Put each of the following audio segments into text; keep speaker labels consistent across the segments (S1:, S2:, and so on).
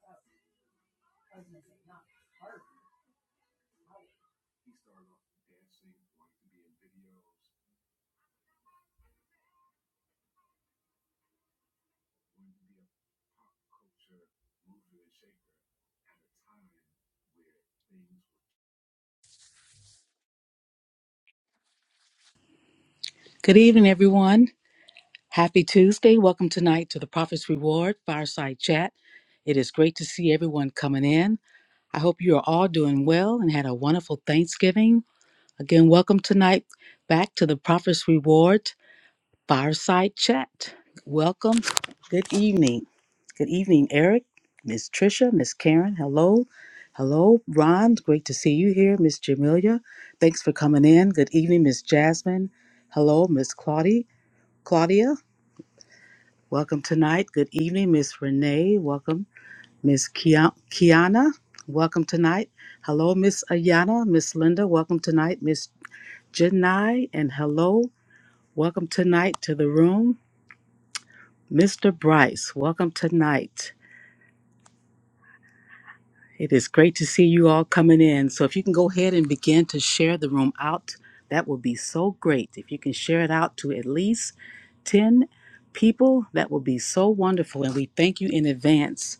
S1: I was gonna say, not Harvey. He started off dancing, wanted to be in videos, wanted to be a pop culture mover and shaker at a time where things were
S2: Good evening, everyone. Happy Tuesday. Welcome tonight to the Prophet's Reward Fireside Chat. It is great to see everyone coming in. I hope you are all doing well and had a wonderful Thanksgiving. Again, welcome tonight back to the Prophet's Reward Fireside Chat. Welcome. Good evening. Good evening, Eric, Miss Tricia, Miss Karen. Hello. Hello, Ron. Great to see you here. Miss Jamelia, thanks for coming in. Good evening, Miss Jasmine. Hello, Miss Claudia. Claudia. Welcome tonight. Good evening, Miss Renee. Welcome, Miss Kia- Kiana. Welcome tonight. Hello, Miss Ayana, Miss Linda. Welcome tonight, Miss Janai. And hello, welcome tonight to the room, Mr. Bryce. Welcome tonight. It is great to see you all coming in. So if you can go ahead and begin to share the room out, that will be so great. If you can share it out to at least 10 people, that will be so wonderful. And we thank you in advance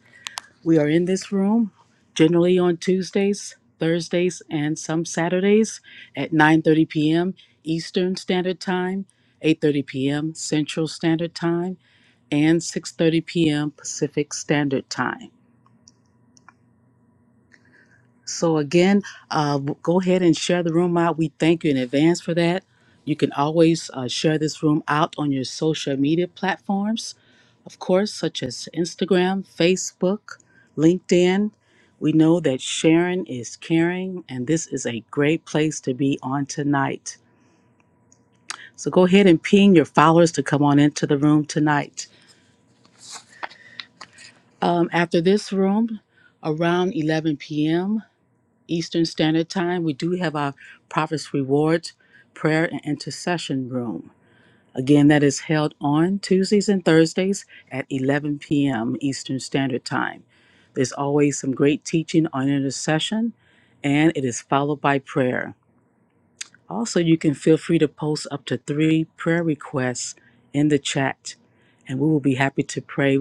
S2: We are in this room generally on Tuesdays, Thursdays, and some Saturdays at 9:30 p.m. Eastern Standard Time, 8:30 p.m. Central Standard Time, and 6:30 p.m. Pacific Standard Time. So again, uh, go ahead and share the room out. We thank you in advance for that. You can always uh, share this room out on your social media platforms, of course, such as Instagram, Facebook, LinkedIn. We know that sharing is caring, and this is a great place to be on tonight. So go ahead and ping your followers to come on into the room tonight. Um, after this room, around 11 p.m. Eastern Standard Time, we do have our Prophet's Rewards Prayer and Intercession Room. Again, that is held on Tuesdays and Thursdays at 11 p.m. Eastern Standard Time. There's always some great teaching on intercession, and it is followed by prayer. Also, you can feel free to post up to three prayer requests in the chat, and we will be happy to pray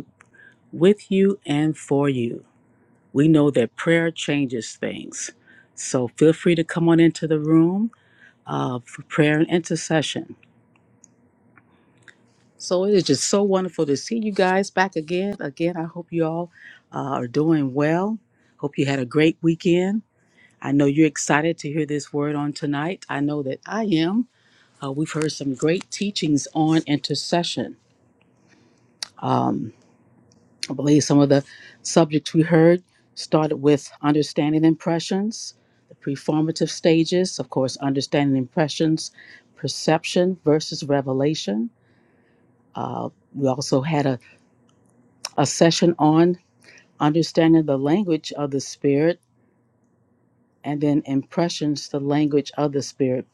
S2: with you and for you. We know that prayer changes things. So feel free to come on into the room uh, for prayer and intercession. So it is just so wonderful to see you guys back again. Again, I hope you all uh, are doing well. Hope you had a great weekend. I know you're excited to hear this word on tonight. I know that I am. Uh, we've heard some great teachings on intercession. Um, I believe some of the subjects we heard started with understanding impressions, the preformative stages, of course, understanding impressions, perception versus revelation. Uh, we also had a, a session on understanding the language of the spirit and then impressions, the language of the spirit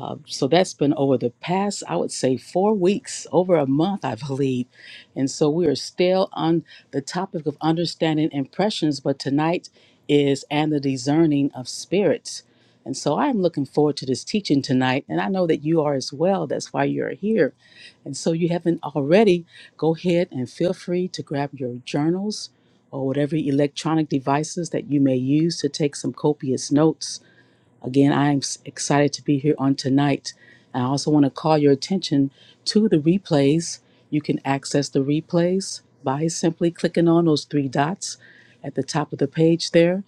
S2: Uh, so that's been over the past, I would say, four weeks, over a month, I believe. And so we are still on the topic of understanding impressions, but tonight is and the discerning of spirits. And so I'm looking forward to this teaching tonight, and I know that you are as well. That's why you're here. And so you haven't already, go ahead and feel free to grab your journals or whatever electronic devices that you may use to take some copious notes Again, I am s- excited to be here on tonight. I also want to call your attention to the replays. You can access the replays by simply clicking on those three dots at the top of the page there,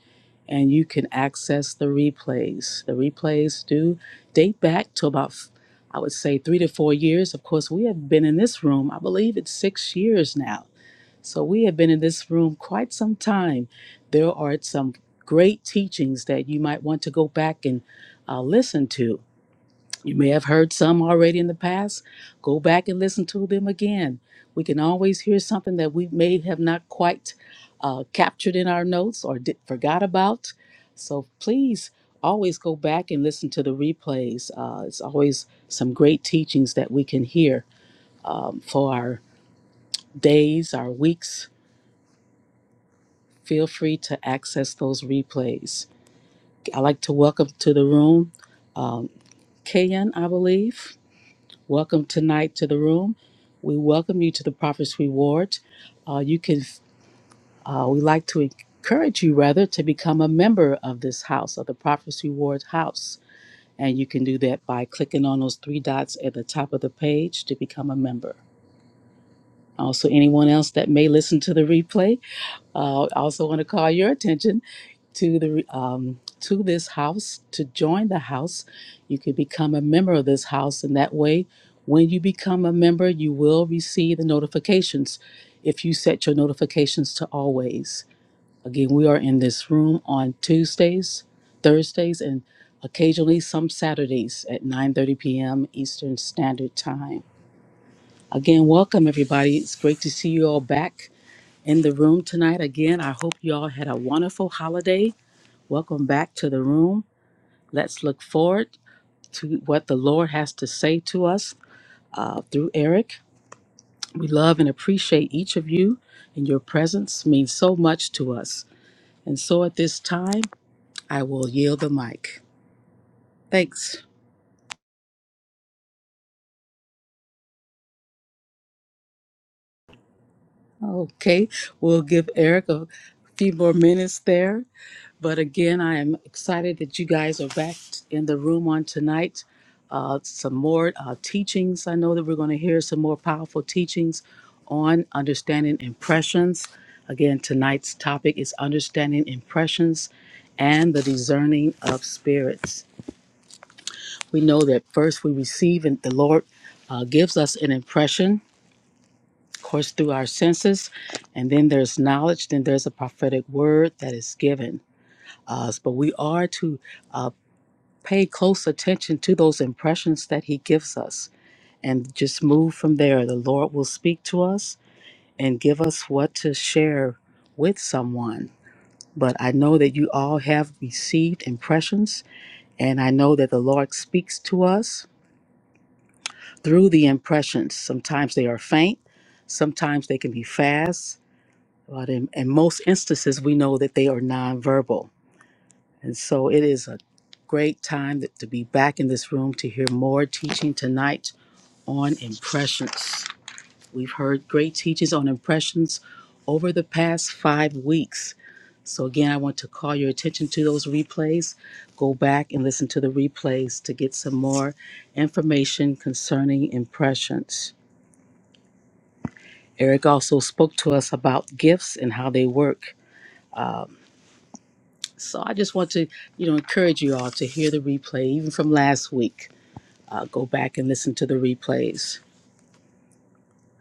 S2: and you can access the replays. The replays do date back to about, f- I would say, three to four years. Of course, we have been in this room, I believe it's six years now. So we have been in this room quite some time. There are some great teachings that you might want to go back and uh, listen to. You may have heard some already in the past. Go back and listen to them again. We can always hear something that we may have not quite uh, captured in our notes or did, forgot about. So please always go back and listen to the replays. Uh, it's always some great teachings that we can hear um, for our days, our weeks, feel free to access those replays. I'd like to welcome to the room um, Kayan, I believe. Welcome tonight to the room. We welcome you to the Prophet's Reward. Uh, you can, uh, we like to encourage you rather to become a member of this house, of the Prophet's Reward house. And you can do that by clicking on those three dots at the top of the page to become a member. Also, anyone else that may listen to the replay, Uh, I also want to call your attention to the um, to this house to join the house. You can become a member of this house, and that way, when you become a member, you will receive the notifications if you set your notifications to always. Again, we are in this room on Tuesdays, Thursdays, and occasionally some Saturdays at 9:30 p.m. Eastern Standard Time. Again, welcome everybody. It's great to see you all back in the room tonight. Again, I hope you all had a wonderful holiday. Welcome back to the room. Let's look forward to what the Lord has to say to us uh, through Eric. We love and appreciate each of you, and your presence means so much to us. And so at this time, I will yield the mic. Thanks. Okay, we'll give Eric a few more minutes there But again, I am excited that you guys are back in the room on tonight. Uh, some more uh, teachings. I know that we're going to hear some more powerful teachings on understanding impressions. Again, tonight's topic is understanding impressions and the discerning of spirits. We know that first we receive, and the Lord uh, gives us an impression, of course, through our senses, and then there's knowledge, then there's a prophetic word that is given us. But we are to uh, pay close attention to those impressions that He gives us and just move from there. The Lord will speak to us and give us what to share with someone. But I know that you all have received impressions, and I know that the Lord speaks to us through the impressions. Sometimes they are faint, sometimes they can be fast, but in, in most instances, we know that they are nonverbal. And so it is a great time that, to be back in this room to hear more teaching tonight on impressions. We've heard great teachings on impressions over the past five weeks. So, again, I want to call your attention to those replays. Go back and listen to the replays to get some more information concerning impressions. Eric also spoke to us about gifts and how they work. So, I just want to, you know, encourage you all to hear the replay, even from last week. Uh, go back and listen to the replays.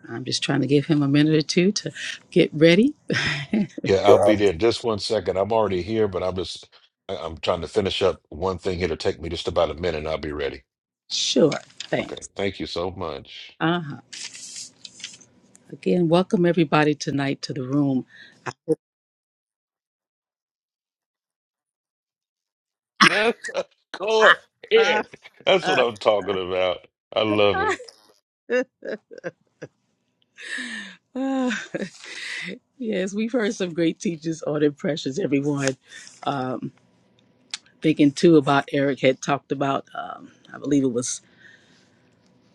S2: I'm just trying to give him a minute or two to get ready
S3: Yeah, I'll be there in just one second. I'm already here, but I'm just I- I'm trying to finish up one thing here to take me just about a minute and I'll be ready.
S2: Sure,
S3: Okay.
S2: thanks.
S3: Thank you so much.
S2: Uh-huh. Again, welcome everybody tonight to the room.
S3: Go ahead. That's what I'm talking about. I love it.
S2: Ah, yes, we've heard some great teachers on impressions, everyone. Um, thinking too about Eric had talked about, um, I believe it was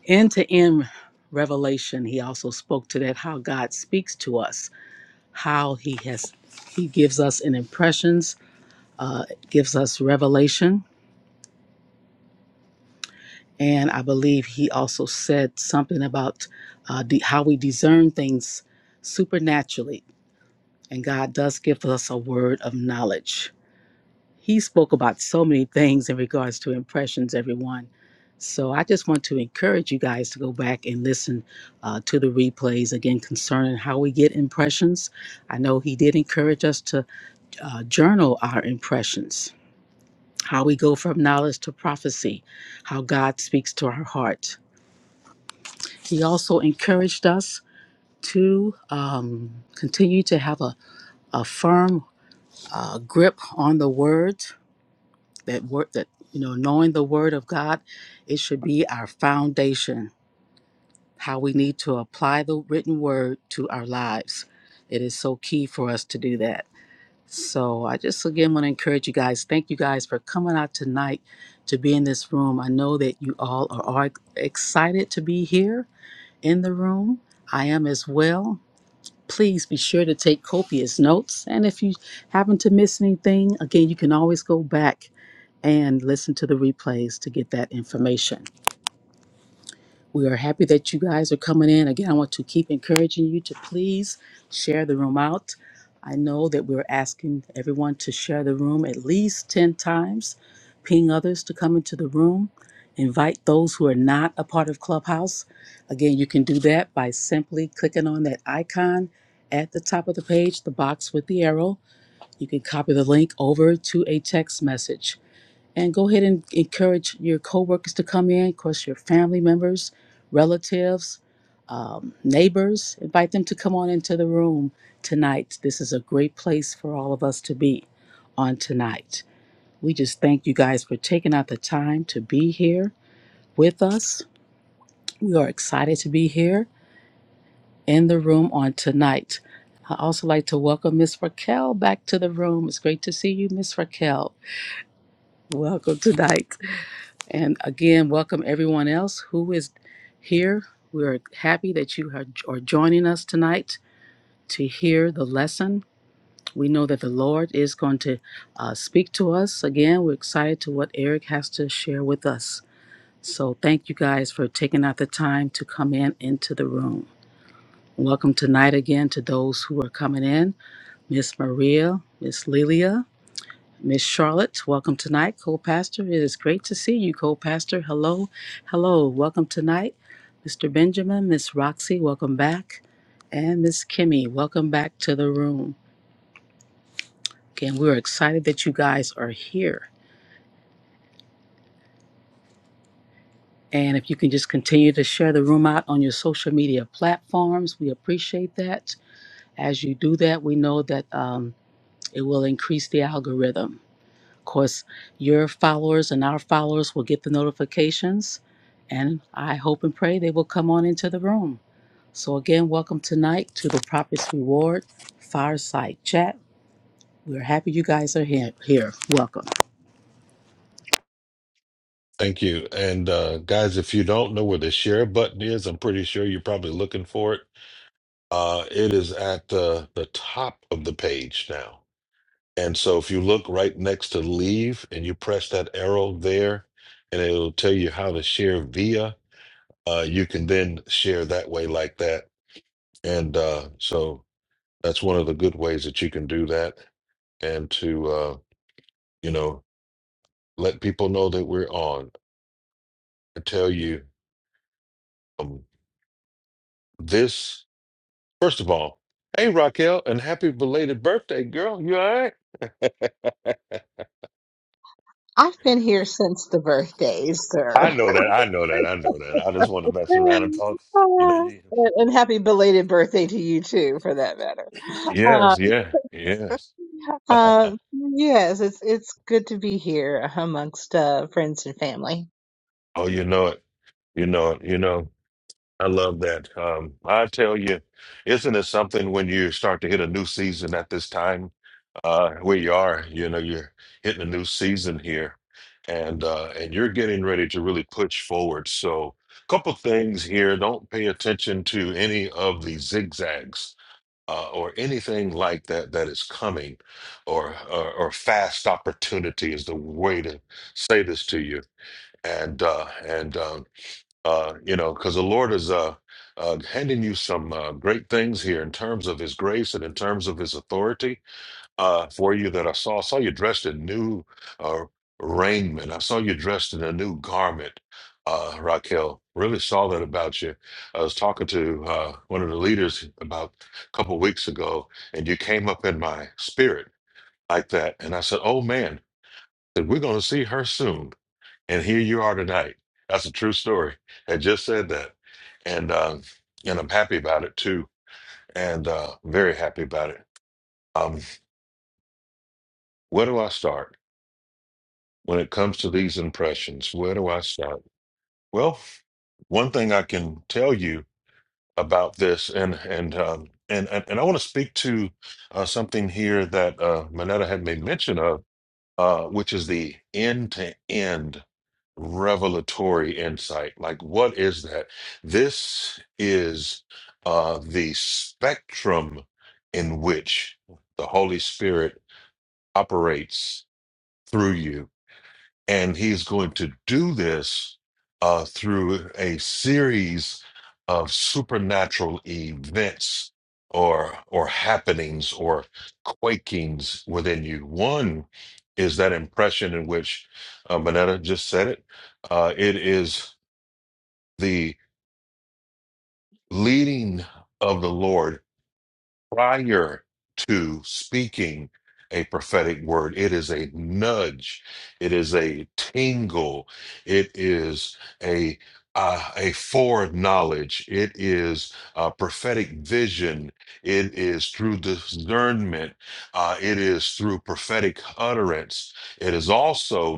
S2: end to end revelation. He also spoke to that how God speaks to us, how he has, he gives us an impressions, uh, gives us revelation And I believe he also said something about uh, the, how we discern things supernaturally. And God does give us a word of knowledge. He spoke about so many things in regards to impressions, everyone. So I just want to encourage you guys to go back and listen uh, to the replays again concerning how we get impressions. I know he did encourage us to uh, journal our impressions, how we go from knowledge to prophecy, how God speaks to our heart He also encouraged us to um, continue to have a, a firm uh, grip on the word, that word that, you know, knowing the word of God, it should be our foundation, how we need to apply the written word to our lives. It is so key for us to do that. So I just again want to encourage you guys. Thank you guys for coming out tonight to be in this room. I know that you all are, are excited to be here in the room. I am as well. Please be sure to take copious notes. And if you happen to miss anything, again, you can always go back and listen to the replays to get that information. We are happy that you guys are coming in. Again, I want to keep encouraging you to please share the room out. I know that we're asking everyone to share the room at least 10 times, ping others to come into the room, invite those who are not a part of Clubhouse. Again, you can do that by simply clicking on that icon at the top of the page, the box with the arrow. You can copy the link over to a text message. And go ahead and encourage your coworkers to come in, of course, your family members, relatives, um, neighbors. Invite them to come on into the room tonight. This is a great place for all of us to be on tonight. We just thank you guys for taking out the time to be here with us. We are excited to be here in the room on tonight. I also like to welcome Miss Raquel back to the room. It's great to see you, Miss Raquel. Welcome tonight. And again, welcome everyone else who is here. We're happy that you are are joining us tonight to hear the lesson. We know that the Lord is going to uh, speak to us. Again, we're excited to what Eric has to share with us. So thank you guys for taking out the time to come in into the room. Welcome tonight again to those who are coming in, Miss Maria, Miss Lilia, Miss Charlotte, welcome tonight, co-pastor. It is great to see you, co-pastor. Hello, hello, welcome tonight, Mr. Benjamin, Miss Roxy, welcome back, and Miss Kimmy, welcome back to the room. Again, we're excited that you guys are here. And if you can just continue to share the room out on your social media platforms, we appreciate that. As you do that, we know that um, it will increase the algorithm. Of course, your followers and our followers will get the notifications, and I hope and pray they will come on into the room. So, again, welcome tonight to the Properties Reward Fireside Chat. We're happy you guys are here. here. Welcome.
S3: Thank you. And uh guys, if you don't know where the share button is, I'm pretty sure you're probably looking for it. Uh it is at the the top of the page now. And so if you look right next to leave and you press that arrow there and it'll tell you how to share via uh, you can then share that way like that. And uh, so that's one of the good ways that you can do that and to, uh, you know, let people know that we're on. I tell you um, this, first of all, hey, Raquel, and happy belated birthday, girl. You all right?
S4: I've been here since the birthdays,
S3: I
S4: sir.
S3: know that. I know that. I know that. I just want to mess around and
S4: and,
S3: talk. You know, you-
S4: and happy belated birthday to you too, for that matter. Uh,
S3: yes, yeah, yes.
S4: uh, yes, it's it's good to be here amongst uh, friends and family.
S3: oh, you know it. You know it. You know. I love that. Um, I tell you, isn't it something when you start to hit a new season at this time uh, where you are? You know, you're hitting a new season here, and uh, and you're getting ready to really push forward. So, a couple things here. Don't pay attention to any of the zigzags. Uh, or anything like that that is coming, or, or or fast opportunity is the way to say this to you. And uh, and um, uh, you know, because the Lord is uh, uh, handing you some uh, great things here in terms of His grace and in terms of His authority uh, for you. That I saw, I saw you dressed in new uh, raiment. I saw you dressed in a new garment, uh, Raquel. Really saw that about you. I was talking to uh, one of the leaders about a couple weeks ago, and you came up in my spirit like that, and I said, "Oh man." that We're going to see her soon and here you are tonight. That's a true story. I just said that. And uh, and I'm happy about it too. And uh, very happy about it. Um, where do I start when it comes to these impressions? Where do I start? Well, one thing I can tell you about this, and and um, and and, and I want to speak to uh, something here that uh, Manetta had made mention of, uh, which is the end to end. revelatory insight. Like, what is that? This is uh, the spectrum in which the Holy Spirit operates through you and he's going to do this uh, through a series of supernatural events or or happenings or quakings within you. One is that impression in which uh, Manetta just said it. Uh, it is the leading of the Lord prior to speaking a prophetic word. It is a nudge. It is a tingle. It is a uh, a foreknowledge. It is a prophetic vision. It is through discernment. Uh, it is through prophetic utterance. It is also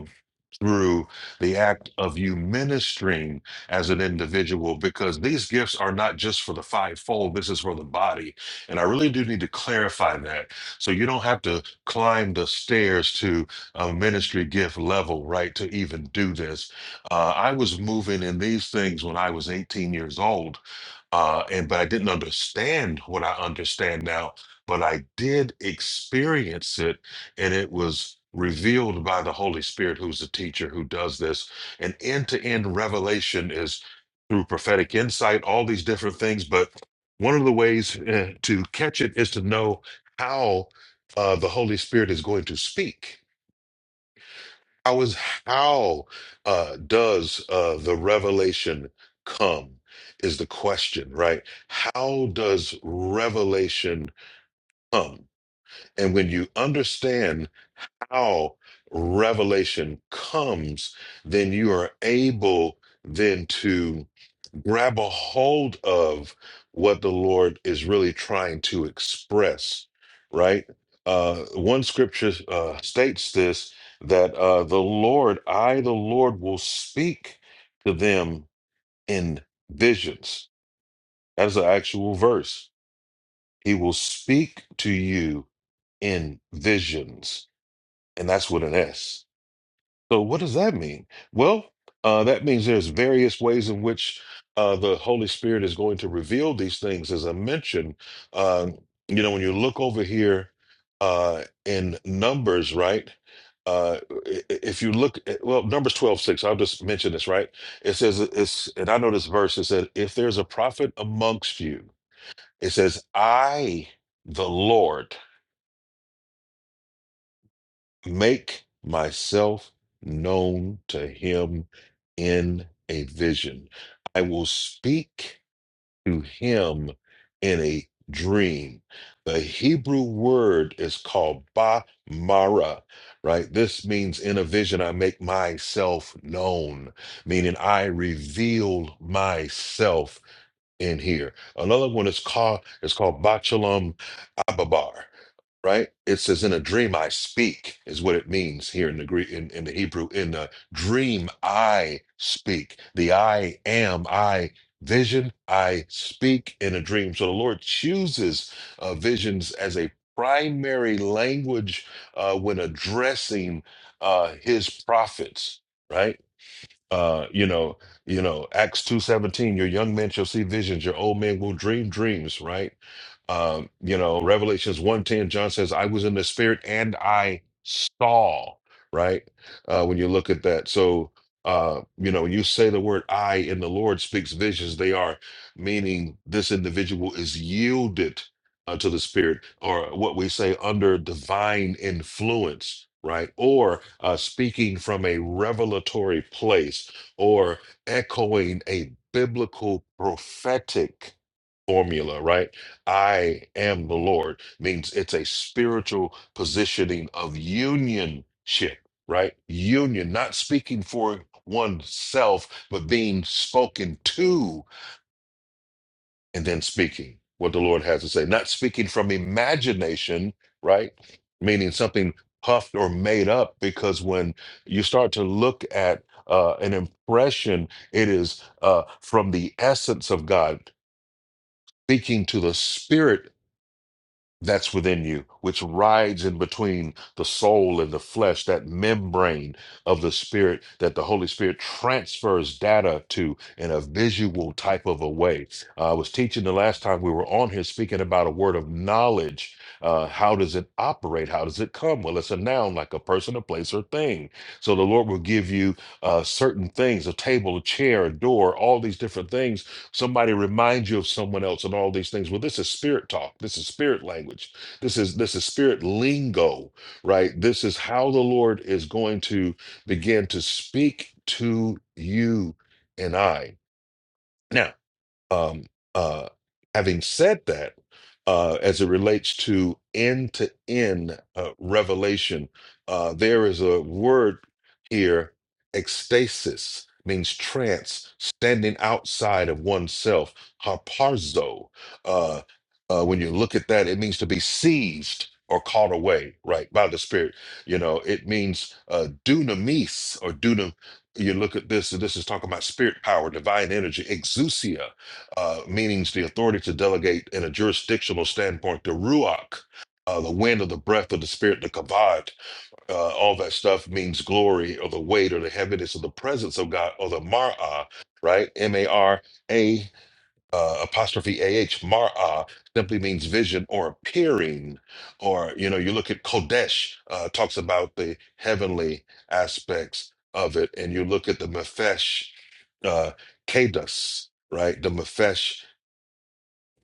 S3: through the act of you ministering as an individual because these gifts are not just for the fivefold this is for the body and i really do need to clarify that so you don't have to climb the stairs to a ministry gift level right to even do this uh, i was moving in these things when i was 18 years old uh, and but I didn't understand what I understand now, but I did experience it, and it was revealed by the Holy Spirit, who's the teacher who does this. And end to end revelation is through prophetic insight, all these different things. But one of the ways uh, to catch it is to know how uh, the Holy Spirit is going to speak how is how uh, does uh, the revelation come? Is the question right? How does revelation come? And when you understand how revelation comes, then you are able then to grab a hold of what the Lord is really trying to express, right? Uh, one scripture uh, states this that uh, the Lord, I, the Lord, will speak to them in visions. That is an actual verse. He will speak to you in visions. And that's with an S So, what does that mean? Well, uh, that means there's various ways in which uh, the Holy Spirit is going to reveal these things. As I mentioned, um, you know, when you look over here uh, in Numbers, right? Uh, i- i- if you look, at, well, Numbers twelve six, I'll just mention this, right? It says, it's, and I know this verse, it said, if there's a prophet amongst you, it says, I, the Lord. Make myself known to him in a vision. I will speak to him in a dream. The Hebrew word is called ba mara, right? This means in a vision, I make myself known, meaning I reveal myself in here. Another one is called, it's called Bachelum Ababar right? It says, "In a dream I speak," is what it means here in the Greek, in, in the Hebrew. In the dream I speak. The I am I vision. I speak in a dream. So the Lord chooses uh, visions as a primary language uh, when addressing uh, His prophets, right? Uh, you know, you know, Acts two seventeen. Your young men shall see visions. Your old men will dream dreams, right? Um, you know, Revelations one ten, John says, I was in the spirit and I saw, right? Uh, when you look at that. So, uh, you know, when you say the word I in the Lord speaks visions. They are meaning this individual is yielded uh, to the spirit or what we say under divine influence, right? Or uh, speaking from a revelatory place or echoing a biblical prophetic formula, right? I am the Lord means it's a spiritual positioning of unionship, right? Union, not speaking for oneself, but being spoken to and then speaking what the Lord has to say, not speaking from imagination, right? Meaning something puffed or made up, because when you start to look at uh, an impression, it is uh, from the essence of God, speaking to the spirit that's within you, which rides in between the soul and the flesh, that membrane of the spirit that the Holy Spirit transfers data to in a visual type of a way. Uh, I was teaching the last time we were on here speaking about a word of knowledge. Uh, how does it operate? How does it come? Well, it's a noun like a person, a place, or thing. So the Lord will give you uh, certain things a table, a chair, a door, all these different things somebody reminds you of someone else and all these things well this is spirit talk this is spirit language this is this is spirit lingo right this is how the lord is going to begin to speak to you and i now um, uh, having said that, uh, as it relates to end to end revelation, uh, there is a word here, ecstasis, means trance, standing outside of oneself, harparzo. Uh, uh, when you look at that, it means to be seized or caught away, right, by the Spirit. You know, it means uh, dunamis or dunam. You look at this, and this is talking about spirit power, divine energy, exousia uh, meanings the authority to delegate in a jurisdictional standpoint, the ruach, uh, the wind or the breath of the spirit, the kavod, uh, all that stuff means glory or the weight or the heaviness or the presence of God or the marah, right? M A R A uh, apostrophe A H, marah simply means vision or appearing. Or, you know, you look at Kodesh, uh, talks about the heavenly aspects of it, and you look at the mephesh, uh, kados, right? The mephesh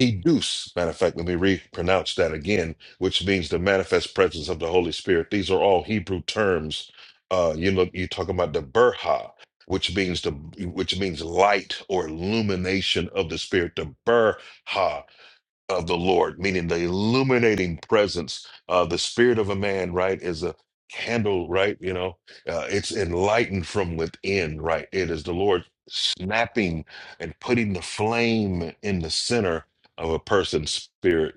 S3: Educe, matter of fact, let me re-pronounce that again, which means the manifest presence of the Holy Spirit. These are all Hebrew terms. Uh, you know, you talk about the Berha, which means the which means light or illumination of the Spirit. The Berha of the Lord, meaning the illuminating presence. Uh, the spirit of a man, right, is a candle, right? You know, uh, it's enlightened from within, right? It is the Lord snapping and putting the flame in the center of a person's spirit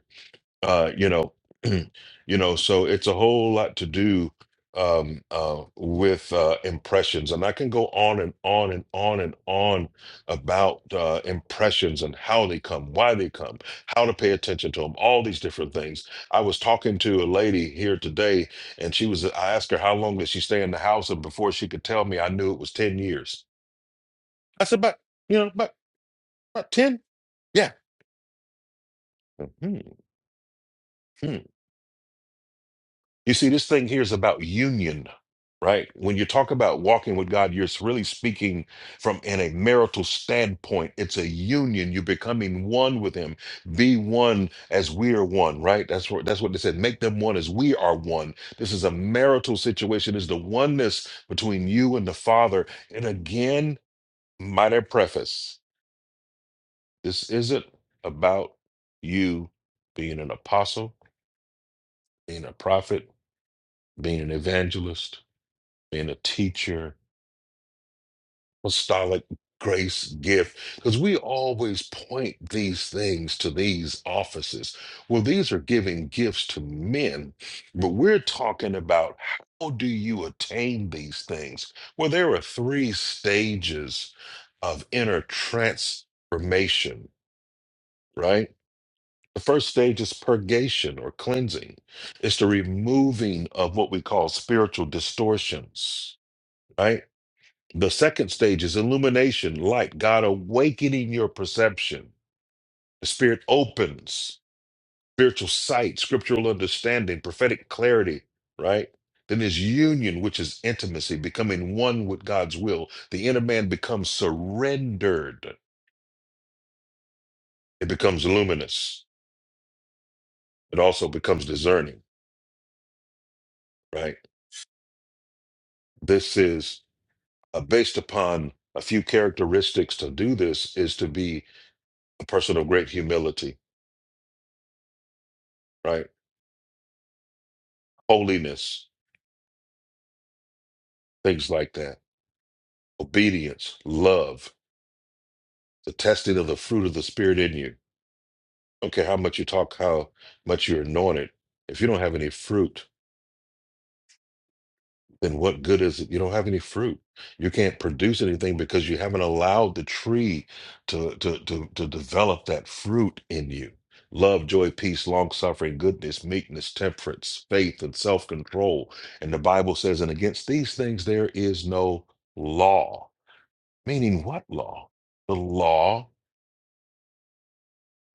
S3: uh, you know, you know, so it's a whole lot to do um, uh, with uh, impressions, and I can go on and on and on and on about uh, impressions and how they come, why they come, how to pay attention to them, all these different things. I was talking to a lady here today, and she was. I asked her how long did she stay in the house, and before she could tell me, I knew it was ten years. I said, about you know, about about ten. Yeah. Mm-hmm. You see, this thing here is about union, right? When you talk about walking with God, you're really speaking from in a marital standpoint. It's a union. You're becoming one with Him. Be one as we are one, right? That's what that's what they said. Make them one as we are one. This is a marital situation. It's the oneness between you and the Father. And again, might I preface, this isn't about you being an apostle, being a prophet, being an evangelist being a teacher, apostolic grace gift, because we always point these things to these offices. Well, these are giving gifts to men, but we're talking about how do you attain these things? Well, there are three stages of inner transformation, right? The first stage is purgation or cleansing. It's the removing of what we call spiritual distortions, right? The second stage is illumination, light, God awakening your perception. The Spirit opens spiritual sight, scriptural understanding, prophetic clarity, right? Then there's union, which is intimacy, becoming one with God's will. The inner man becomes surrendered, it becomes luminous, it also becomes discerning, right? This is uh, based upon a few characteristics to do this is to be a person of great humility, right? Holiness, things like that obedience, love, the testing of the fruit of the Spirit in you. Okay, how much you talk, how much you're anointed. If you don't have any fruit, then what good is it? You don't have any fruit. You can't produce anything because you haven't allowed the tree to to to, to develop that fruit in you. Love, joy, peace, long suffering, goodness, meekness, temperance, faith, and self control. And the Bible says, and against these things there is no law. Meaning, what law? The law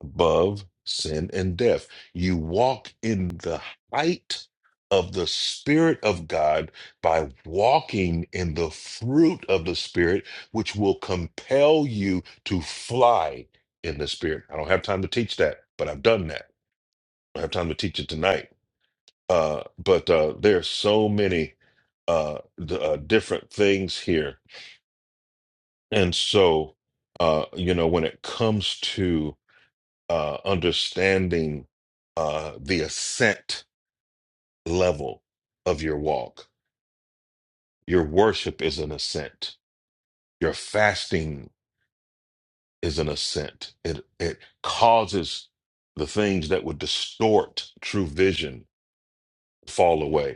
S3: above sin and death. You walk in the height of the Spirit of God by walking in the fruit of the Spirit, which will compel you to fly in the Spirit. I don't have time to teach that, but I've done that. I don't have time to teach it tonight. Uh, but uh, there are so many uh, d- uh, different things here. And so, uh, you know, when it comes to uh, understanding uh, the ascent level of your walk. Your worship is an ascent. Your fasting is an ascent. It it causes the things that would distort true vision fall away.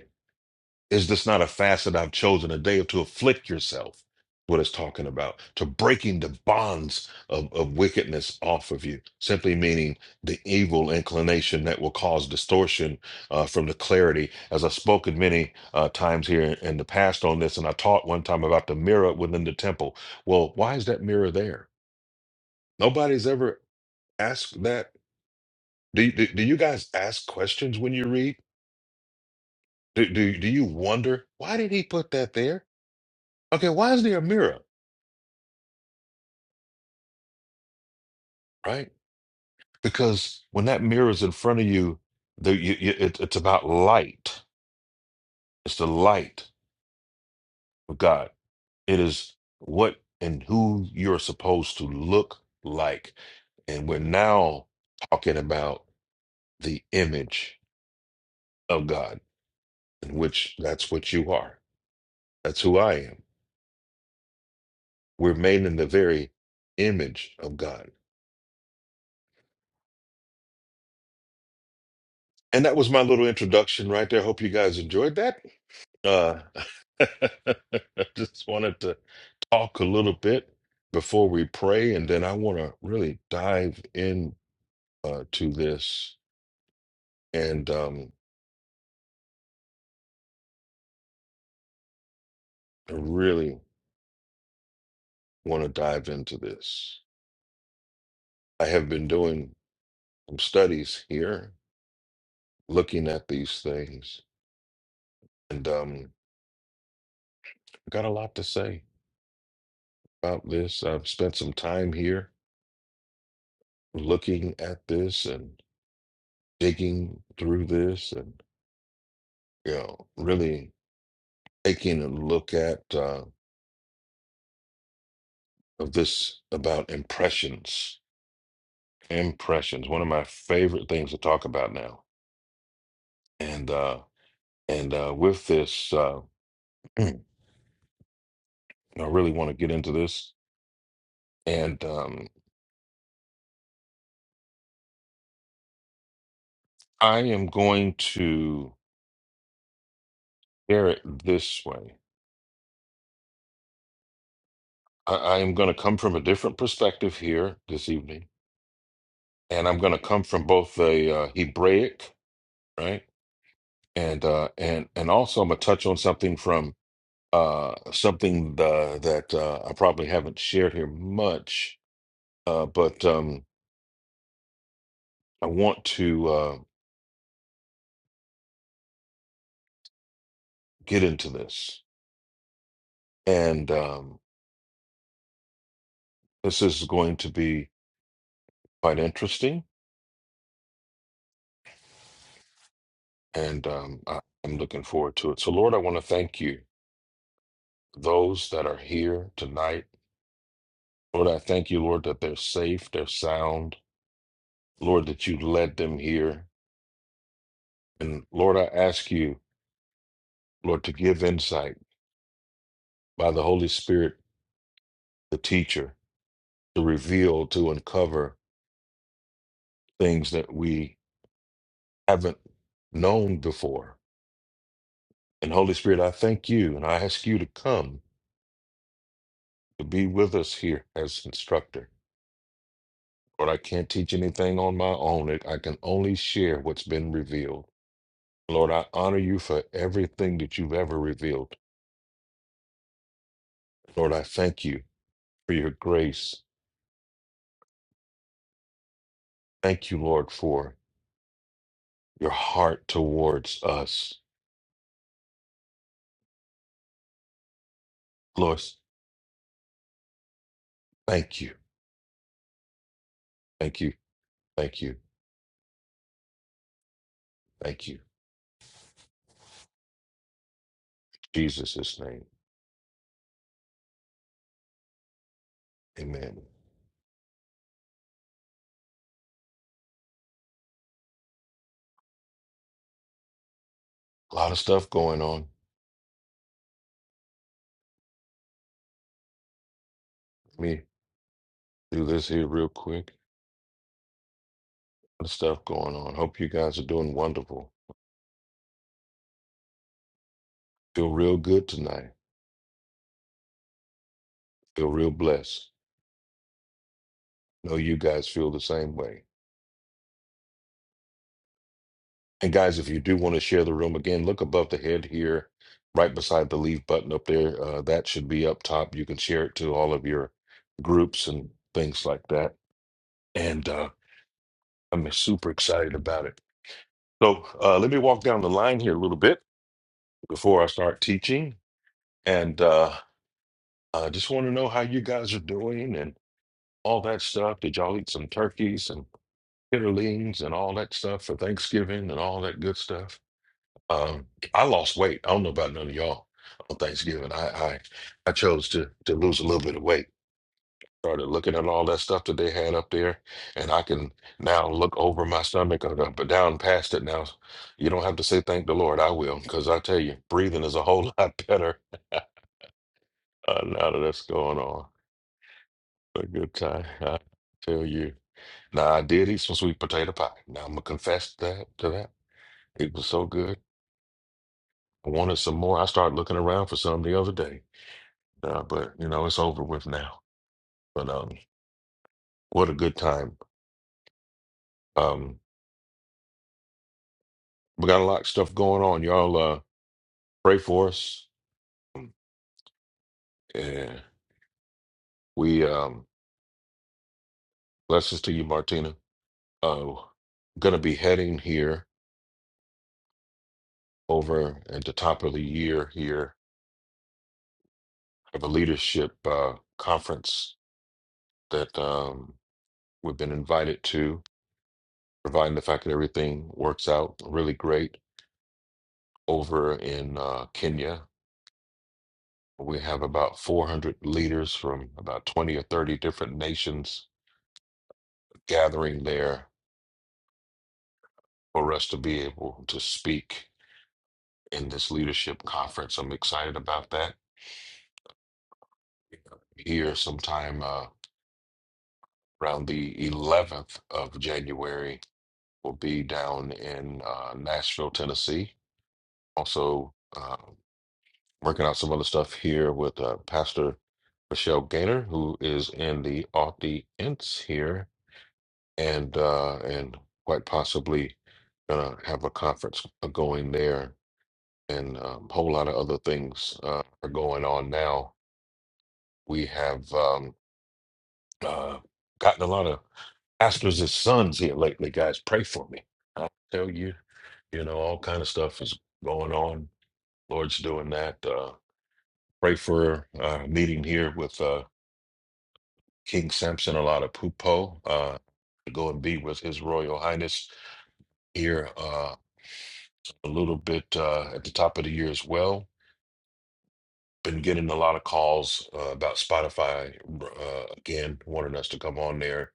S3: Is this not a facet I've chosen, a day to afflict yourself? What it's talking about, to breaking the bonds of, of wickedness off of you, simply meaning the evil inclination that will cause distortion uh, from the clarity. As I've spoken many uh, times here in the past on this, and I taught one time about the mirror within the temple. Well, why is that mirror there? Nobody's ever asked that. Do, do, do you guys ask questions when you read? Do, do, do you wonder why did he put that there? Okay, why is there a mirror, right? Because when that mirror is in front of you, the, you, you it, it's about light. It's the light of God. It is what and who you're supposed to look like. And we're now talking about the image of God, in which that's what you are. That's who I am. We're made in the very image of God. And that was my little introduction right there. Hope you guys enjoyed that. Uh, I just wanted to talk a little bit before we pray, and then I want to really dive in uh, to this, and um, I really want to dive into this. I have been doing some studies here, looking at these things, and um, I got a lot to say about this. I've spent some time here looking at this and digging through this, and you know, really. taking a look at uh, of this about impressions. Impressions, one of my favorite things to talk about now. And uh, and uh, with this, uh, I really want to get into this. And um, I am going to share it this way. I, I am going to come from a different perspective here this evening, and I'm going to come from both the uh, Hebraic, right, and uh, and and also I'm going to touch on something from. Uh, something uh, that uh, I probably haven't shared here much, uh, but um, I want to uh, get into this. And um, this is going to be quite interesting, and um, I- I'm looking forward to it. So, Lord, I want to thank you, for those that are here tonight. Lord, I thank you, Lord, that they're safe, they're sound. Lord, that you led them here. And Lord, I ask you, Lord, to give insight by the Holy Spirit, the teacher. to reveal, to uncover things that we haven't known before. And Holy Spirit, I thank you and I ask you to come to be with us here as instructor. Lord, I can't teach anything on my own. It- I can only share what's been revealed. Lord, I honor you for everything that you've ever revealed. Lord, I thank you for your grace. Thank you, Lord, for your heart towards us. Lord, thank you. Thank you. Thank you. Thank you. Jesus' name. Amen. A lot of stuff going on. Let me do this here real quick. A lot of stuff going on. Hope you guys are doing wonderful. Feel real good tonight. Feel real blessed. Know you guys feel the same way. And guys, if you do want to share the room again, look above the head here, right beside the leave button up there. Uh, that should be up top. You can share it to all of your groups and things like that. And uh, I'm super excited about it. So uh, let me walk down the line here a little bit before I start teaching. And uh, Uh, just want to know how you guys are doing and all that stuff. Did y'all eat some turkeys and kitterlings and all that stuff for Thanksgiving and all that good stuff? Um, I lost weight. I don't know about none of y'all on Thanksgiving. I I, I chose to to lose a little bit of weight. Started looking at all that stuff that they had up there, and I can now look over my stomach or up and down past it. Now, you don't have to say thank the Lord. I will, because I tell you, breathing is a whole lot better uh, now that that's going on. A good time. I tell you. Now I did eat some sweet potato pie. Now I'm gonna confess that to that. It was so good. I wanted some more. I started looking around for some the other day. Uh, but you know, it's over with now. But um what a good time. Um we got a lot of stuff going on. Y'all uh pray for us. Yeah. We um blessings to you, Martina. Uh gonna be heading here over at the top of the year here of a leadership uh conference that um we've been invited to, providing the fact that everything works out really great over in uh, Kenya. We have about 400 leaders from about 20 or 30 different nations gathering there for us to be able to speak in this leadership conference. I'm excited about that. Here, sometime uh, around the 11th of January, will be down in uh, Nashville, Tennessee. Also, uh, working out some other stuff here with uh, Pastor Michelle Gaynor, who is in the audience here, and uh, and quite possibly gonna have a conference uh, going there, and a whole lot of other things uh, are going on now. We have um, uh, gotten a lot of pastors as sons here lately, guys. Pray for me. I tell you, you know, all kind of stuff is going on. Lord's doing that. Uh, pray for our meeting here with. uh, King Samson Allada-Puppo uh, to go and be with His Royal Highness here uh, a little bit uh, at the top of the year as well. Been getting a lot of calls uh, about Spotify uh, again, wanting us to come on there,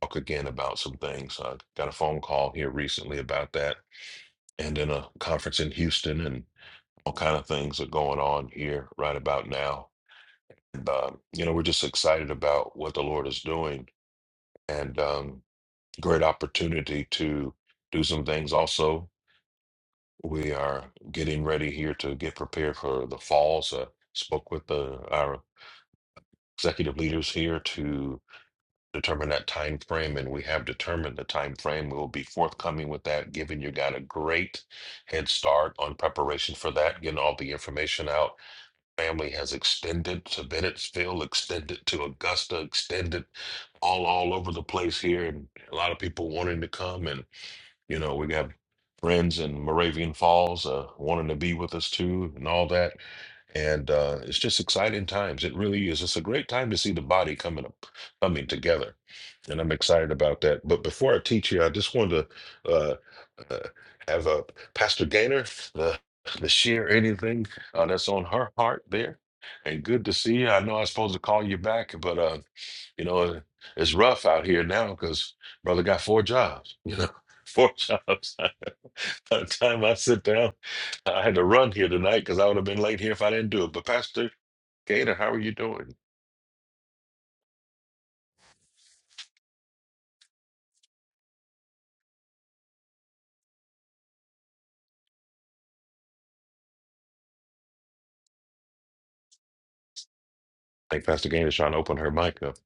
S3: talk again about some things. I got a phone call here recently about that, and then a conference in Houston, and all kind of things are going on here right about now. And, um, you know, we're just excited about what the Lord is doing. And, um, great opportunity to do some things also. We are getting ready here to get prepared for the falls. Uh, spoke with the, our executive leaders here to determine that time frame, and we have determined the time frame. We'll be forthcoming with that, giving you got a great head start on preparation for that, getting all the information out. Family has extended to Bennettsville, extended to Augusta, extended all all over the place here, and a lot of people wanting to come. and. You know, we have friends in Moravian Falls uh, wanting to be with us too, and all that. And uh, it's just exciting times. It really is. It's a great time to see the body coming up, coming together, and I'm excited about that. But before I teach you, I just wanted to uh, uh, have uh, Pastor Gaynor the the share anything uh, that's on her heart there. And good to see you. I know I was supposed to call you back, but uh, you know, it's rough out here now because brother got four jobs, you know, four jobs. By the time I sit down, I had to run here tonight because I would have been late here if I didn't do it. But Pastor Gator, how are you doing? I think Pastor Gator's trying to open her mic up,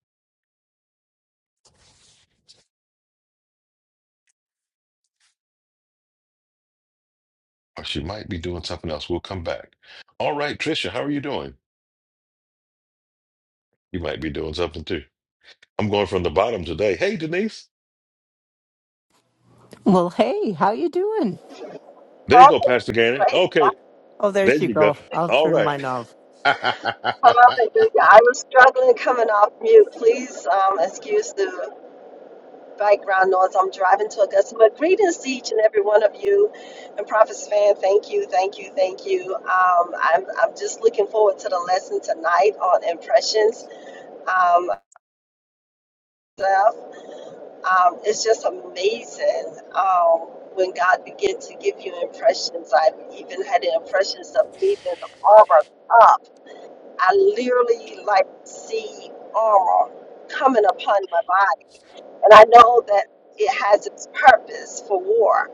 S3: or she might be doing something else. We'll come back. All right, Trisha, how are you doing? You might be doing something too. I'm going from the bottom today. Hey, Denise.
S5: Well, hey, how you doing?
S3: There you go,
S6: Exactly.
S3: Pastor Gator.
S6: Praise God.
S3: Okay,
S5: Oh, there
S3: there
S5: she
S3: you go.
S5: go. I'll
S3: All
S5: turn
S3: right.
S5: mine off.
S6: Hallelujah. I was struggling coming off mute. Please um, excuse the background noise. I'm driving to Augusta. But greetings to each and every one of you. And Prophets fan, thank you, thank you, thank you. Um, I'm, I'm just looking forward to the lesson tonight on impressions. Um, myself. um, it's just amazing um, when God begins to give you impressions. I've even had the impressions of leaving the armor up I literally like see armor coming upon my body. And I know that it has its purpose for war.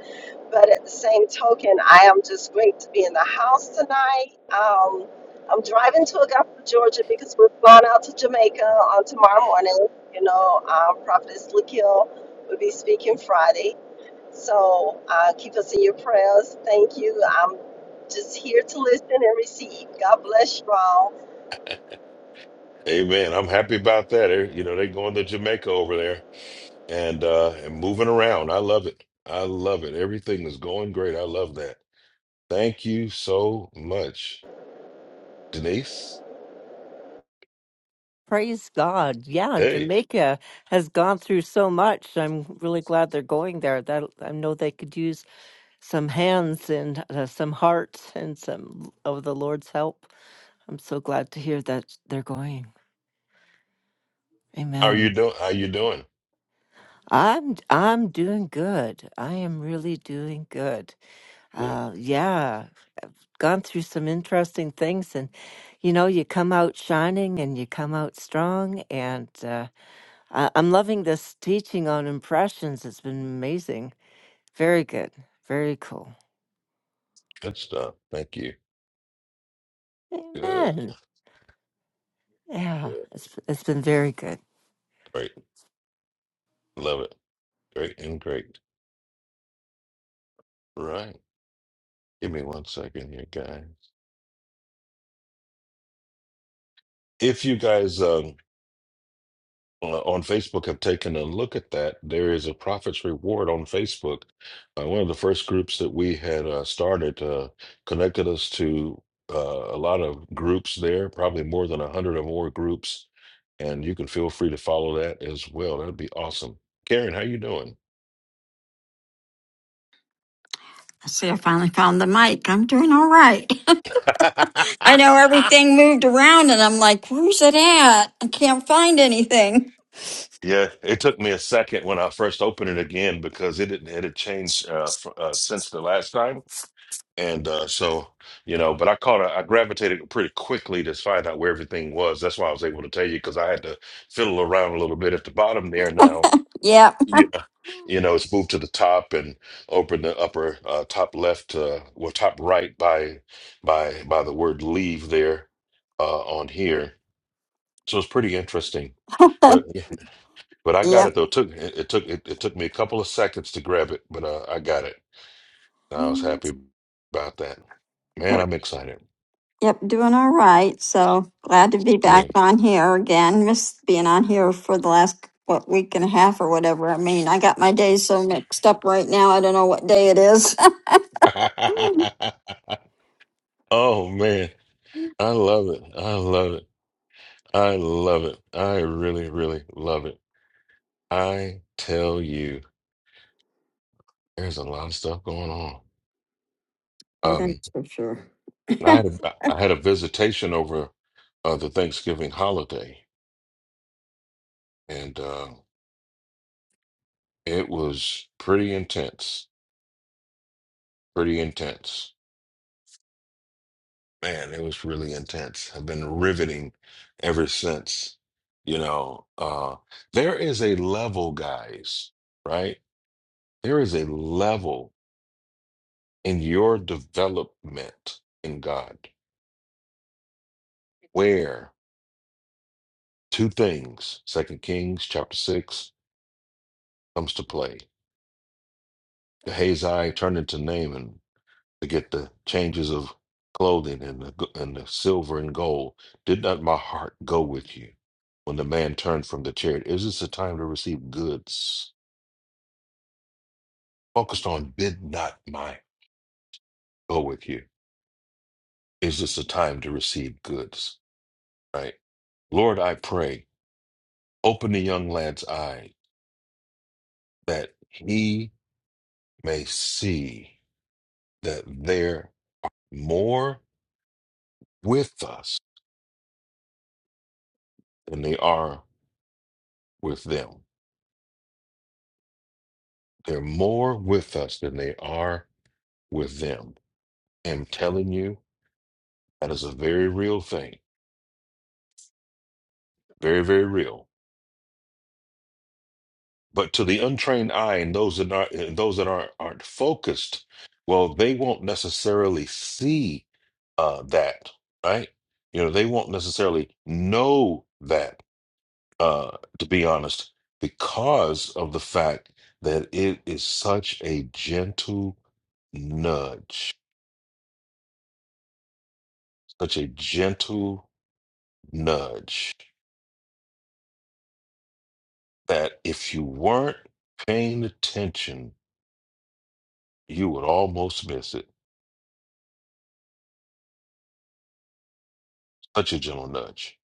S6: But at the same token, I am just great to be in the house tonight. Um, I'm driving to Augusta, Georgia because we're going out to Jamaica on tomorrow morning. You know, um, Prophetess Lakil will be speaking Friday. So uh, keep us in your prayers. Thank you. I'm just here to listen and receive. God bless you all.
S3: Amen. I'm happy about that. Eh, You know, they going to Jamaica over there and uh and moving around. I love it. I love it. Everything is going great. I love that. Thank you so much, Denise.
S5: Praise God. Yeah,
S3: Hey,
S5: Jamaica has gone through so much. I'm really glad they're going there. That I know they could use some hands and uh, some hearts and some of the Lord's help. I'm so glad to hear that they're going.
S3: how are you
S5: Amen.
S3: doing? How you doing?
S5: I'm I'm doing good. I am really doing good.
S3: Good.
S5: Uh yeah. gone through some interesting things and you know you come out shining and you come out strong and uh, I- i'm loving this teaching on impressions it's been amazing very good very cool
S3: Good stuff. Thank you. Good.
S5: amen yeah
S3: Good.
S5: it's, it's been very good
S3: Great. Love it. Great and great. Right. Give me one second here, guys. If you guys um. uh, on Facebook have taken a look at that, there is a prophet's reward on Facebook. Uh, one of the first groups that we had uh, started uh, connected us to uh, a lot of groups there, probably more than 100 or more groups. And you can feel free to follow that as well. That'd be awesome. Karen, how you doing?
S7: See, I finally found the mic. I'm doing all right. I know everything moved around and I'm like, where's it at? I can't find anything.
S3: Yeah, it took me a second when I first opened it again because it didn't it had changed uh, fr- uh, since the last time. And uh, so, you know, but I caught, a, I gravitated pretty quickly to find out where everything was. That's why I was able to tell you because I had to fiddle around a little bit at the bottom there. Now,
S7: Yep,
S3: you, you know, it's moved to the top and open the upper uh, top left, uh, well, top right by by by the word leave there uh, on here. So it's pretty interesting. But but I got
S7: yep,
S3: it though. It took it, it took it, it took me a couple of seconds to grab it, but uh, I got it. I was happy about that. Man,
S7: yep,
S3: I'm excited.
S7: yep, doing all right. So glad to be back on here again. Missed being on here for the last, what, week and a half or whatever. I mean, I got my days so mixed up right now. I don't know what day it is.
S3: Oh man, I love it. I love it. I love it. I really, really love it. I tell you, there's a lot of stuff going on.
S7: oh,
S3: Um,
S7: that's for sure.
S3: I had a, I had a visitation over uh, the Thanksgiving holiday, and uh, it was pretty intense. Pretty intense. Man, it was really intense. I've been riveting ever since. You know, uh, there is a level, guys, right? There is a level in your development in God where two things, Second Kings chapter six, comes to play. Gehazi turned into Naaman to get the changes of clothing and the, and the silver and gold. Did not my heart go with you when the man turned from the chariot? Is this a time to receive goods? Focused on did not my go with you? Is this a time to receive goods? Right, Lord, I pray. Open the young lad's eye that he may see that they're more with us than they are with them. They're more with us than they are with them. I'm telling you, that is a very real thing. Very, very real. But to the untrained eye and those that are and those that aren't aren't focused, well, they won't necessarily see uh, that, right? You know, they won't necessarily know that uh, to be honest, because of the fact that it is such a gentle nudge, such a gentle nudge that if you weren't paying attention, you would almost miss it. Such a gentle nudge.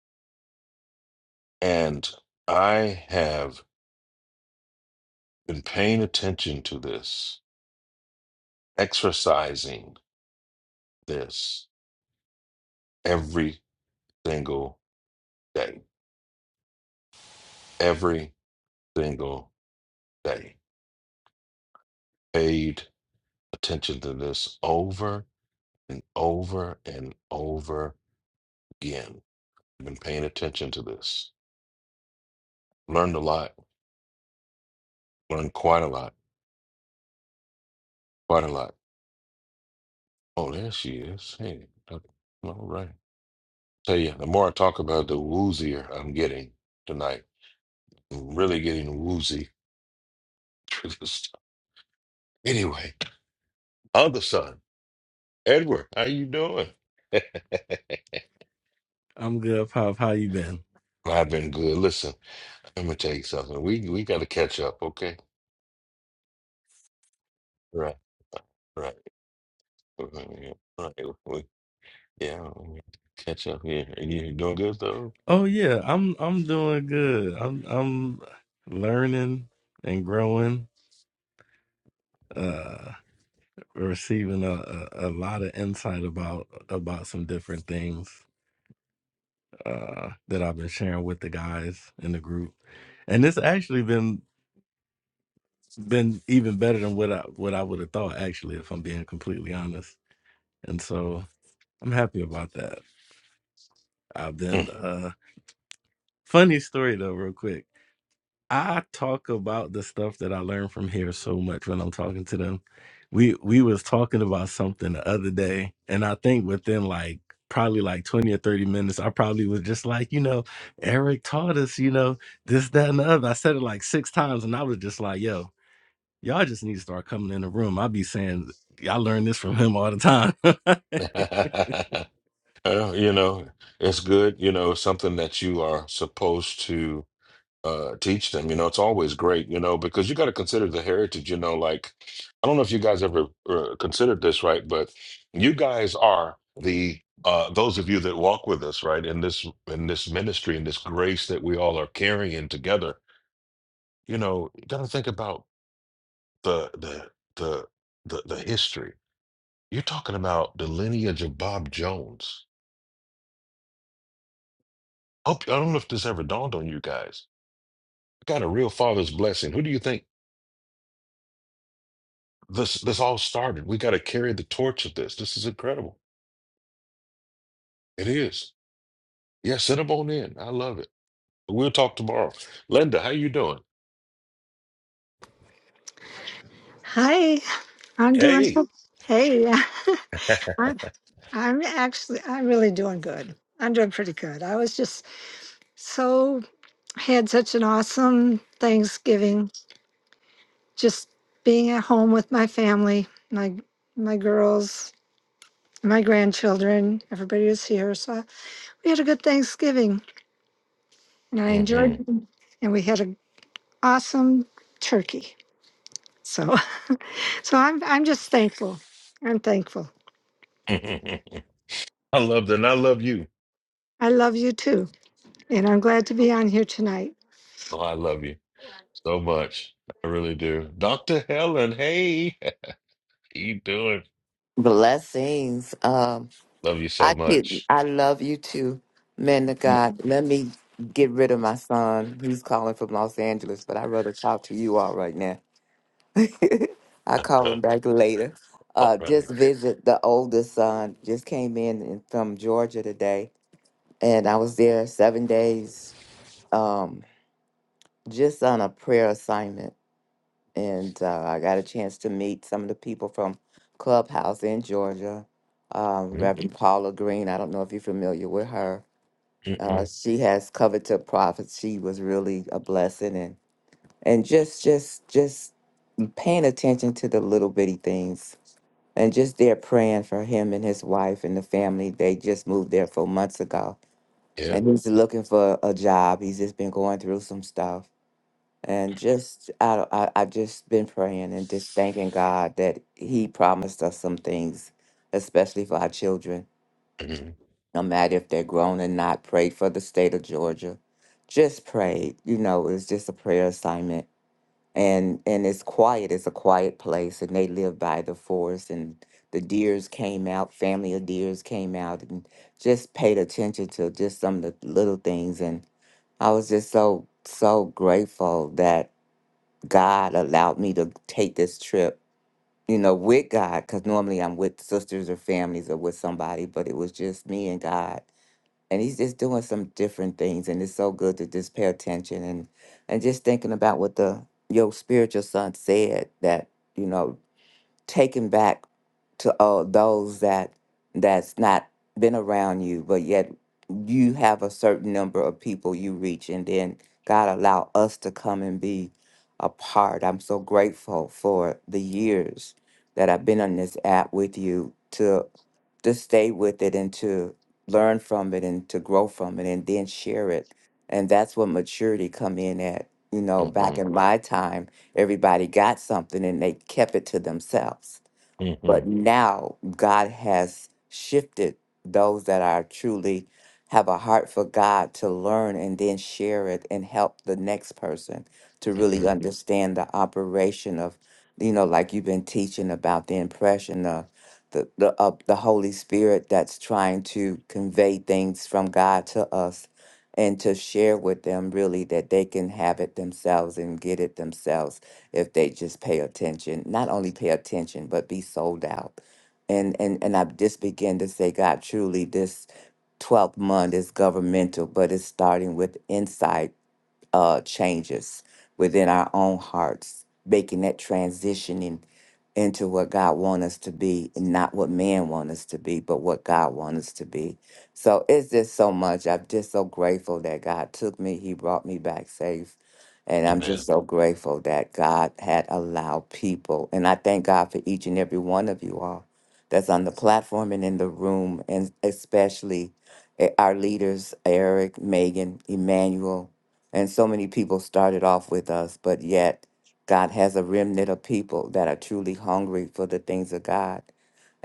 S3: And I have been paying attention to this, exercising this every single day, every single day. Paid attention to this over and over and over again. I've been paying attention to this. Learned a lot. Learned quite a lot. Quite a lot. Oh, there she is. Hey, okay. all right. Tell you, the more I talk about it, the woozier I'm getting tonight. I'm really getting woozy through this stuff. Anyway, other son, Edward, how you doing?
S8: I'm good, Pop. How you been?
S3: I've been good. Listen, let me tell you something. We we got to catch up, okay? Right, right, right. right, right. Yeah, I'm catch up here. Are you doing good though?
S8: Oh yeah, I'm I'm doing good. I'm I'm learning and growing, uh receiving a, a, a lot of insight about about some different things uh that I've been sharing with the guys in the group. And it's actually been been even better than what I what I would have thought actually if I'm being completely honest. And so I'm happy about that. I've been uh funny story though real quick. I talk about the stuff that I learned from here so much when I'm talking to them. We we was talking about something the other day, and I think within like probably like 20 or 30 minutes, I probably was just like, you know, Eric taught us, you know, this, that, and the other. I said it like six times, and I was just like, yo, y'all just need to start coming in the room. I be saying, I learned this from him all the time.
S3: Well, you know, it's good, you know, something that you are supposed to uh teach them. You know, it's always great, you know, because you got to consider the heritage, you know, like I don't know if you guys ever uh, considered this, right? But you guys are the uh those of you that walk with us, right, in this in this ministry and this grace that we all are carrying together. You know, you got to think about the the the the the history You're talking about the lineage of Bob Jones. Hope I don't know if this ever dawned on you guys. We got a real father's blessing. Who do you think this this all started? We got to carry the torch of this. This is incredible. It is. Yeah, send them on in. I love it. We'll talk tomorrow. Linda, how you doing?
S9: Hi, I'm doing.
S3: Hey.
S9: so- Hey, I'm, I'm actually, I'm really doing good. I'm doing pretty good. I was just so had such an awesome Thanksgiving, just being at home with my family, my my girls, my grandchildren. Everybody was here, so we had a good Thanksgiving, and I enjoyed,
S3: Mhm.
S9: and we had an awesome turkey. So, so I'm I'm just thankful. I'm thankful.
S3: I love that. And I love you.
S9: I love you too. And I'm glad to be on here tonight.
S3: Oh, I love you so much. I really do. Dr. Helen, hey, how you doing?
S10: Blessings. Um,
S3: Love you so
S10: I kid,
S3: much.
S10: I love you too, man of God. Let me get rid of my son. He's calling from Los Angeles, but I'd rather talk to you all right now. I'll call him
S3: All
S10: back later. Uh,
S3: right.
S10: just visit the oldest son. Just came in in- from Georgia today, and I was there seven days. Um, just on a prayer assignment and uh, I got a chance to meet some of the people from Clubhouse in Georgia. Um,
S3: Mm,
S10: Reverend Paula Green, I don't know if you're familiar with her.
S3: mm,
S10: Uh,
S3: mm.
S10: she has covered to prophets. She was really a blessing, and and just just just paying attention to the little bitty things, and just there praying for him and his wife and the family. They just moved there four months ago,
S3: Yeah.
S10: and he's looking for a job. He's just been going through some stuff and just I I I've just been praying and just thanking God that He promised us some things, especially for our children.
S3: Mhm,
S10: No matter if they're grown or not, prayed for the state of Georgia. Just prayed. You know, it's just a prayer assignment. And and it's quiet. It's a quiet place. And they live by the forest and the deers came out, family of deers came out and just paid attention to just some of the little things and I was just so so grateful that God allowed me to take this trip, you know, with God, because normally I'm with sisters or families or with somebody, but it was just me and God. And he's just doing some different things, and it's so good to just pay attention and and just thinking about what the your spiritual son said that you know taken back to uh, those that that's not been around you, but yet you have a certain number of people you reach, and then God allow us to come and be a part. I'm so grateful for the years that I've been on this app with you to to stay with it and to learn from it and to grow from it and then share it. And that's what maturity come in at. You know, back
S3: mhm,
S10: in my time, Everybody got something and they kept it to themselves. But
S3: mhm,
S10: now God has shifted those that are truly have a heart for God to learn and then share it and help the next person to really
S3: mhm.
S10: understand the operation of, you know, like you've been teaching about the impression of the the, of the Holy Spirit that's trying to convey things from God to us and to share with them really that they can have it themselves and get it themselves if they just pay attention, not only pay attention, but be sold out. And and and I just begin to say, God, truly this 12th month is governmental, but it's starting with insight uh, changes within our own hearts, making that transition into what God wants us to be, and not what man wants us to be, but what God wants us to be. So it's just so much. I'm just so grateful that God took me. He brought me back safe. And I'm
S3: Amen.
S10: just so grateful that God had allowed people. And I thank God for each and every one of you all that's on the platform and in the room, and especially eh, our leaders, Eric, Megan, Emmanuel, and so many people started off with us, but yet God has a remnant of people that are truly hungry for the things of God.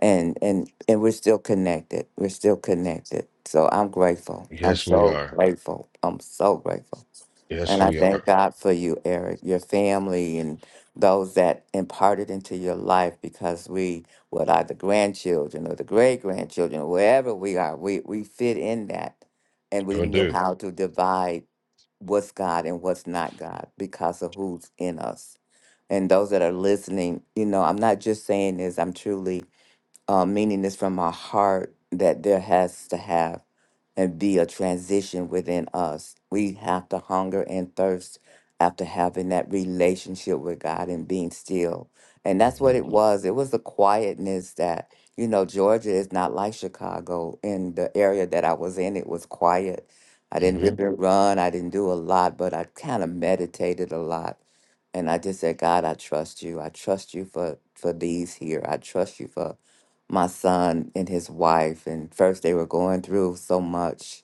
S10: And and and we're still connected. We're still connected. So I'm grateful. I'm
S3: Yes, we
S10: so
S3: are.
S10: grateful. I'm so grateful.
S3: Yes,
S10: And I
S3: we are.
S10: thank God for you, Eric, your family, and those that imparted into your life because we, what are the grandchildren or the great grandchildren, wherever we are, we, we fit in that. And we
S3: Sure
S10: know
S3: do.
S10: how to divide what's God and what's not God because of who's in us. And those that are listening, you know, I'm not just saying this, I'm truly uh, meaning this from my heart that there has to have and be a transition within us. We have to hunger and thirst after having that relationship with God and being still. And that's what
S3: hmm
S10: it was. It was the quietness that, you know, Georgia is not like Chicago. In the area that I was in, it was quiet. I didn't
S3: hmm
S10: rip and run. I didn't do a lot, but I kind of meditated a lot. And I just said, God, I trust you. I trust you for, for these here. I trust you for my son and his wife. And first, they were going through so much.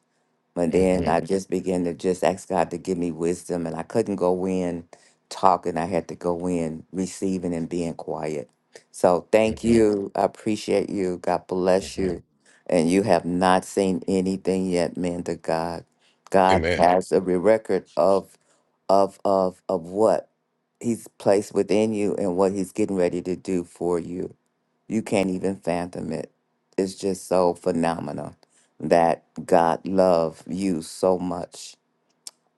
S10: But then
S3: hmm
S10: I Mhm. just began to just ask God to give me wisdom. And I couldn't go in talking, I had to go in receiving and being quiet. So thank Yeah.
S3: hmm
S10: you. I appreciate you. God bless
S3: hmm
S10: you. And you have not seen anything yet, man to God. God
S3: Amen.
S10: has a re- record of of of of what he's placed within you and what he's getting ready to do for you. You can't even fathom it. It's just so phenomenal that God loved you so much.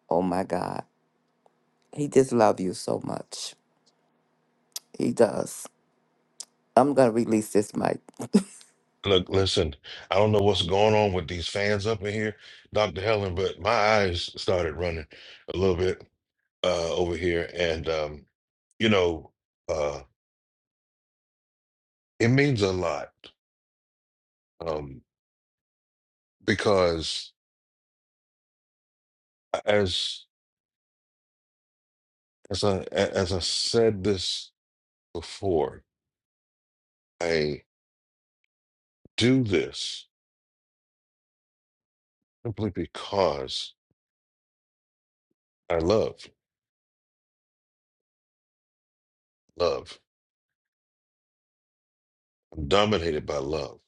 S10: Oh my God. He just loves you so much. He does. I'm going to release this mic.
S3: Look, listen, I don't know what's going on with these fans up in here, Dr. Helen, but my eyes started running a little bit uh, over here. And, um, you know, uh, it means a lot um, because as as I, as I said this before, do this simply because I love love. I'm dominated by love,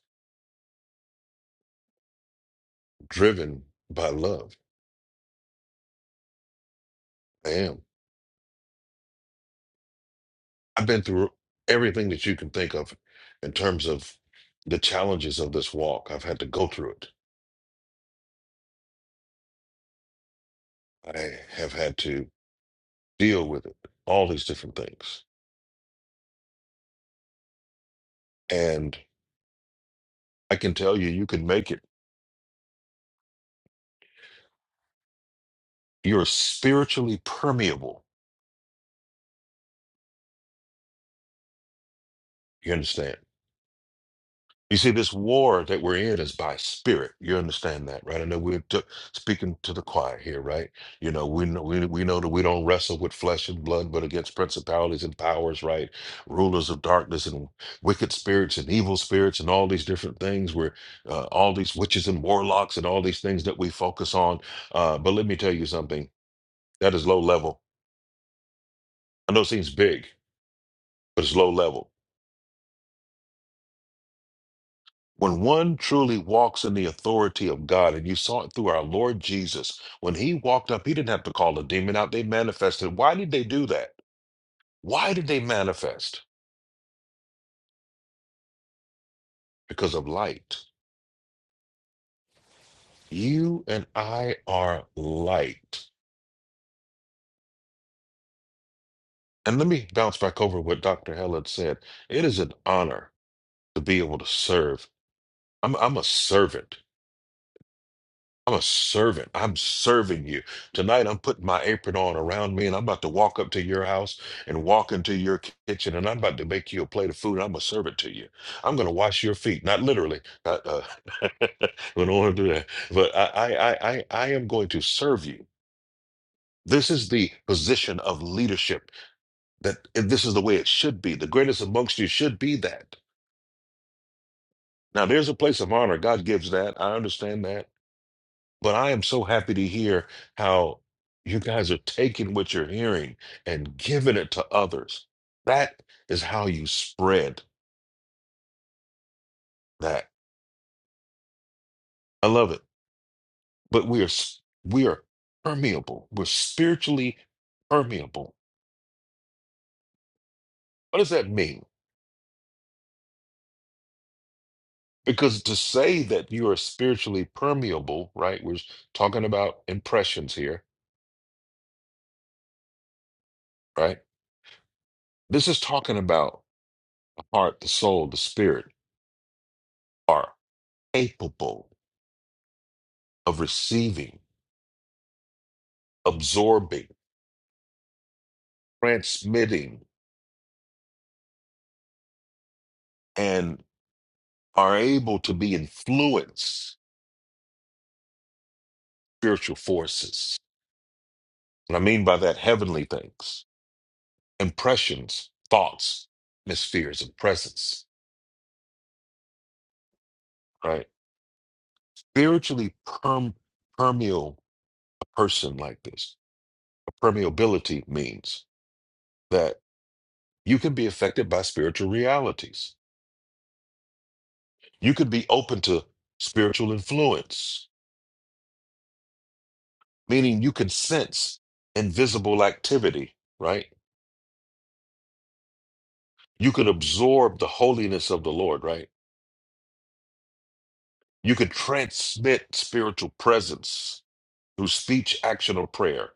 S3: driven by love. I am. I've been through everything that you can think of in terms of the challenges of this walk. I've had to go through it. I have had to deal with it, all these different things. And I can tell you, you can make it. You're spiritually permeable. You understand? You see, this war that we're in is by spirit. You understand that, right? I know we're t- speaking to the choir here, right? You know, we know we, we know that we don't wrestle with flesh and blood, but against principalities and powers, right? Rulers of darkness and wicked spirits and evil spirits and all these different things. Where uh, all these witches and warlocks and all these things that we focus on. Uh, but let me tell you something. That is low level. I know it seems big, but it's low level When one truly walks in the authority of God, and you saw it through our Lord Jesus, when he walked up, he didn't have to call a demon out. They manifested. Why did they do that? Why did they manifest? Because of light. You and I are light. And let me bounce back over what Dr. Hell had said. It is an honor to be able to serve. I'm, I'm a servant. I'm a servant. I'm serving you. Tonight, I'm putting my apron on around me and I'm about to walk up to your house and walk into your kitchen and I'm about to make you a plate of food. I'm a servant to you. I'm going to wash your feet. Not literally. Not, uh, we don't want to do that. But I, I, I, I I am going to serve you. This is the position of leadership that and this is the way it should be. The greatest amongst you should be that. Now, there's a place of honor. God gives that. I understand that. But I am so happy to hear how you guys are taking what you're hearing and giving it to others. That is how you spread that. I love it. But we are s- we are permeable. We're spiritually permeable. What does that mean? Because to say that you are spiritually permeable, right? We're talking about impressions here, right? This is talking about the heart, the soul, the spirit are capable of receiving, absorbing transmitting and are able to be influenced spiritual forces. And I mean by that heavenly things, impressions, thoughts, atmospheres of presence, right? Spiritually perm- permeable a person like this. Permeability means that you can be affected by spiritual realities. You can be open to spiritual influence, meaning you can sense invisible activity, right? you could absorb the holiness of the Lord, right? You could transmit spiritual presence through speech, action, or prayer.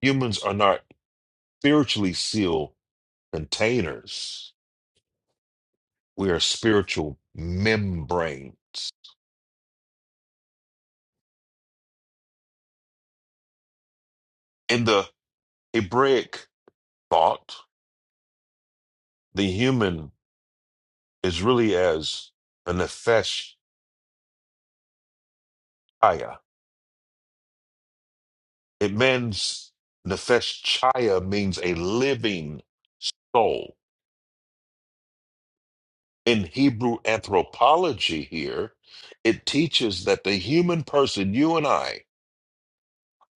S3: Humans are not spiritually sealed containers. We are spiritual membranes. In the Hebraic thought, the human is really as a nefesh chaya. It means nefesh chaya means a living soul. in Hebrew anthropology here, it teaches that the human person, you and I,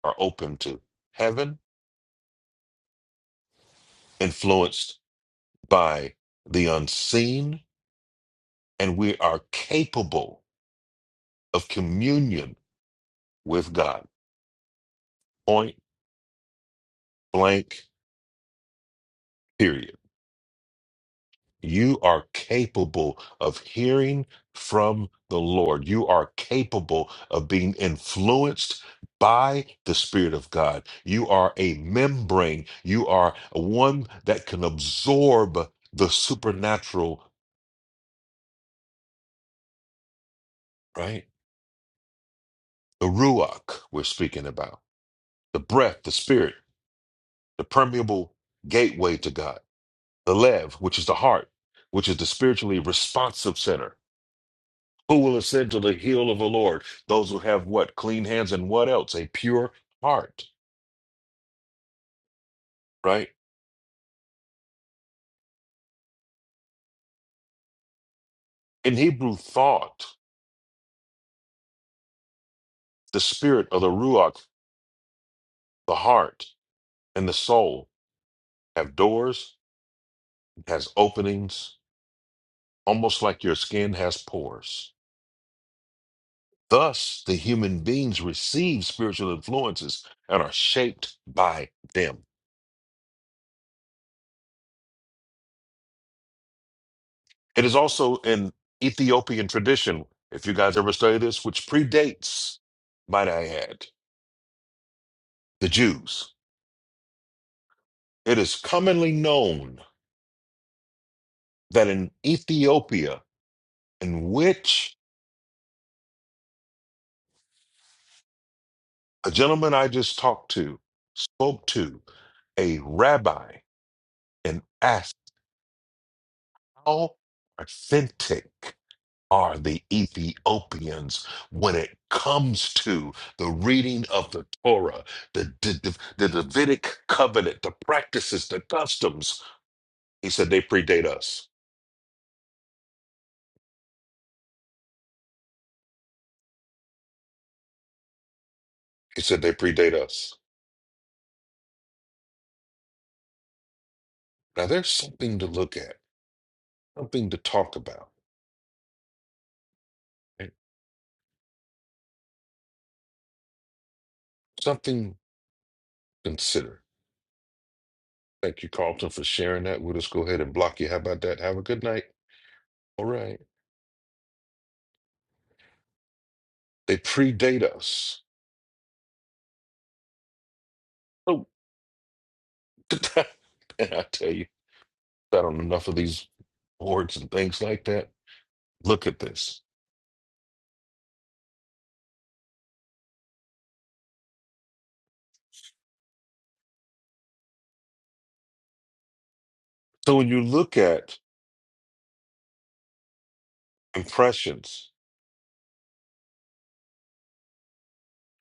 S3: are open to heaven, influenced by the unseen, and we are capable of communion with God. Point blank, period. You are capable of hearing from the Lord. You are capable of being influenced by the Spirit of God. You are a membrane. You are one that can absorb the supernatural, right? The Ruach we're speaking about, the breath, the Spirit, the permeable gateway to God, the Lev, which is the heart, which is the spiritually responsive center Who will ascend to the hill of the Lord? Those who have what? Clean hands and what else? A pure heart, right? In Hebrew, thought, the spirit of the Ruach, the heart and the soul have doors, has openings, almost like your skin has pores. Thus, the human beings receive spiritual influences and are shaped by them. It is also an Ethiopian tradition, if you guys ever study this, which predates, might I add, the Jews It is commonly known that in Ethiopia, in which a gentleman I just talked to spoke to a rabbi and asked, How authentic are the Ethiopians when it comes to the reading of the Torah, the, the, the Davidic covenant, the practices, the customs? He said, They predate us. He said, They predate us. Now, there's something to look at, something to talk about. Something to consider. Thank you, Carlton, for sharing that. We'll just go ahead and block you. How about that? Have a good night. All right. They predate us. Oh, and I tell you, I don't know enough of these boards and things like that. Look at this. So when you look at impressions,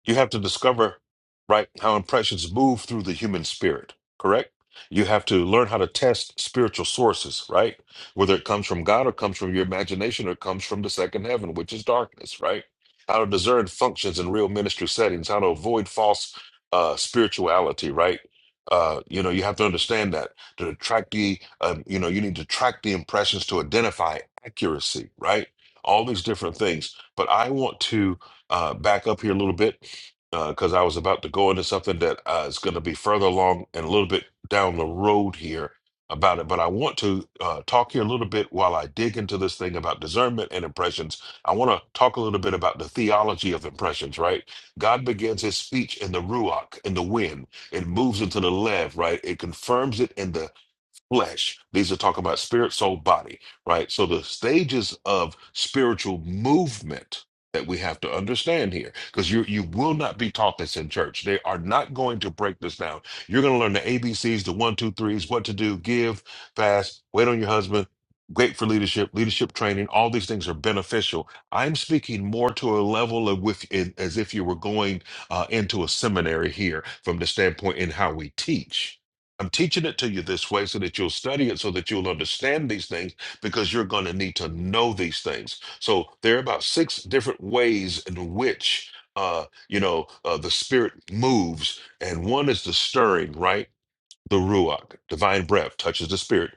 S3: You have to discover, right, how impressions move through the human spirit, correct? You have to learn how to test spiritual sources, right? Whether it comes from God or comes from your imagination or comes from the second heaven, which is darkness, right? How to discern functions in real ministry settings, how to avoid false uh, spirituality, right? Uh, you know, you have to understand that to track the, um, you know, you need to track the impressions to identify accuracy, right? All these different things. But I want to uh, back up here a little bit because I was about to go into something that uh, is going to be further along and a little bit down the road here about it. But I want to uh, talk here a little bit while I dig into this thing about discernment and impressions. I want to talk a little bit about the theology of impressions, right? God begins his speech in the ruach, in the wind. It moves into the lev, right? It confirms it in the flesh. These are talking about spirit, soul, body, right? So the stages of spiritual movement that we have to understand here, because you you will not be taught this in church. They are not going to break this down. You're going to learn the ABCs, the one, two, threes, what to do, give, fast, wait on your husband. Great for leadership, leadership training. All these things are beneficial. I'm speaking more to a level of with as if you were going uh, into a seminary here from the standpoint in how we teach I'm teaching it to you this way so that you'll study it, so that you'll understand these things, because you're going to need to know these things. So there are about six different ways in which, uh, you know, uh, the spirit moves, and one is the stirring, right? the ruach, divine breath, touches the spirit.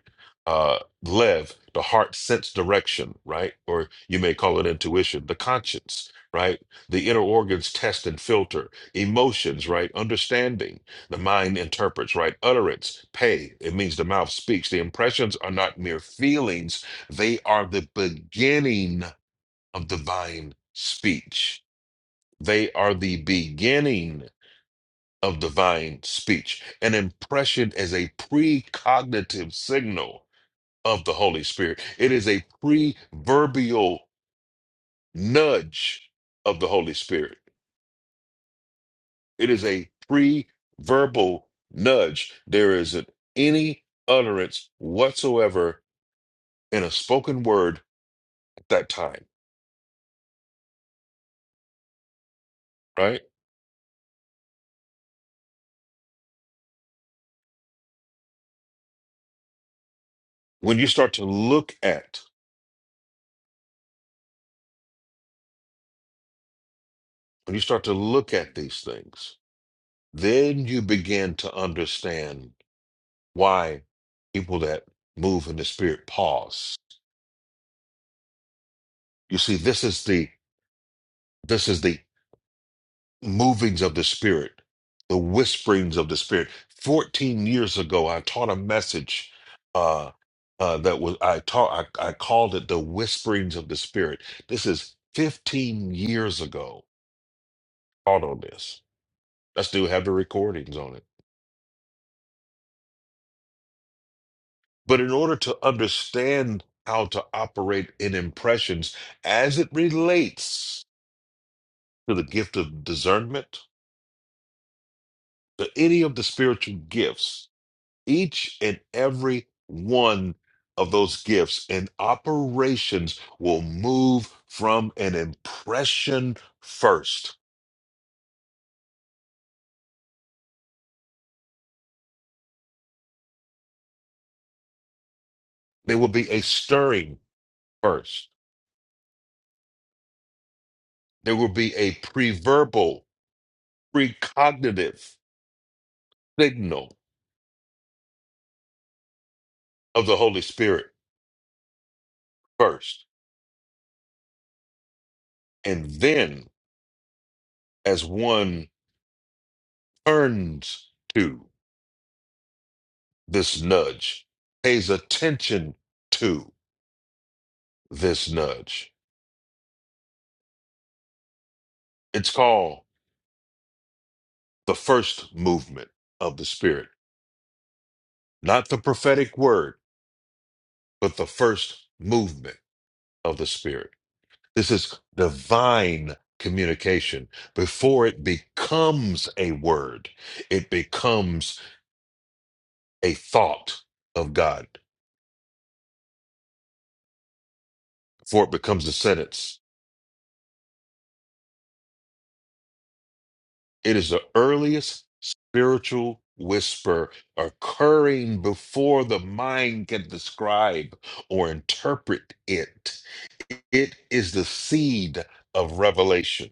S3: Uh, lev, the heart sense direction, right? Or you may call it intuition, the conscience, right? The inner organs test and filter, emotions, right? Understanding, the mind interprets, right? Utterance, pay, it means the mouth speaks. The impressions are not mere feelings, they are the beginning of divine speech. They are the beginning of divine speech. An impression is a precognitive signal of the Holy Spirit, it is a preverbal nudge of the Holy Spirit. It is a preverbal nudge. There isn't any utterance whatsoever in a spoken word at that time, right? When you start to look at when you start to look at these things, then you begin to understand why people that move in the spirit pause. You see, this is the this is the movings of the spirit, the whisperings of the spirit. Fourteen years ago, I taught a message uh, uh, that was I taught I, I called it the whisperings of the spirit. This is fifteen years ago. Caught on this. I still have the recordings on it. But in order to understand how to operate in impressions as it relates to the gift of discernment, to any of the spiritual gifts, each and every one of those gifts and operations will move from an impression first. There will be a stirring first. There will be a preverbal, precognitive signal of the Holy Spirit first. And then, as one turns to this nudge, pays attention to. this nudge. It's called the first movement of the Spirit, not the prophetic word, but the first movement of the Spirit. This is divine communication. Before it becomes a word, it becomes a thought of God, before it becomes a sentence. It is the earliest spiritual whisper occurring before the mind can describe or interpret it. It is the seed of revelation.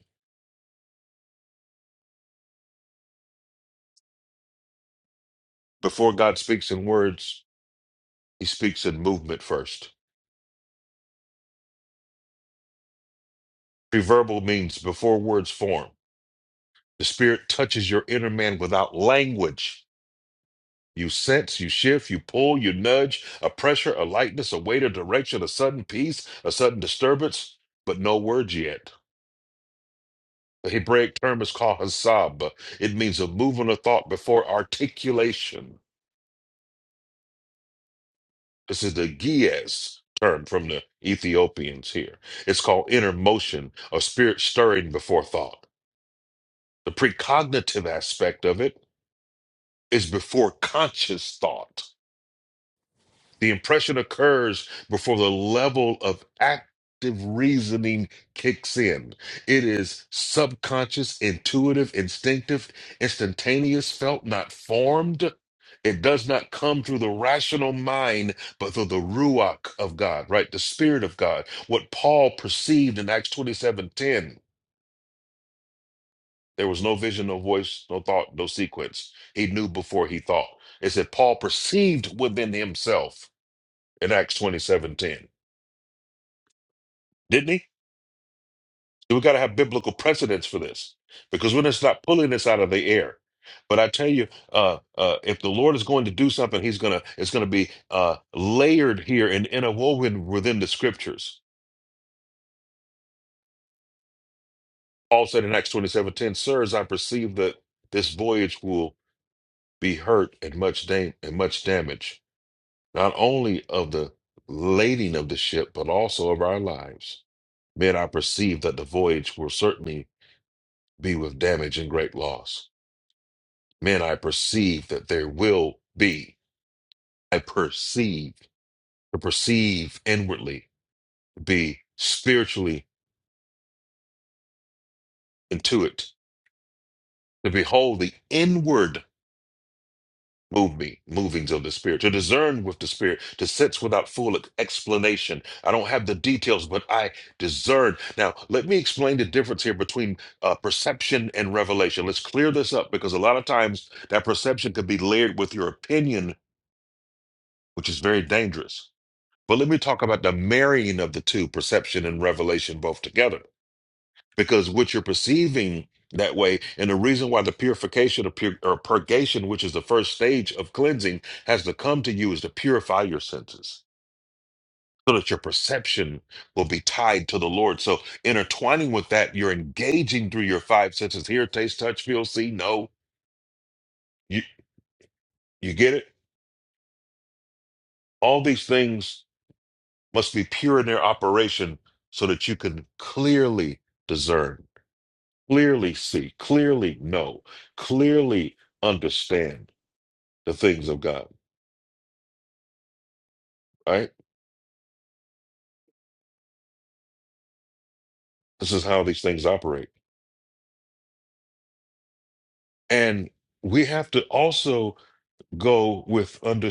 S3: Before God speaks in words, he speaks in movement first. Preverbal means before words form. The Spirit touches your inner man without language You sense, you shift, you pull, you nudge, a pressure, a lightness, a weight, a direction, a sudden peace, a sudden disturbance, but no words yet. The Hebraic term is called hasab. It means a movement of thought before articulation. This is the gies term from the Ethiopians here. It's called inner motion, a spirit stirring before thought. The precognitive aspect of it is before conscious thought The impression occurs before the level of active reasoning kicks in. It is subconscious, intuitive, instinctive, instantaneous, felt, not formed. It does not come through the rational mind, but through the ruach of God, right? The spirit of God. What Paul perceived in Acts 27 10, There was no vision, no voice, no thought, no sequence. He knew before he thought. It said Paul perceived within himself in Acts 27 10. didn't he? So we got to have biblical precedents for this because we're just not pulling this out of the air. But I tell you, uh, uh, if the Lord is going to do something, He's gonna it's gonna be uh, layered here and interwoven within the Scriptures. Paul said in Acts twenty seven ten, "Sirs, I perceive that this voyage will be hurt and much da- and much damage, not only of the lading of the ship, but also of our lives. Men, I perceive that the voyage will certainly be with damage and great loss." Man, I perceive that there will be. I perceive to perceive inwardly, to be spiritually intuit, to behold the inward moving movings of the spirit, to discern with the spirit, to sense without full explanation. I don't have the details, but I discern. Now, let me explain the difference here between uh, perception and revelation. Let's clear this up because a lot of times that perception could be layered with your opinion, which is very dangerous. But let me talk about the marrying of the two, perception and revelation both together. Because what you're perceiving that way, and the reason why the purification of pur- or purgation, which is the first stage of cleansing, has to come to you is to purify your senses so that your perception will be tied to the Lord. So intertwining with that, you're engaging through your five senses hear, taste, touch, feel, see, know. You you get it? All these things must be pure in their operation so that you can clearly discern clearly see, clearly know, clearly understand the things of God, right? This is how these things operate. And we have to also go with under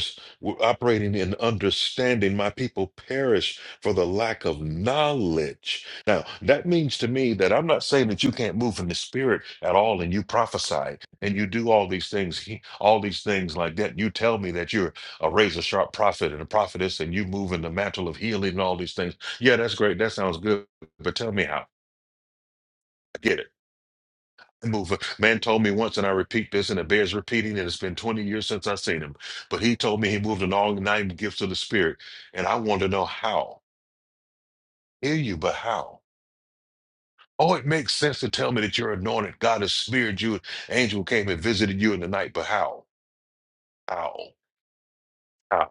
S3: operating in understanding my people perish for the lack of knowledge now that means to me that i'm not saying that you can't move in the spirit at all and you prophesy and you do all these things he- all these things like that you tell me that you're a razor sharp prophet and a prophetess and you move in the mantle of healing and all these things yeah that's great that sounds good but tell me how mover. Man told me once, and I repeat this, and it bears repeating, and it's been 20 years since I've seen him. But he told me he moved in all nine gifts of the Spirit, and I want to know how. Hear you, but how? Oh, it makes sense to tell me that you're anointed. God has smeared you. Angel came and visited you in the night, but how? How? How?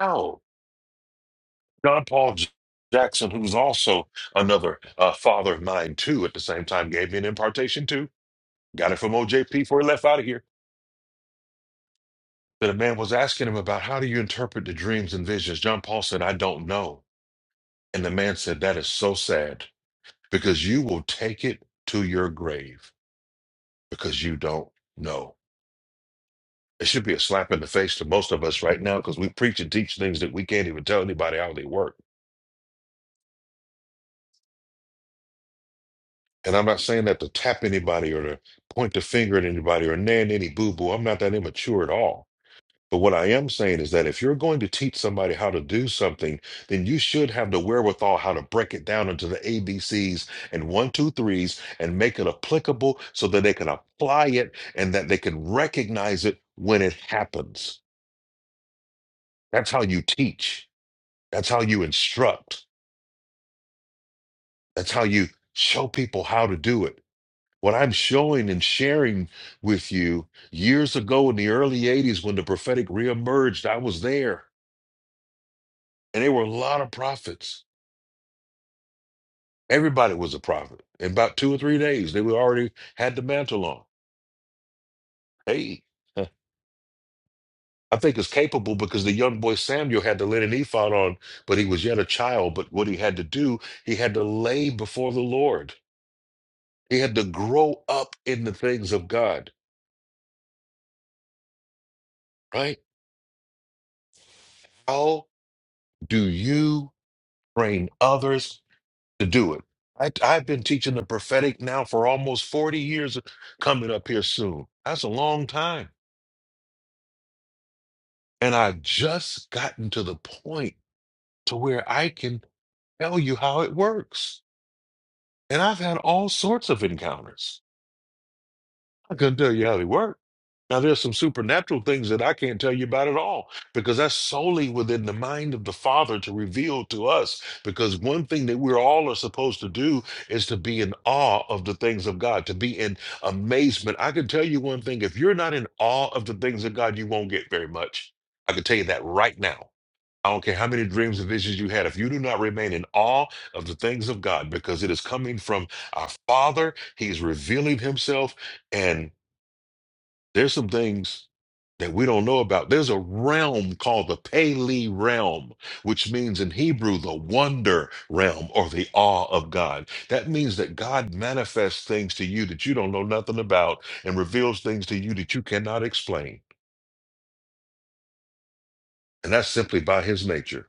S3: How? John Paul J- Jackson, who's also another uh, father of mine, too, at the same time, gave me an impartation, too. Got it from OJP before he left out of here. that a man was asking him about how do you interpret the dreams and visions. John Paul said, I don't know. And the man said, That is so sad because you will take it to your grave because you don't know. It should be a slap in the face to most of us right now because we preach and teach things that we can't even tell anybody how they work. And I'm not saying that to tap anybody or to point the finger at anybody or nan any boo boo. I'm not that immature at all. But what I am saying is that if you're going to teach somebody how to do something, then you should have the wherewithal how to break it down into the A B C's and one, two, threes and make it applicable so that they can apply it and that they can recognize it when it happens. That's how you teach. That's how you instruct. That's how you show people how to do it. What I'm showing and sharing with you years ago in the early 80s when the prophetic reemerged, I was there and there were a lot of prophets. Everybody was a prophet. In about two or three days, they were already had the mantle on. Hey, huh, I think it's capable because the young boy Samuel had the linen ephod on, but he was yet a child. But what he had to do, he had to lay before the Lord. He had to grow up in the things of God, right? How do you train others to do it? I, I've been teaching the prophetic now for almost 40 years, coming up here soon. That's a long time. And I've just gotten to the point. to where I can tell you how it works. And I've had all sorts of encounters. I couldn't tell you how they work. Now, there's some supernatural things that I can't tell you about at all because that's solely within the mind of the Father to reveal to us. Because one thing that we're all are supposed to do is to be in awe of the things of God, to be in amazement. I can tell you one thing if you're not in awe of the things of God, you won't get very much. I can tell you that right now. I don't care how many dreams and visions you had. If you do not remain in awe of the things of God, because it is coming from our Father, He's revealing Himself, and there's some things that we don't know about. There's a realm called the Pele realm, which means in Hebrew, the wonder realm or the awe of God. That means that God manifests things to you that you don't know nothing about and reveals things to you that you cannot explain. And that's simply by His nature.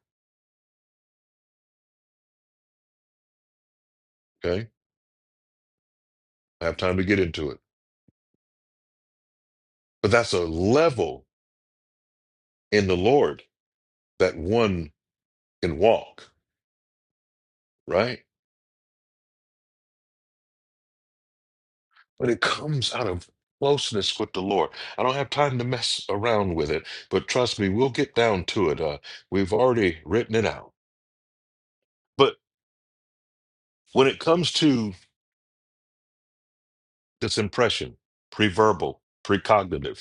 S3: Okay? I have time to get into it. But that's a level in the Lord that one can walk, right? But it comes out of closeness with the Lord. I don't have time to mess around with it, but trust me, we'll get down to it. Uh, we've already written it out. But when it comes to this impression, preverbal, precognitive,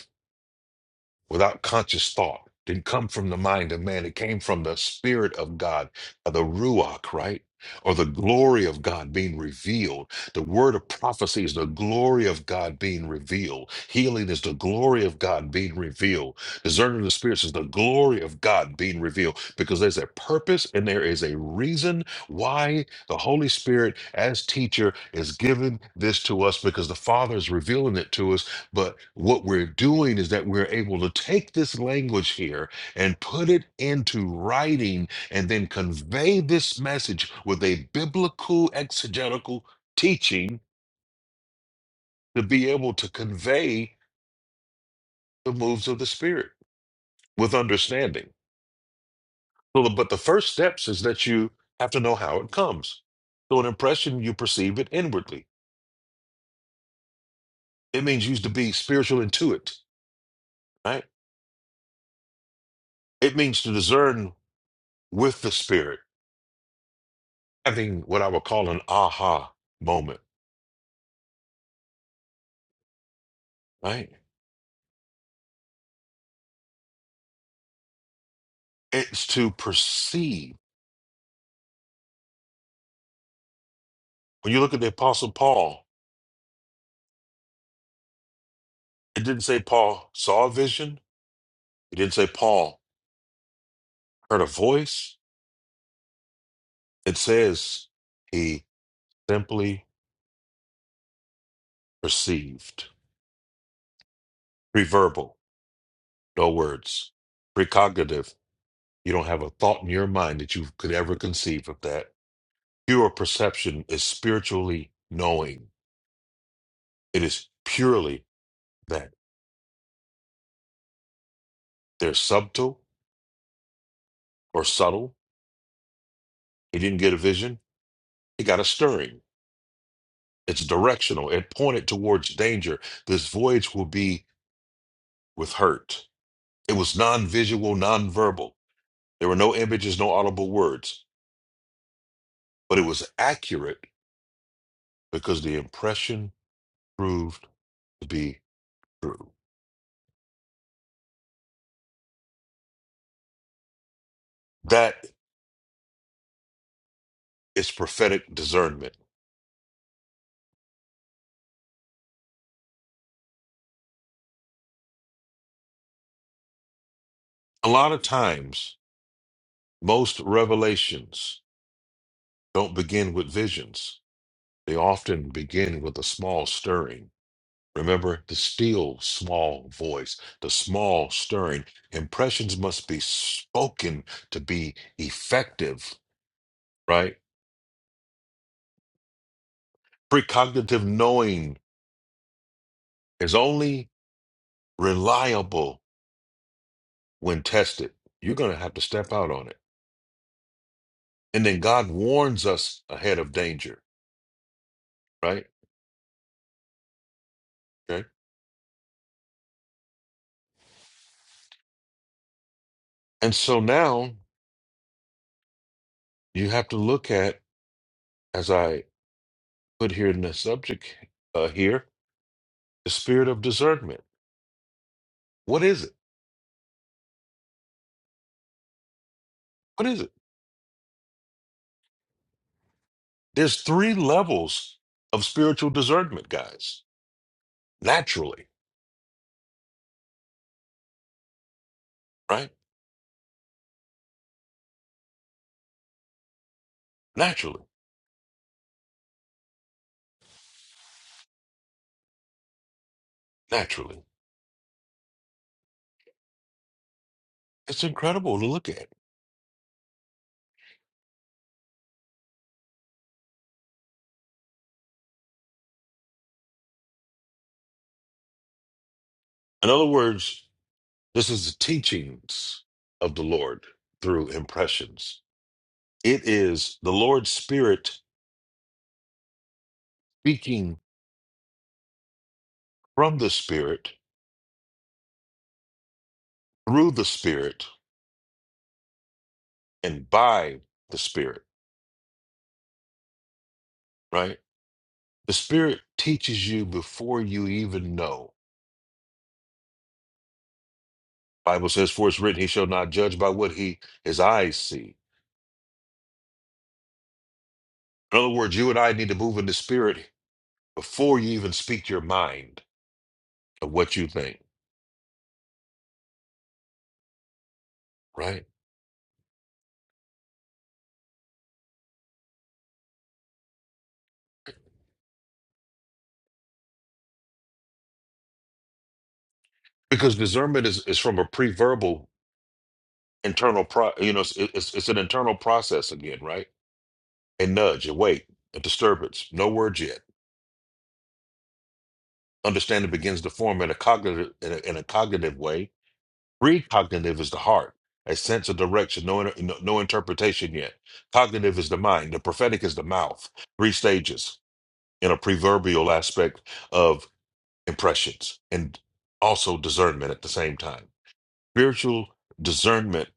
S3: without conscious thought. Didn't come from the mind of man. It came from the Spirit of God, uh, the Ruach, right? Or the glory of God being revealed. The word of prophecy is the glory of God being revealed. Healing is the glory of God being revealed. Discerning of the spirits is the glory of God being revealed because there's a purpose and there is a reason why the Holy Spirit, as teacher, is giving this to us because the Father is revealing it to us but what we're doing is that we're able to take this language here and put it into writing and then convey this message with a biblical exegetical teaching to be able to convey the moves of the Spirit with understanding. So, But the first steps is that you have to know how it comes. So, an impression, you perceive it inwardly. It means you to be spiritual intuit, right? It means to discern with the Spirit having what I would call an aha moment, right? It's to perceive. When you look at the Apostle Paul, it didn't say Paul saw a vision, it didn't say Paul heard a voice. It says he simply perceived. Preverbal, no words. Precognitive, you don't have a thought in your mind that you could ever conceive of that. Pure perception is spiritually knowing. It is purely that. They're subtle or subtle. He didn't get a vision. It got a stirring. It's directional. It pointed towards danger. This voyage will be with hurt. It was non visual, non verbal. There were no images, no audible words, but it was accurate because the impression proved to be true. That is prophetic discernment. A lot of times, most revelations don't begin with visions, they often begin with a small stirring Remember the still small voice, the small stirring. Impressions must be spoken to be effective, right? Precognitive knowing is only reliable when tested. You're going to have to step out on it. And then God warns us ahead of danger, right? Okay. And so now you have to look at, as I put here in the subject uh, here, the spirit of discernment. What is it? What is it? There's three levels of spiritual discernment, guys. Naturally, right? Naturally, naturally. It's incredible to look at. In other words, this is the teachings of the Lord through impressions. It is the Lord's Spirit speaking from the Spirit, through the Spirit, and by the Spirit, right? The Spirit teaches you before you even know. Bible says, For it's written, He shall not judge by what he his eyes see In other words, you and I need to move in the spirit before you even speak your mind of what you think, right? Because discernment is, is from a pre-verbal internal pro you know, it's, it's it's an internal process again, right? A nudge, a wait, a disturbance, no words yet. Understanding begins to form in a cognitive in a, in a cognitive way. Precognitive is the heart, a sense of direction, no, inter- no no interpretation yet. Cognitive is the mind, the prophetic is the mouth. Three stages in a proverbial aspect impressions and also discernment at the same time. Spiritual discernment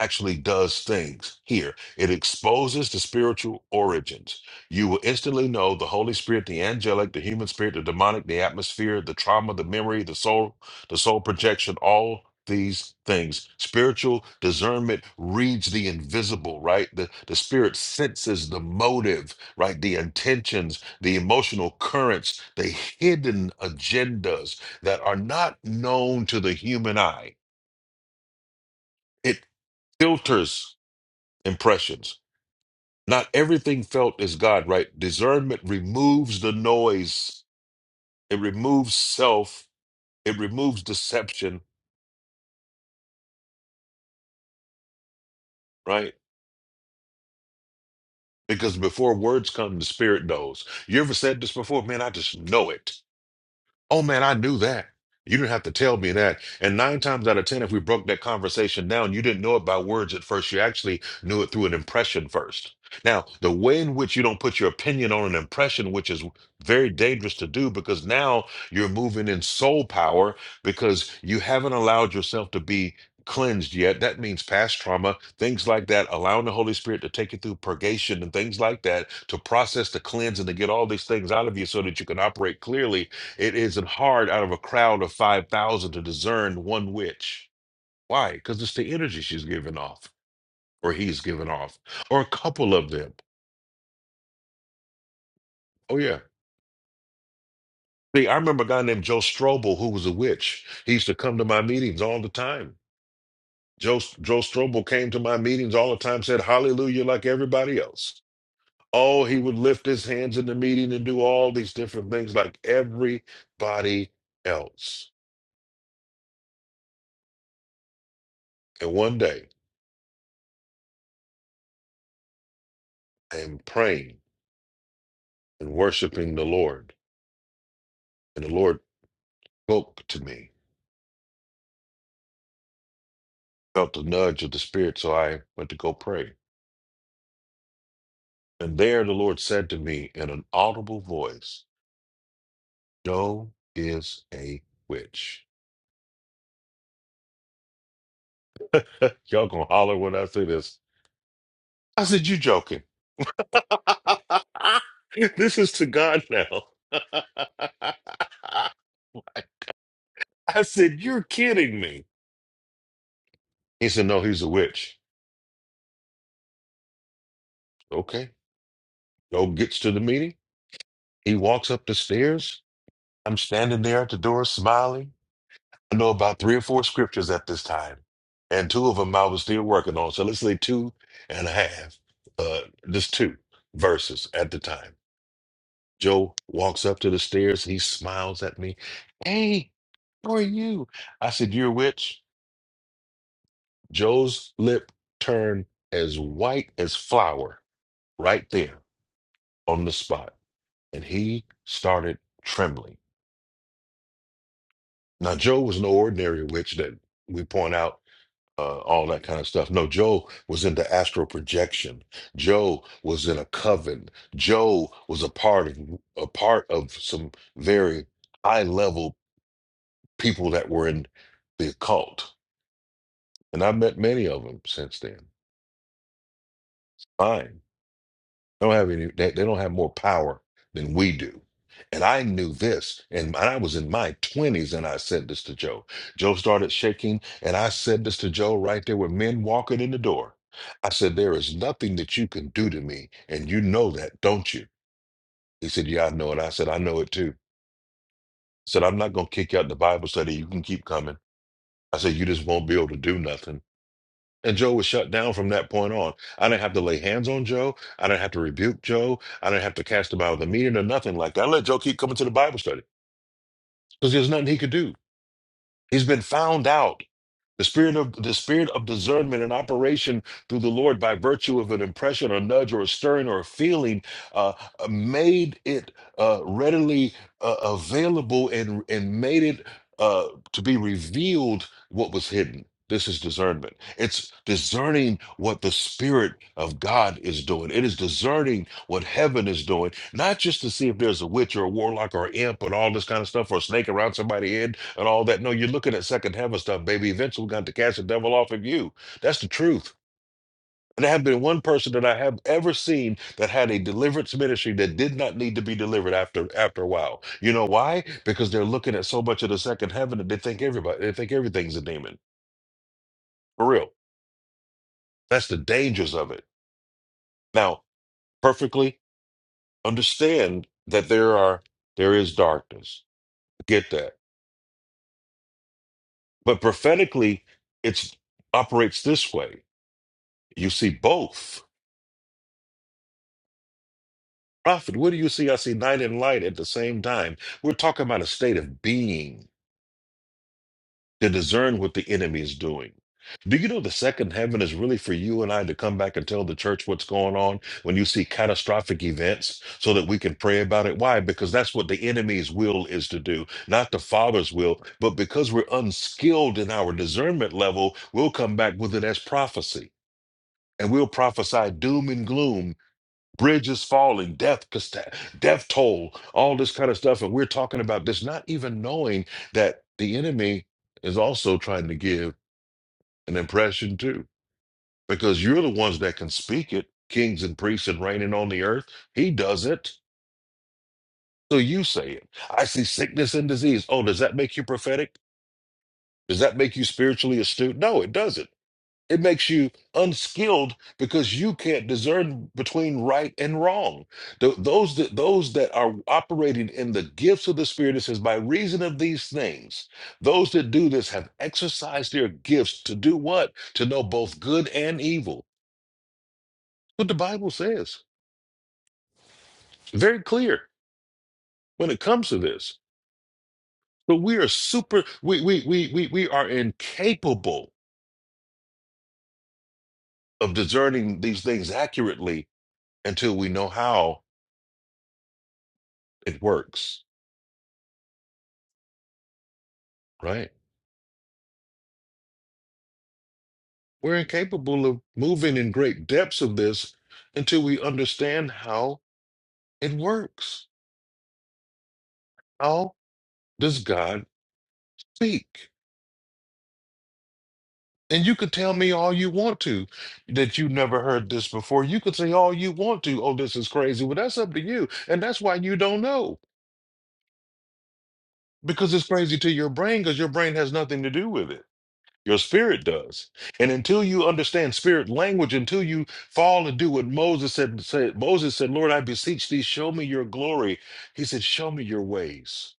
S3: actually does things here. It exposes the spiritual origins. You will instantly know the Holy Spirit, the angelic, the human spirit, the demonic, the atmosphere, the trauma, the memory, the soul, the soul projection, all these things. Spiritual discernment reads the invisible, right? The the spirit senses the motive, right? The intentions, the emotional currents, the hidden agendas that are not known to the human eye. It filters impressions. Not everything felt is God, right? Discernment removes the noise, it removes self, it removes deception, right? Because before words come, the spirit knows. You ever said this before? Man, I just know it. Oh man, I knew that. You didn't have to tell me that. And nine times out of ten, if we broke that conversation down, you didn't know it by words at first. You actually knew it through an impression first. Now, the way in which you don't put your opinion on an impression, which is very dangerous to do because now you're moving in soul power because you haven't allowed yourself to be cleansed yet. That means past trauma, things like that, allowing the Holy Spirit to take you through purgation and things like that to process, to cleanse, and to get all these things out of you so that you can operate clearly it isn't hard out of a crowd of 5,000 to discern one witch. Why? Because it's the energy she's giving off, or he's giving off, or a couple of them. Oh, yeah. See, I remember a guy named Joe Strobel who was a witch. He used to come to my meetings all the time. Joe, Joe Strobel came to my meetings all the time, said hallelujah like everybody else. Oh, he would lift his hands in the meeting and do all these different things like everybody else. And one day, I am praying and worshiping the Lord And the Lord spoke to me, felt the nudge of the Spirit, so I went to go pray. And there the Lord said to me in an audible voice, Joe is a witch. Y'all gonna holler when I say this. I said, You joking. this is to God now. I said, You're kidding me. He said, No, he's a witch. Okay. Joe gets to the meeting. He walks up the stairs. I'm standing there at the door smiling. I know about three or four scriptures at this time, and two of them I was still working on. So let's say two and a half, uh, just two verses at the time. Joe walks up to the stairs. He smiles at me. Hey, how are you? I said, You're a witch. Joe's lip turned as white as flour right there on the spot, and he started trembling. Now, Joe was no ordinary witch that we point out. uh, all that kind of stuff. No, Joe was into astral projection. Joe was in a coven. Joe was a part of a part of some very high level people that were in the occult, and I have met many of them since then. Fine. They Don't have any. They, they don't have more power than we do. And I knew this, and I was in my twenties, and I said this to Joe. Joe started shaking, and I said this to Joe right there with men walking in the door. I said, "There is nothing that you can do to me, and you know that, don't you?" He said, "Yeah, I know it." I said, "I know it too." I said, "I'm not gonna kick you out the Bible study. You can keep coming." I said, "You just won't be able to do nothing." And Joe was shut down from that point on. I didn't have to lay hands on Joe. I didn't have to rebuke Joe. I didn't have to cast him out of the meeting or nothing like that. I let Joe keep coming to the Bible study because there's nothing he could do. He's been found out. The spirit of the spirit of discernment and operation through the Lord by virtue of an impression or nudge or a stirring or a feeling uh, uh, made it uh, readily uh, available and and made it uh, to be revealed what was hidden. This is discernment. It's discerning what the Spirit of God is doing. It is discerning what heaven is doing, not just to see if there's a witch or a warlock or an imp and all this kind of stuff or a snake around somebody's head and all that. No, you're looking at second heaven stuff, baby. Eventually, we're going to cast the devil off of you. That's the truth. And there have been one person that I have ever seen that had a deliverance ministry that did not need to be delivered after after a while. You know why? Because they're looking at so much of the second heaven that they think everybody they think everything's a demon. For real. That's the dangers of it. Now, perfectly understand that there are there is darkness. Get that. But prophetically, it's operates this way. You see both. Prophet, what do you see? I see night and light at the same time. We're talking about a state of being. to discern what the enemy is doing. Do you know the second heaven is really for you and I to come back and tell the church what's going on when you see catastrophic events so that we can pray about it? Why? Because that's what the enemy's will is to do, not the Father's will. But because we're unskilled in our discernment level, we'll come back with it as prophecy and we'll prophesy doom and gloom bridges falling, death, casta- death toll, all this kind of stuff. And we're talking about this, not even knowing that the enemy is also trying to give an impression too, because you're the ones that can speak it, kings and priests and reigning on the earth. He does it. So you say it. I see sickness and disease. Oh, does that make you prophetic? Does that make you spiritually astute? No, it doesn't. It makes you unskilled because you can't discern between right and wrong. Th- those that those that are operating in the gifts of the Spirit, it says, by reason of these things, those that do this have exercised their gifts to do what? To know both good and evil. What the Bible says. Very clear when it comes to this. So we are super we we we we, we are incapable of discerning these things accurately until we know how it works, right? We're incapable of moving in great depths of this until we understand how it works. How does God speak? And you could tell me all you want to that you never heard this before. You could say all you want to, oh, this is crazy. Well, that's up to you. And that's why you don't know because it's crazy to your brain because your brain has nothing to do with it. Your spirit does. And until you understand spirit language, until you fall and do what Moses said, said Moses said, Lord, I beseech thee, show me your glory. He said, Show me your ways.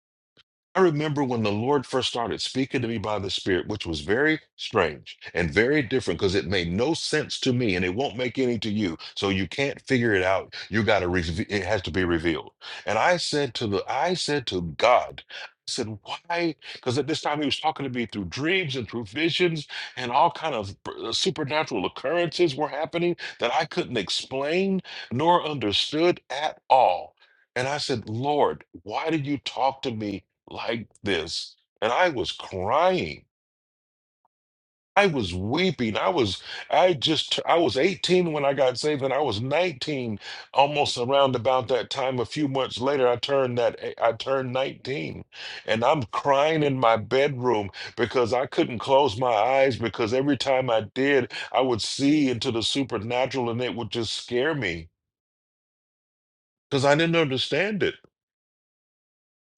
S3: I remember when the Lord first started speaking to me by the Spirit, which was very strange and very different because it made no sense to me and it won't make any to you. So you can't figure it out. You got to, re- it has to be revealed. And I said to the, I said to God, I said, why? Because at this time he was talking to me through dreams and through visions and all kind of uh, supernatural occurrences were happening that I couldn't explain nor understood at all. And I said, Lord, why did you talk to me like this and i was crying i was weeping i was i just i was 18 when i got saved and i was 19 almost around about that time a few months later i turned that eh, i turned 19 and i'm crying in my bedroom because i couldn't close my eyes because every time i did i would see into the supernatural and it would just scare me because i didn't understand it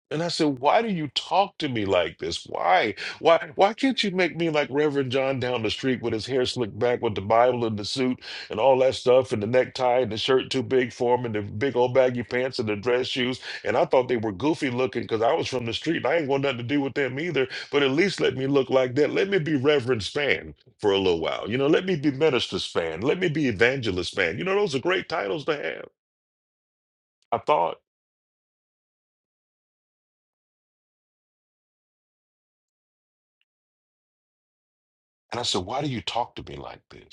S3: And I said, "Why do you talk to me like this? Why, why, why can't you make me like Reverend John down the street with his hair slicked back, with the Bible and the suit and all that stuff, and the necktie and the shirt too big for him, and the big old baggy pants and the dress shoes?" And I thought they were goofy looking because I was from the street and I ain't want nothing to do with them either. But at least let me look like that. Let me be Reverend Span for a little while. You know, let me be Minister Span. Let me be Evangelist Span. You know, those are great titles to have. I thought, and I said, "Why do you talk to me like this?"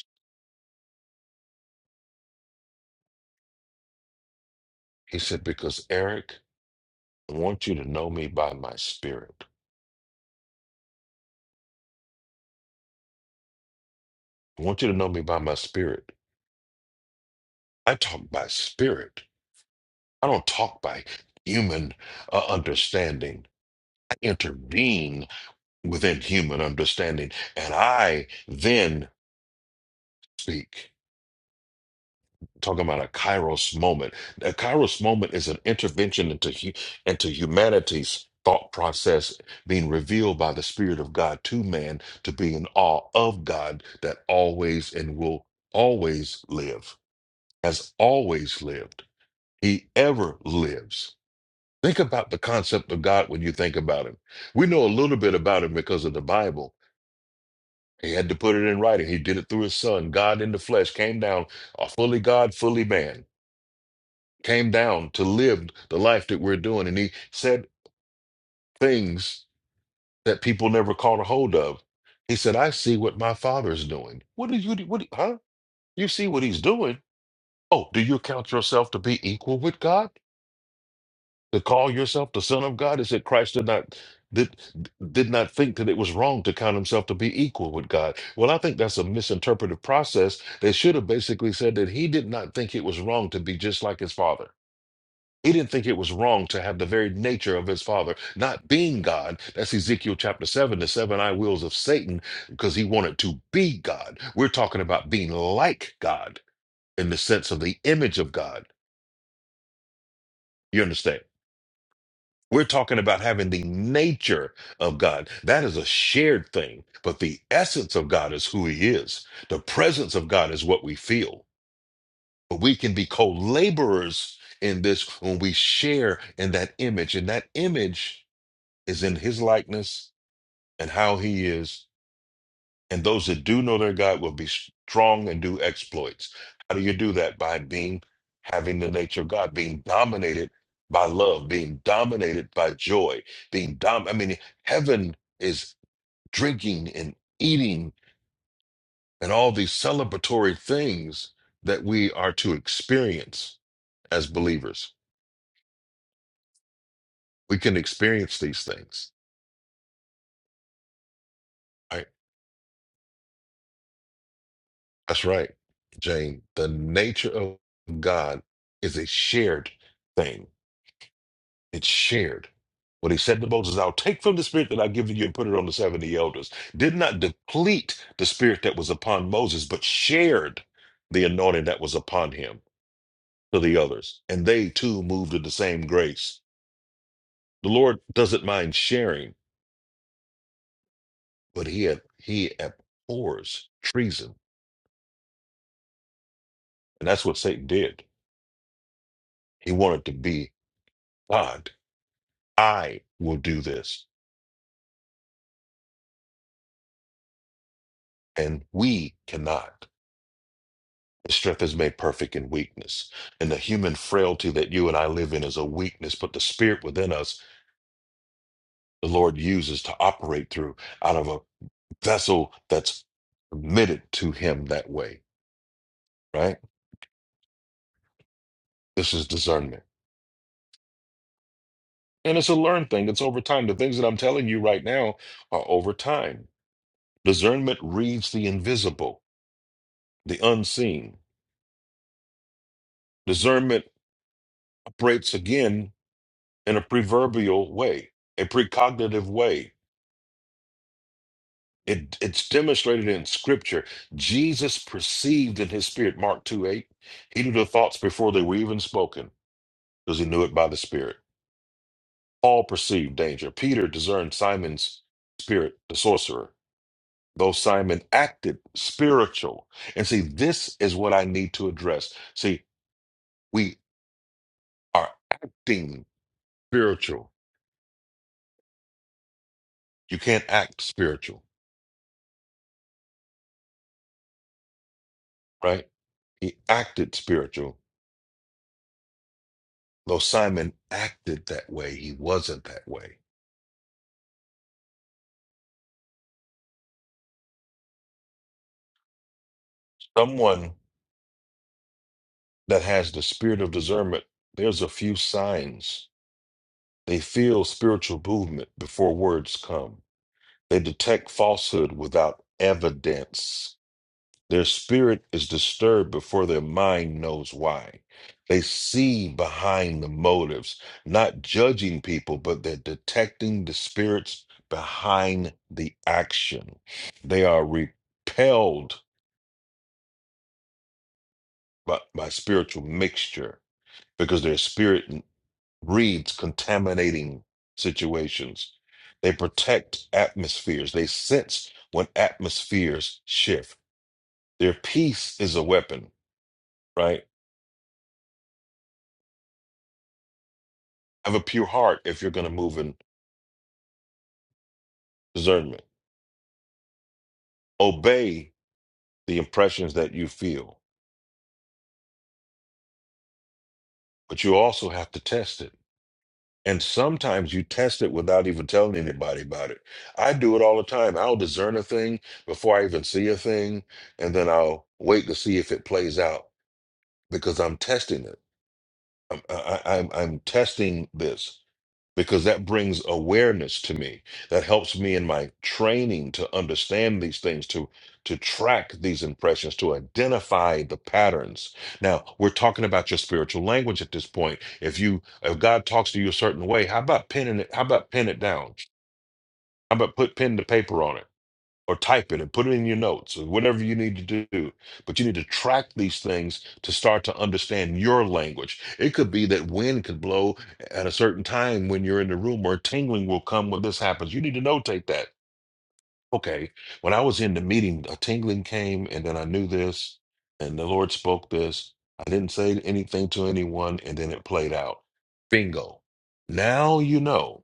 S3: He said, Because Eric, I want you to know me by my spirit. I want you to know me by my spirit. I talk by spirit. I don't talk by human uh, understanding. I intervene within human understanding and I then speak. talking about a kairos moment. A kairos moment is an intervention into hu- into humanity's thought process being revealed by the spirit of God to man to be in awe of God that always and will always live has always lived. He ever lives. Think about the concept of God when you think about him. We know a little bit about him because of the Bible. He had to put it in writing. He did it through his son. God in the flesh came down, uh, fully God, fully man came down to live the life that we're doing. And he said things that people never caught a hold of. He said, I see what my father's doing. What do you, what, do- huh? You see what he's doing. Oh, do you count yourself to be equal with God? To call yourself the son of God? Is that Christ did not, did, did not think that it was wrong to count himself to be equal with God? Well, I think that's a misinterpretive process. They should have basically said that he did not think it was wrong to be just like his father. He didn't think it was wrong to have the very nature of his father not being God. That's Ezekiel chapter 7, the seven I wills of Satan, because he wanted to be God. We're talking about being like God in the sense of the image of God. You understand? We're talking about having the nature of God. That is a shared thing, but the essence of God is who he is. The presence of God is what we feel. But we can be co laborers in this when we share in that image. And that image is in his likeness and how he is. And those that do know their God will be strong and do exploits. How do you do that? By being, having the nature of God, being dominated by love, being dominated by joy, being dom. I mean, heaven is drinking and eating and all these celebratory things that we are to experience as believers. We can experience these things. right? That's right, Jane. The nature of God is a shared thing. It's shared. What he said to Moses, I'll take from the spirit that I've given you and put it on the 70 elders, did not deplete the spirit that was upon Moses, but shared the anointing that was upon him to the others. And they too moved in the same grace. The Lord doesn't mind sharing, but he, ab- he abhors treason. And that's what Satan did. He wanted to be God. I will do this. and we cannot. His strength is made perfect in weakness. And the human frailty that you and I live in is a weakness, but the spirit within us, the Lord uses to operate through out of a vessel that's committed to Him that way, right? This is discernment. And it's a learned thing, it's over time. The things that I'm telling you right now are over time. Discernment reads the invisible, the unseen. Discernment operates again in a proverbial way, a precognitive way It, it's demonstrated in scripture. Jesus perceived in his spirit, Mark 2 8, he knew the thoughts before they were even spoken because he knew it by the spirit. Paul perceived danger. Peter discerned Simon's spirit, the sorcerer, though Simon acted spiritual. And see, this is what I need to address. See, we are acting spiritual. You can't act spiritual, right? He acted spiritual, though Simon acted that way. He wasn't that way. Someone that has the spirit of discernment, there's a few signs. They feel spiritual movement before words come. They detect falsehood without evidence. Their spirit is disturbed before their mind knows why. They see behind the motives, not judging people, but they're detecting the spirits behind the action. They are repelled by, by spiritual mixture. because their spirit breeds contaminating situations. They protect atmospheres. They sense when atmospheres shift. Their peace is a weapon, right? Have a pure heart if you're going to move in discernment. Obey the impressions that you feel, but you also have to test it. And sometimes you test it without even telling anybody about it. I do it all the time. I'll discern a thing before I even see a thing, and then I'll wait to see if it plays out because I'm testing it. I'm, I, I- I'm I'm testing this because that brings awareness to me. That helps me in my training to understand these things, to to track these impressions, to identify the patterns. Now we're talking about your spiritual language at this point. If you if God talks to you a certain way, how about pinning it? How about pin it down? How about put pen to paper on it? or type it and put it in your notes or whatever you need to do. But you need to track these things to start to understand your language. It could be that wind could blow at a certain time when you're in the room, or tingling will come when this happens. You need to notate that. Okay, when I was in the meeting, a tingling came, and then I knew this, and the Lord spoke this. I didn't say anything to anyone, and then it played out. Bingo. Now you know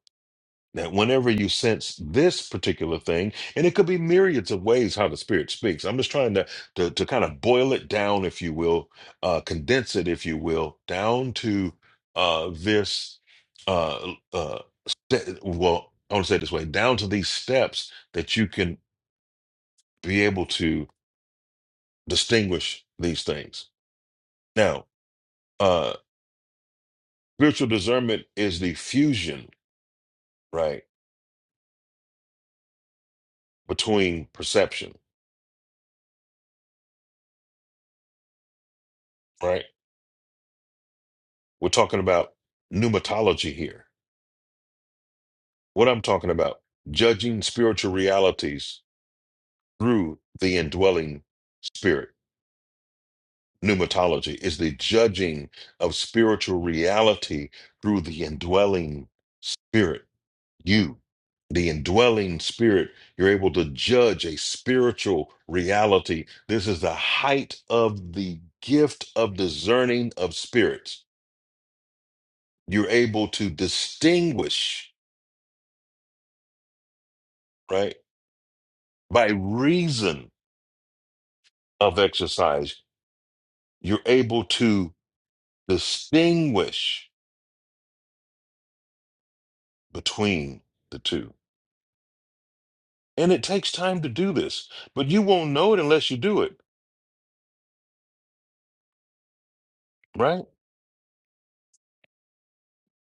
S3: that whenever you sense this particular thing, and it could be myriads of ways how the Spirit speaks. I'm just trying to to, to kind of boil it down, if you will, uh, condense it, if you will, down to uh, this. Uh, uh, st- well, I want to say it this way: down to these steps that you can be able to distinguish these things. Now, uh, spiritual discernment is the fusion, right, between perception, right. We're talking about pneumatology here. What I'm talking about, judging spiritual realities through the indwelling spirit. Pneumatology is the judging of spiritual reality through the indwelling spirit. You, the indwelling spirit, you're able to judge a spiritual reality. This is the height of the gift of discerning of spirits. You're able to distinguish, right? by reason of exercise, you're able to distinguish between the two. And it takes time to do this, but you won't know it unless you do it, right?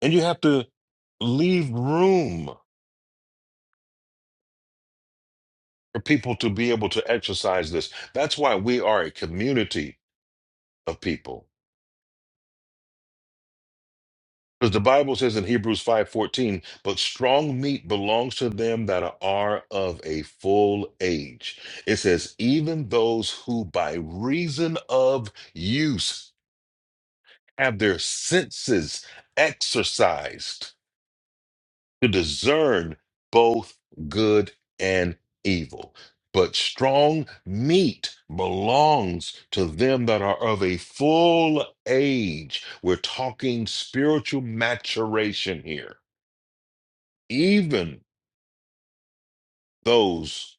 S3: And you have to leave room for people to be able to exercise this. That's why we are a community of people Because the Bible says in Hebrews 5:14, but strong meat belongs to them that are of a full age. It says, even those who by reason of use have their senses exercised to discern both good and evil. But strong meat belongs to them that are of a full age. We're talking spiritual maturation here even those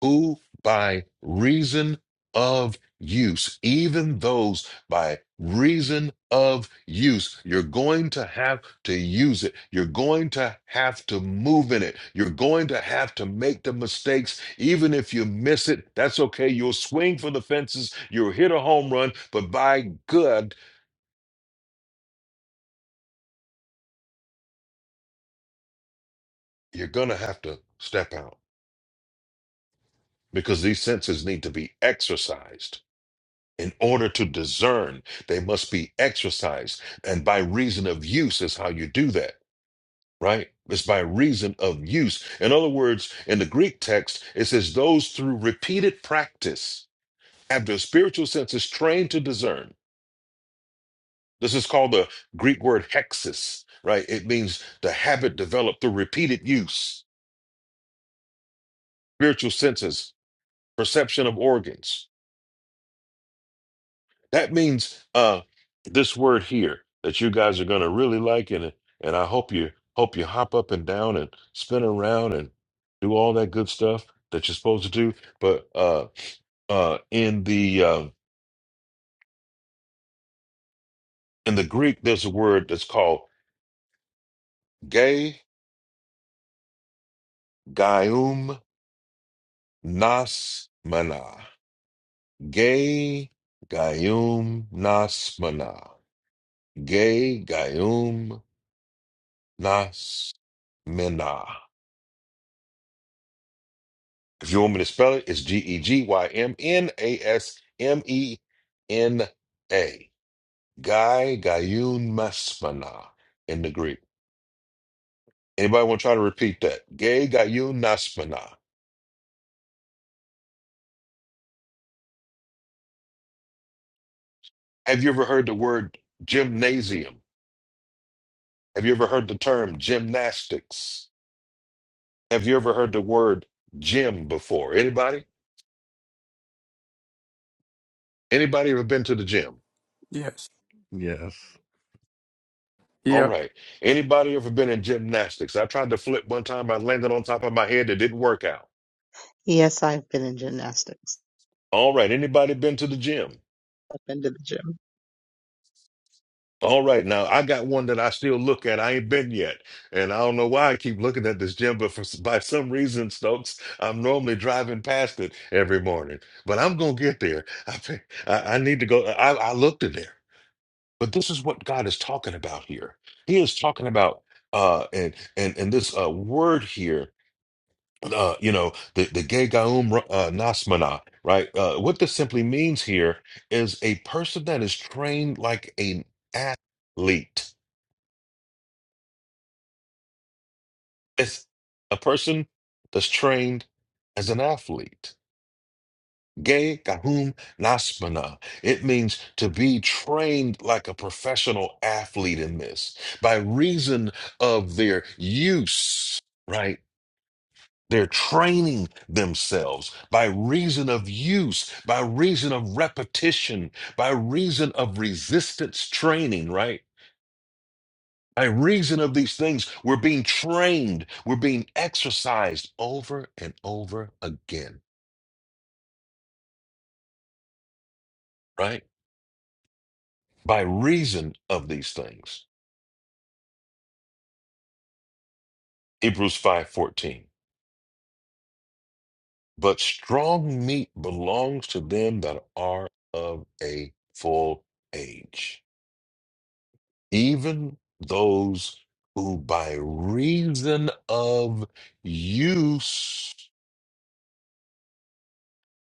S3: who by reason of use, even those by reason of use, you're going to have to use it. You're going to have to move in it. You're going to have to make the mistakes. Even if you miss it, that's okay. You'll swing for the fences. You'll hit a home run, but by good, you're going to have to step out because these senses need to be exercised In order to discern, they must be exercised. And by reason of use is how you do that, right? It's by reason of use. In other words, in the Greek text, it says, those through repeated practice have their spiritual senses trained to discern. This is called the Greek word hexis, right? It means the habit developed through repeated use, spiritual senses, perception of organs. That means uh, this word here that you guys are going to really like, and and I hope you hope you hop up and down and spin around and do all that good stuff that you're supposed to do. But uh, uh, in the uh, in the Greek, there's a word that's called gay gaium nas Gay gaium nas Gay gaium nas If you want me to spell it, it's G E G Y M N A S M E N A. Guy Gayun Masmana in the Greek. Anybody want to try to repeat that? Gay Gayun Masmana. Have you ever heard the word gymnasium? Have you ever heard the term gymnastics? Have you ever heard the word gym before? Anybody? Anybody ever been to the gym?
S11: Yes.
S8: yes.
S3: All
S11: Yeah.
S3: right. Anybody ever been in gymnastics? I tried to flip one time. I landed on top of my head. It didn't work out.
S4: Yes, I've been in gymnastics.
S3: All right. Anybody been to the gym?
S4: I've been to the gym.
S3: All right. Now I got one that I still look at. I ain't been yet, and I don't know why I keep looking at this gym, but for by some reason, Stokes, I'm normally driving past it every morning. But I'm gonna get there. I think- I, I need to go. I, I looked in there, but this is what God is talking about here. He is talking about uh and and and this uh word here uh, you know, the, the gay gaum uh, nasmana, right? Uh, what this simply means here is a person that is trained like an athlete. It's a person that's trained as an athlete. Gay gaum nasmana. It means to be trained like a professional athlete in this by reason of their use, right? They're training themselves by reason of use, by reason of repetition, by reason of resistance training, right? By reason of these things, we're being trained, we're being exercised over and over again, right? By reason of these things. Hebrews 5:14. But strong meat belongs to them that are of a full age. even those who by reason of use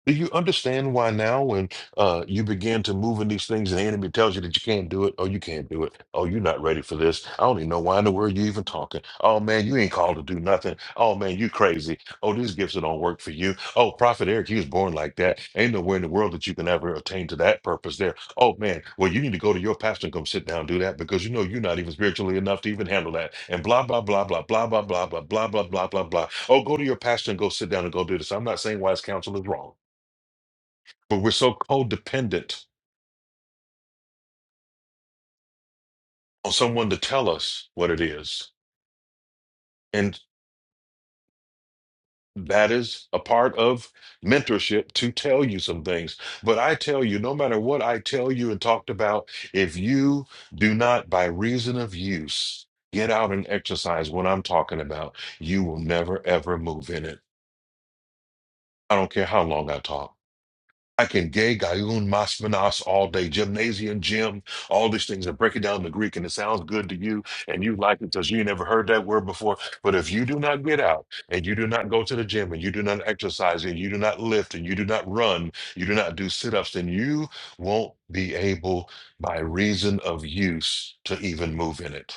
S3: do you understand why now, when uh, you begin to move in these things, and the enemy tells you that you can't do it, oh, you can't do it, oh, you're not ready for this. I don't even know why in the world you're even talking. Oh man, you ain't called to do nothing. Oh man, you crazy. Oh, these gifts that don't work for you. Oh, Prophet Eric, he was born like that. Ain't nowhere in the world that you can ever attain to that purpose there. Oh man, well, you need to go to your pastor and come sit down and do that because you know you're not even spiritually enough to even handle that. And blah blah blah blah blah blah blah blah blah blah blah blah blah. Oh, go to your pastor and go sit down and go do this. I'm not saying wise counsel is wrong. But we're so codependent on someone to tell us what it is. And that is a part of mentorship to tell you some things. But I tell you, no matter what I tell you and talked about, if you do not, by reason of use, get out and exercise what I'm talking about, you will never, ever move in it. I don't care how long I talk. I can gay gayun masmenas all day, gymnasium, gym, all these things, and break it down to Greek, and it sounds good to you, and you like it because you never heard that word before. But if you do not get out, and you do not go to the gym, and you do not exercise, and you do not lift, and you do not run, you do not do sit-ups, then you won't be able, by reason of use, to even move in it.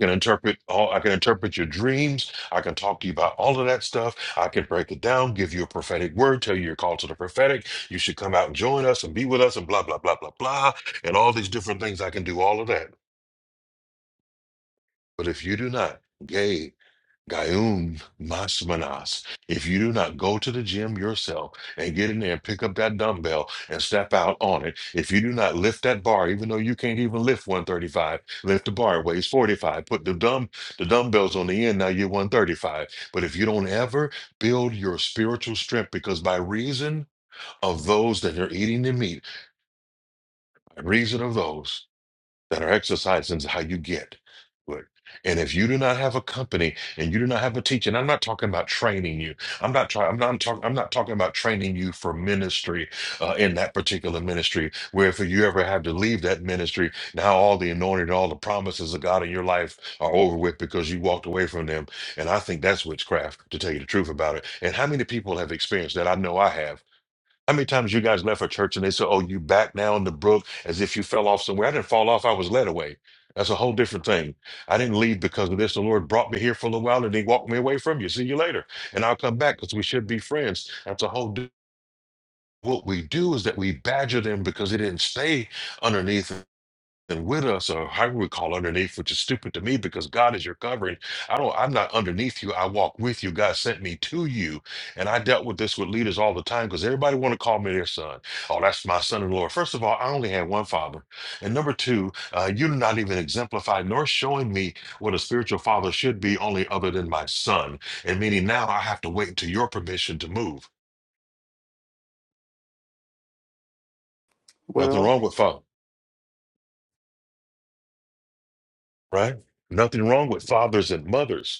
S3: can interpret all I can interpret your dreams. I can talk to you about all of that stuff. I can break it down, give you a prophetic word, tell you you're called to the prophetic. You should come out and join us and be with us and blah blah blah blah blah and all these different things. I can do all of that. But if you do not, gay. Gayun Masmanas. If you do not go to the gym yourself and get in there and pick up that dumbbell and step out on it, if you do not lift that bar, even though you can't even lift 135, lift the bar, it weighs 45. Put the dumb the dumbbells on the end, now you're 135. But if you don't ever build your spiritual strength, because by reason of those that are eating the meat, by reason of those that are exercising is how you get good. And if you do not have a company and you do not have a teacher, and I'm not talking about training you. I'm not trying. I'm not I'm talking. I'm not talking about training you for ministry uh, in that particular ministry. Where if you ever have to leave that ministry, now all the anointing, and all the promises of God in your life are over with because you walked away from them. And I think that's witchcraft, to tell you the truth about it. And how many people have experienced that? I know I have how many times you guys left a church and they said, "Oh, you back now in the brook as if you fell off somewhere"? I didn't fall off; I was led away. That's a whole different thing. I didn't leave because of this. The Lord brought me here for a little while, and He walked me away from you. See you later, and I'll come back because we should be friends. That's a whole. Di- what we do is that we badger them because they didn't stay underneath and with us, or however we call underneath, which is stupid to me because God is your covering. I don't, I'm not underneath you. I walk with you. God sent me to you. And I dealt with this with leaders all the time because everybody want to call me their son. Oh, that's my son in the Lord. First of all, I only had one father. And number two, uh, you're not even exemplifying nor showing me what a spiritual father should be, only other than my son. And meaning now I have to wait until your permission to move.
S11: Well,
S3: Nothing wrong with father, right? Nothing wrong with fathers and mothers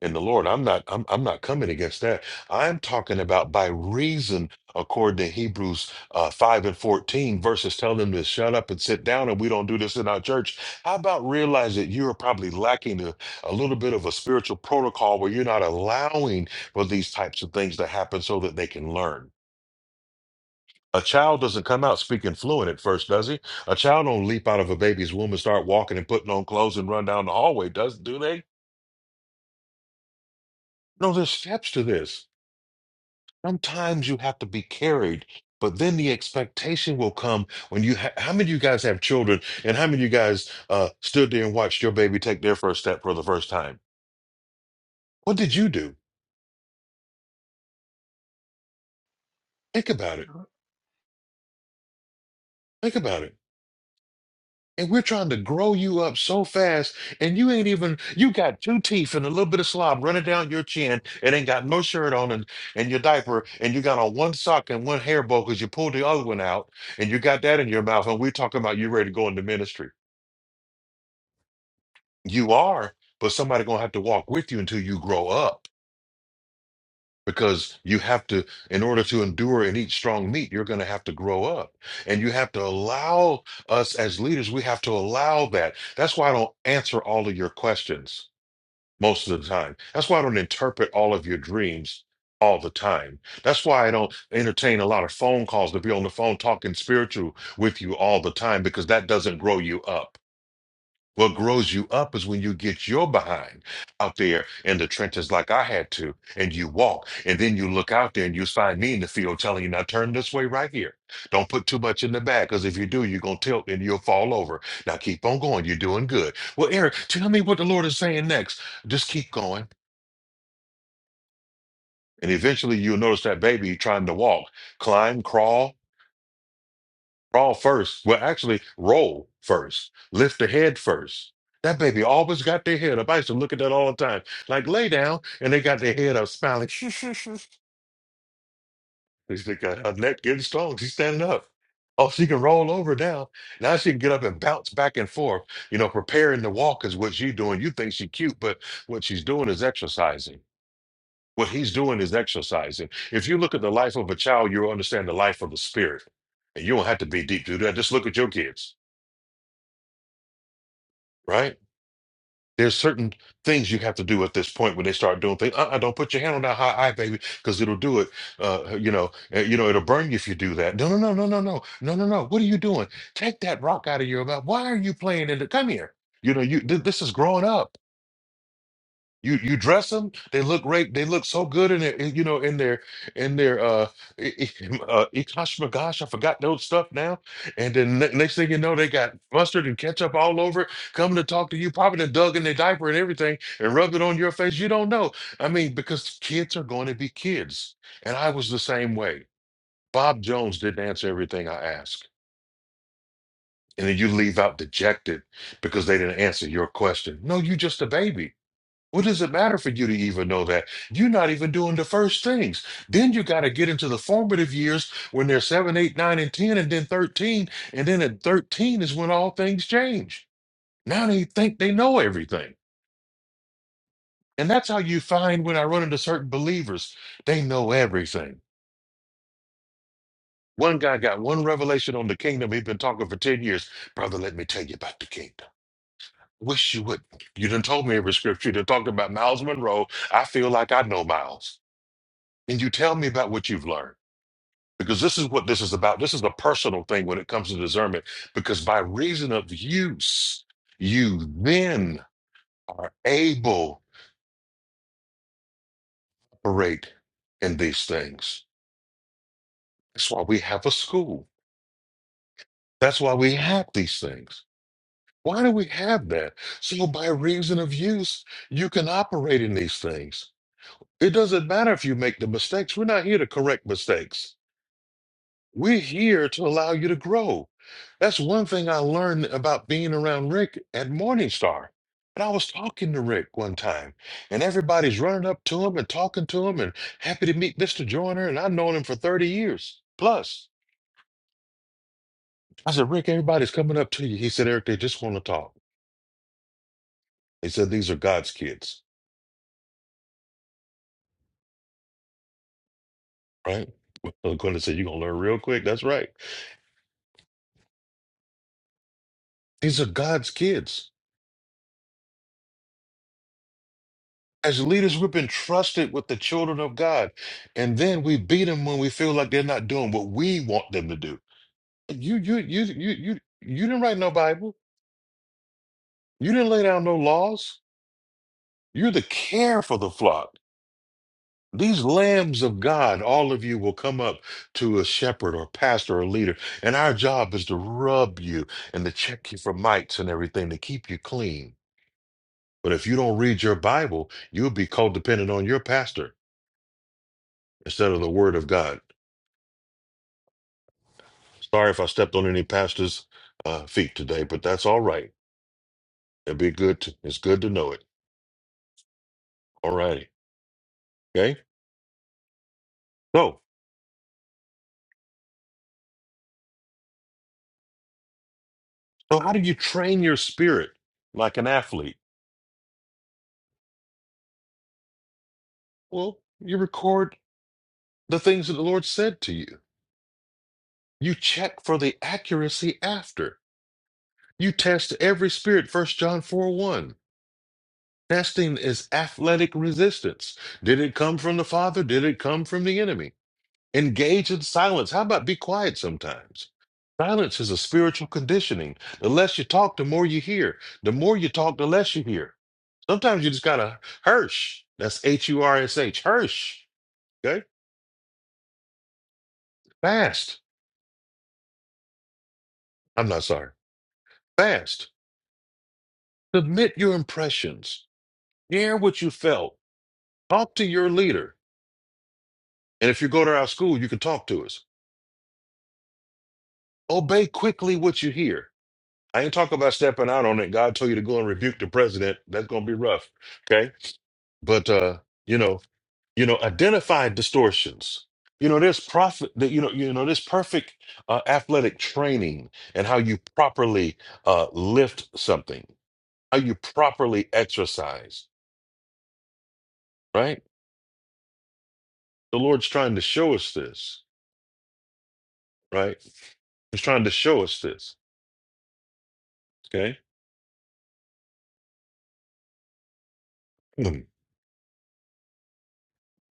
S3: in the Lord. I'm not I'm I'm not coming against that. I'm talking about by reason, according to Hebrews uh, 5 and 14, verses telling them to shut up and sit down, and we don't do this in our church. How about realize that you are probably lacking a, a little bit of a spiritual protocol where you're not allowing for these types of things to happen so that they can learn? A child doesn't come out speaking fluent at first, does he? A child don't leap out of a baby's womb and start walking and putting on clothes and run down the hallway, does do they? No, there's steps to this. Sometimes you have to be carried, but then the expectation will come when you. Ha- how many of you guys have children, and how many of you guys uh, stood there and watched your baby take their first step for the first time? What did you do? Think about it. Think about it. And we're trying to grow you up so fast, and you ain't even. You got two teeth and a little bit of slob running down your chin, and ain't got no shirt on, and, and your diaper, and you got on one sock and one hair bow because you pulled the other one out, and you got that in your mouth, and we're talking about you ready to go into ministry. You are, but somebody gonna have to walk with you until you grow up because you have to, in order to endure and eat strong meat, you're gonna have to grow up. And you have to allow us as leaders, we have to allow that. That's why I don't answer all of your questions most of the time. That's why I don't interpret all of your dreams all the time. That's why I don't entertain a lot of phone calls to be on the phone talking spiritual with you all the time because that doesn't grow you up. What grows you up is when you get your behind out there in the trenches like I had to, and you walk, and then you look out there and you find me in the field telling you, now turn this way right here. Don't put too much in the bag, because if you do, you're going to tilt and you'll fall over. Now keep on going. You're doing good. Well, Eric, tell me what the Lord is saying next. Just keep going. And eventually you'll notice that baby trying to walk, climb, crawl. Crawl first. Well, actually, roll first. Lift the head first. That baby always got their head up. I used to look at that all the time. Like lay down, and they got their head up, smiling. They got her neck getting strong. She's standing up. Oh, she can roll over now. Now she can get up and bounce back and forth. You know, preparing to walk is what she's doing. You think she's cute, but what she's doing is exercising. What he's doing is exercising. If you look at the life of a child, you'll understand the life of the spirit. And you don't have to be deep to do that. Just look at your kids, right? There's certain things you have to do at this point when they start doing things. Uh-uh, don't put your hand on that hot eye, baby, because it'll do it. Uh, you know, uh, you know, it'll burn you if you do that. No, no, no, no, no, no, no, no, no. What are you doing? Take that rock out of your mouth. Why are you playing in the? Come here. You know, you th- this is growing up. You you dress them, they look great. They look so good in their, in, you know, in their in their uh, i- i- uh gosh, I forgot those stuff now. And then ne- next thing you know, they got mustard and ketchup all over it, coming to talk to you, probably done dug in their diaper and everything, and rubbed it on your face. You don't know. I mean, because kids are going to be kids, and I was the same way. Bob Jones didn't answer everything I asked, and then you leave out dejected because they didn't answer your question. No, you just a baby what does it matter for you to even know that? You're not even doing the first things. Then you got to get into the formative years when they're seven, eight, nine, and 10, and then 13. And then at 13 is when all things change. Now they think they know everything. And that's how you find when I run into certain believers, they know everything. One guy got one revelation on the kingdom. He'd been talking for 10 years. Brother, let me tell you about the kingdom. Wish you would. You done told me every scripture. You done talked about Miles Monroe. I feel like I know Miles. and you tell me about what you've learned because this is what this is about this is a personal thing when it comes to discernment because by reason of use you then are able to operate in these things that's why we have a school that's why we have these things why do we have that so by reason of use you can operate in these things it doesn't matter if you make the mistakes we're not here to correct mistakes We're here to allow you to grow. That's one thing I learned about being around Rick at Morningstar. And I was talking to Rick one time, and everybody's running up to him and talking to him and happy to meet Mr. Joyner. And I've known him for 30 years plus. I said, Rick, everybody's coming up to you. He said, Eric, they just want to talk. He said, these are God's kids, right? Well, Quentin said, you're going to learn real quick. That's right. These are God's kids. As leaders, we've been trusted with the children of God, and then we beat them when we feel like they're not doing what we want them to do. You, you, you, you, you, you didn't write no Bible. You didn't lay down no laws. You're the care for the flock. These lambs of God, all of you will come up to a shepherd or pastor or leader, and our job is to rub you and to check you for mites and everything to keep you clean. But if you don't read your Bible, you'll be codependent on your pastor instead of the Word of God. Sorry if I stepped on any pastor's uh, feet today, but that's all right. It'd be good. To, it's good to know it. All righty. Okay. So, so how do you train your spirit like an athlete? Well, you record the things that the Lord said to you. You check for the accuracy after. You test every spirit. First John four one. Testing is athletic resistance. Did it come from the Father? Did it come from the enemy? Engage in silence. How about be quiet sometimes? Silence is a spiritual conditioning. The less you talk, the more you hear. The more you talk, the less you hear. Sometimes you just gotta hirsch. That's H U R S H. Hirsch. Okay? Fast. I'm not sorry. Fast. Submit your impressions. Share what you felt. Talk to your leader. And if you go to our school, you can talk to us. Obey quickly what you hear. I ain't talking about stepping out on it. God told you to go and rebuke the president. That's gonna be rough. Okay. but uh you know you know identify distortions you know there's profit that you know you know there's perfect uh, athletic training and how you properly uh lift something how you properly exercise right the lord's trying to show us this right he's trying to show us this okay Mhm.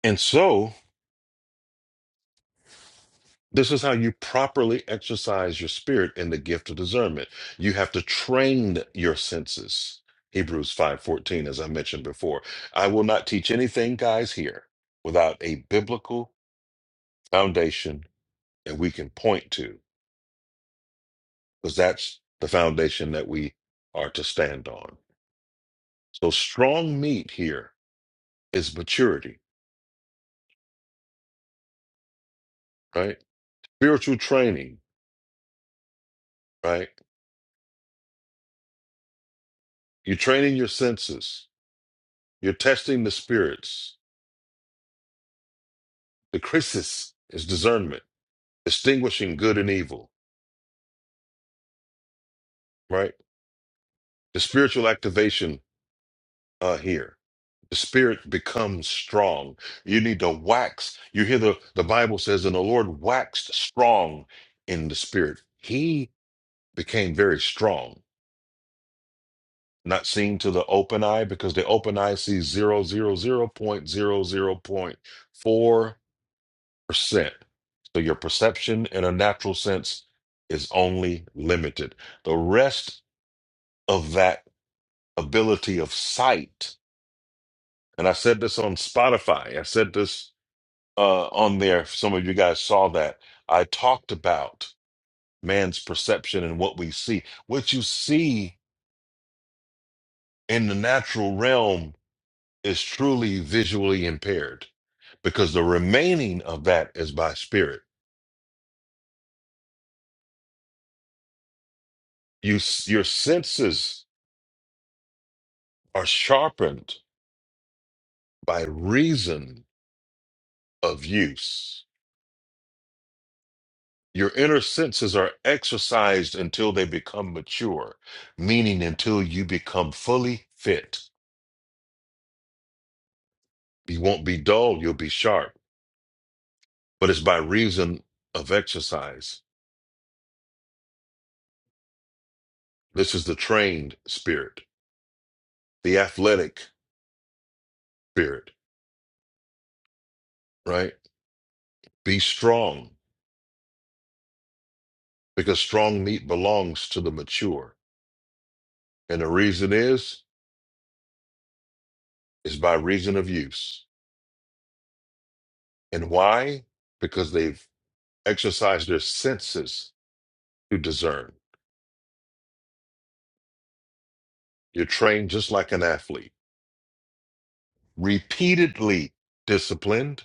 S3: and so This is how you properly exercise your spirit in the gift of discernment. You have to train your senses. Hebrews 5:14 as I mentioned before. I will not teach anything guys here without a biblical foundation that we can point to because that's the foundation that we are to stand on. So strong meat here is maturity, right? Spiritual training, right? You're training your senses. You're testing the spirits. The crisis is discernment. distinguishing good and evil, right? The spiritual activation uh, here. The spirit becomes strong. You need to wax. You hear the, the Bible says, and the Lord waxed strong in the spirit. He became very strong, not seen to the open eye because the open eye sees zero zero zero point zero zero point four percent So your perception in a natural sense is only limited. The rest of that ability of sight. And I said this on Spotify. I said this uh, on there. If Some of you guys saw that. I talked about man's perception and what we see. What you see in the natural realm is truly visually impaired because the remaining of that is by spirit. You, s- your senses are sharpened by reason of use Your inner senses are exercised until they become mature, meaning until you become fully fit. You won't be dull, you'll be sharp, but it's by reason of exercise. This is the trained spirit, the athletic spirit, right? Be strong because strong meat belongs to the mature. And the reason is, is by reason of use. And why? Because they've exercised their senses to discern. You're trained just like an athlete repeatedly disciplined,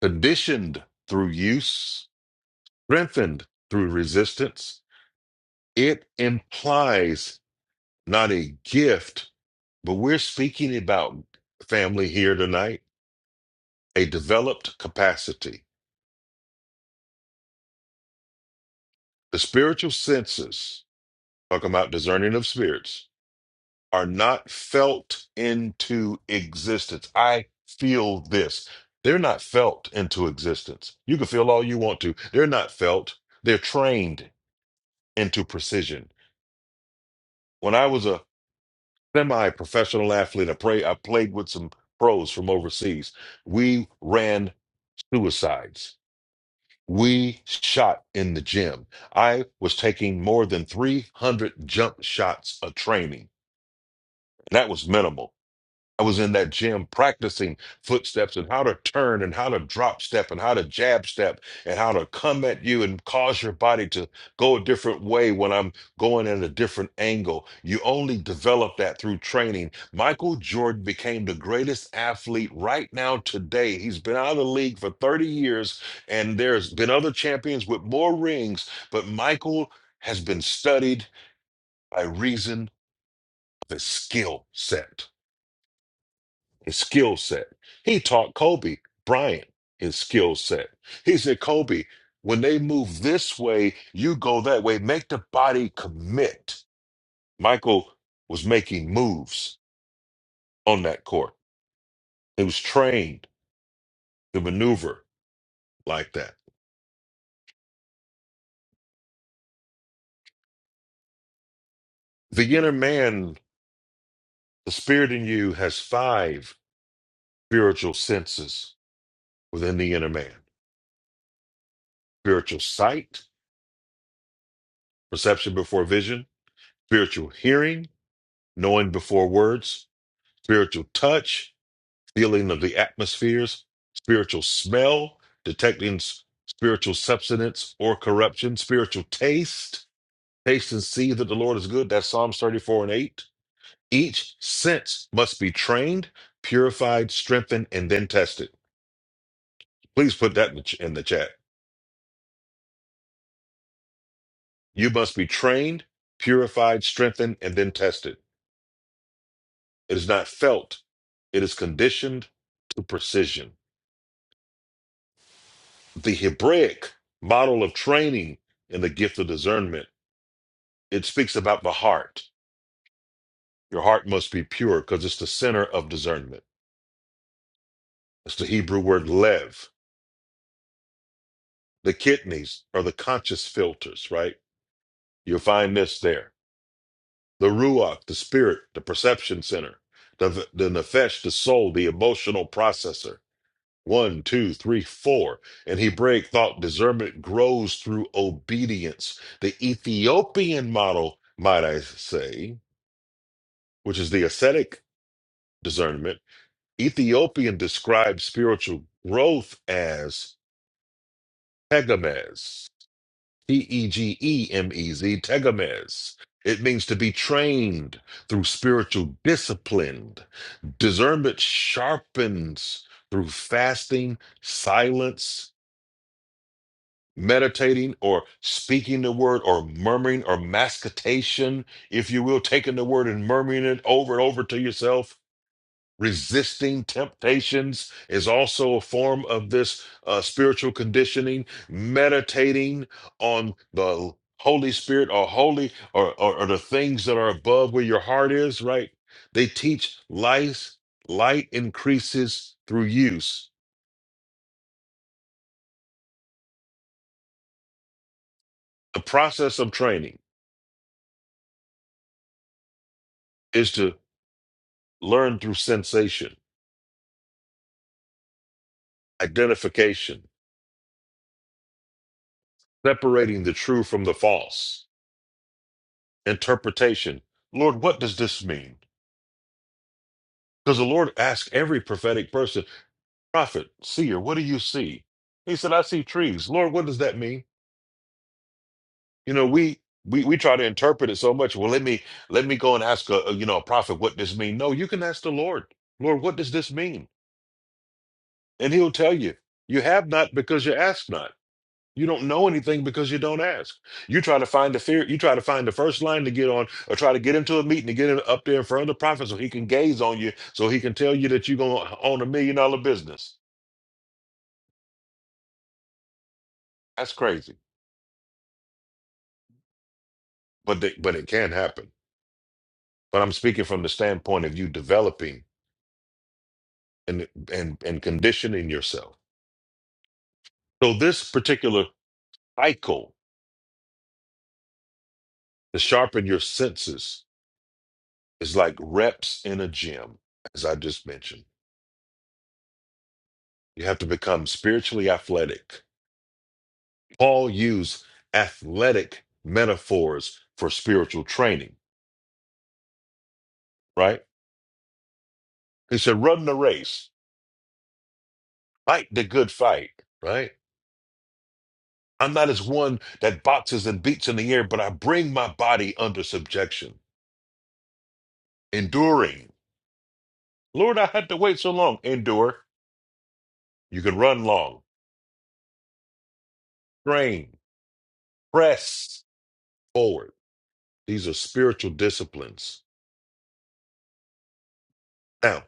S3: conditioned through use, strengthened through resistance. It implies not a gift, but we're speaking about family here tonight, a developed capacity. The spiritual senses, talking about discerning of spirits, are not felt into existence. I feel this. They're not felt into existence. You can feel all you want to. They're not felt. They're trained into precision. When I was a semi-professional athlete, I, pray, I played with some pros from overseas. We ran suicides. We shot in the gym. I was taking more than 300 jump shots a training. And that was minimal. I was in that gym practicing footsteps and how to turn and how to drop step and how to jab step and how to come at you and cause your body to go a different way when I'm going at a different angle. You only develop that through training. Michael Jordan became the greatest athlete right now today. He's been out of the league for 30 years and there's been other champions with more rings, but Michael has been studied by reason of his skill set his skill set. He taught Kobe Bryant his skill set. He said, Kobe, when they move this way, you go that way. Make the body commit. Michael was making moves on that court. He was trained to maneuver like that. The inner man, the spirit in you, has five spiritual senses within the inner man spiritual sight, perception before vision, spiritual hearing, knowing before words, spiritual touch, feeling of the atmospheres, spiritual smell, detecting s- spiritual substance or corruption, spiritual taste, taste and see that the Lord is good. That's Psalms 34 and 8. Each sense must be trained, purified, strengthened, and then tested. Please put that in the, ch- in the chat. You must be trained, purified, strengthened, and then tested. It is not felt, it is conditioned to precision. The Hebraic model of training in the gift of discernment It speaks about the heart. Your heart must be pure because it's the center of discernment. It's the Hebrew word lev. The kidneys are the conscious filters, right? You'll find this there. The ruach, the spirit, the perception center. The, the nefesh, the soul, the emotional processor. One, two, three, four. In Hebraic thought, discernment grows through obedience. The Ethiopian model, might I say, which is the ascetic discernment, Ethiopian describes spiritual growth as tegemes, T E G E M E Z, tegemes. It means to be trained through spiritual discipline. Discernment sharpens through fasting, silence, meditating, or speaking the word, or murmuring, or mascitation, if you will, taking the word and murmuring it over and over to yourself resisting temptations is also a form of this uh, spiritual conditioning meditating on the holy spirit or holy or, or, or the things that are above where your heart is right they teach life light increases through use the process of training is to learn through sensation identification separating the true from the false interpretation lord what does this mean Because the Lord asked every prophetic person, prophet, seer, what do you see? He said, I see trees. Lord, what does that mean? You know, we we we try to interpret it so much. Well, let me let me go and ask a a, you know a prophet what this mean. No, you can ask the Lord. Lord, what does this mean? And he'll tell you. You have not because you ask not. You don't know anything because you don't ask. You try to find the fear. You try to find the first line to get on, or try to get into a meeting to get in, up there in front of the prophet so he can gaze on you, so he can tell you that you're gonna own a million dollar business. That's crazy, but they, but it can happen. But I'm speaking from the standpoint of you developing and and and conditioning yourself. So this particular cycle to sharpen your senses is like reps in a gym, as I just mentioned. You have to become spiritually athletic. Paul used athletic metaphors for spiritual training, right? He said, "Run the race, fight the good fight," right? I'm not as one that boxes and beats in the air, but I bring my body under subjection, enduring. Lord, I had to wait so long. Endure. You can run long, train, press forward. These are spiritual disciplines. Now,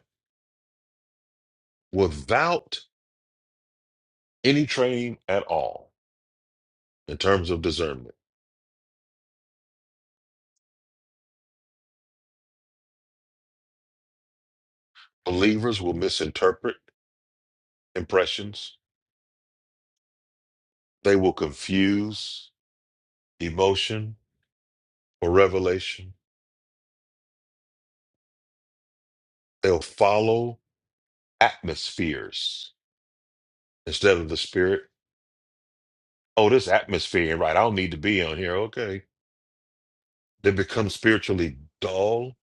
S3: without any training at all in terms of discernment, believers will misinterpret impressions, they will confuse emotion or revelation, they'll follow atmospheres instead of the spirit oh, this atmosphere ain't right. I don't need to be on here. Okay. They become spiritually dull.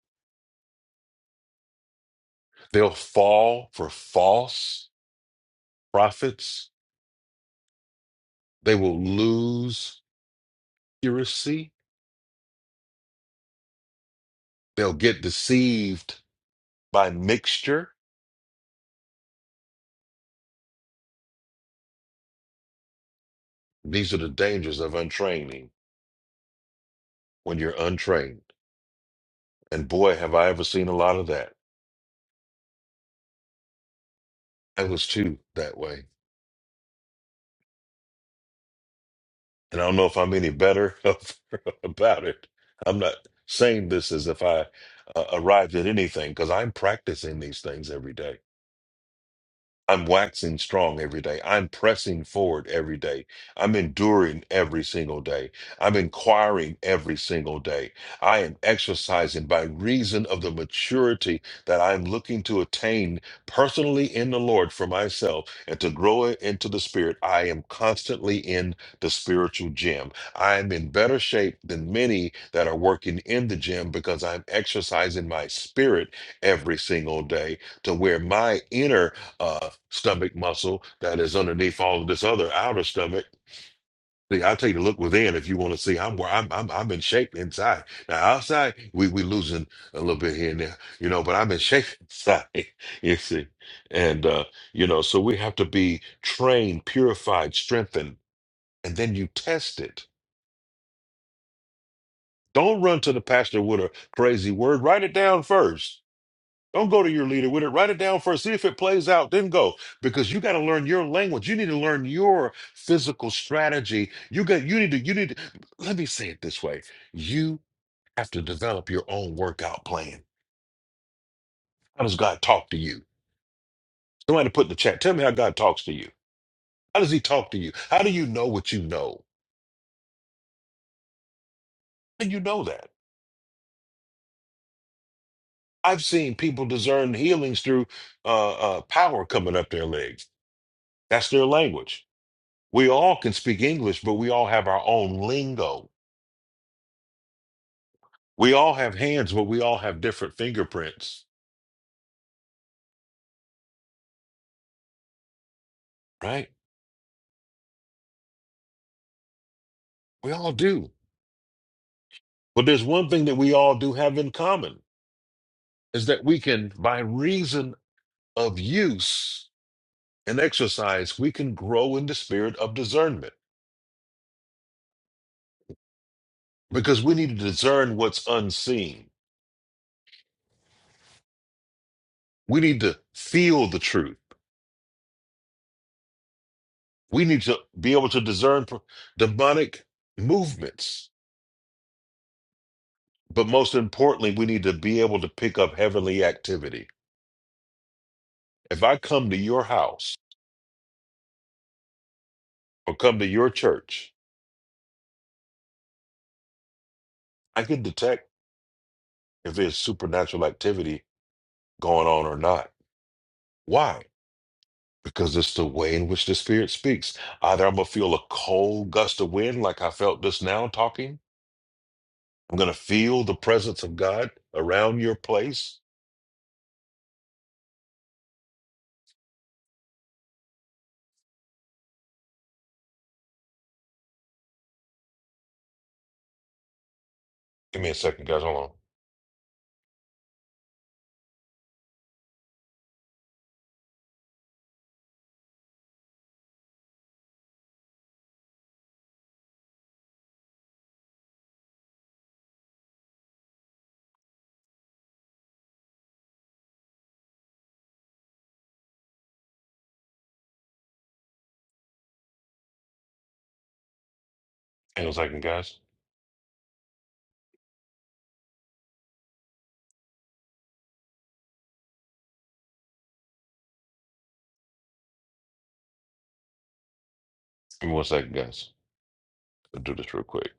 S3: They'll fall for false prophets. They will lose accuracy. They'll get deceived by mixture. These are the dangers of untraining when you're untrained. And boy, have I ever seen a lot of that. I was too that way. and I don't know if I'm any better about it. I'm not saying this as if I uh, arrived at anything because I'm practicing these things every day. I'm waxing strong every day. I'm pressing forward every day. I'm enduring every single day. I'm inquiring every single day. I am exercising by reason of the maturity that I'm looking to attain personally in the Lord for myself and to grow into the Spirit. I am constantly in the spiritual gym. I'm in better shape than many that are working in the gym because I'm exercising my spirit every single day to where my inner uh, stomach muscle that is underneath all of this other outer stomach. See, I'll take a look within if you want to see. I'm where I'm, I'm. I'm in shape inside. Now outside, we we losing a little bit here and there, you know. But I'm in shape inside. You see, and uh, you know, so we have to be trained, purified, strengthened, and then you test it. Don't run to the pastor with a crazy word. Write it down first Don't go to your leader with it. Write it down first. See if it plays out. Then go because you got to learn your language. You need to learn your physical strategy. You got. You need to. You need to. Let me say it this way. You have to develop your own workout plan. How does God talk to you? Somebody put in the chat. Tell me how God talks to you. How does He talk to you? How do you know what you know? How do you know that? I've seen people discern healings through uh, uh, power coming up their legs. That's their language. We all can speak English, but we all have our own lingo We all have hands, but we all have different fingerprints, right? We all do. But there's one thing that we all do have in common is that we can, by reason of use and exercise, we can grow in the spirit of discernment because we need to discern what's unseen. We need to feel the truth. We need to be able to discern pro- demonic movements. But most importantly, we need to be able to pick up heavenly activity. If I come to your house, or come to your church, I can detect if there's supernatural activity going on or not. Why? Because it's the way in which the Spirit speaks. Either I'm going to feel a cold gust of wind like I felt just now talking, I'm going to feel the presence of God around your place. Give me a second, guys. Hold on. Hang on a second, guys. Give me one second, guys. I'll do this real quick.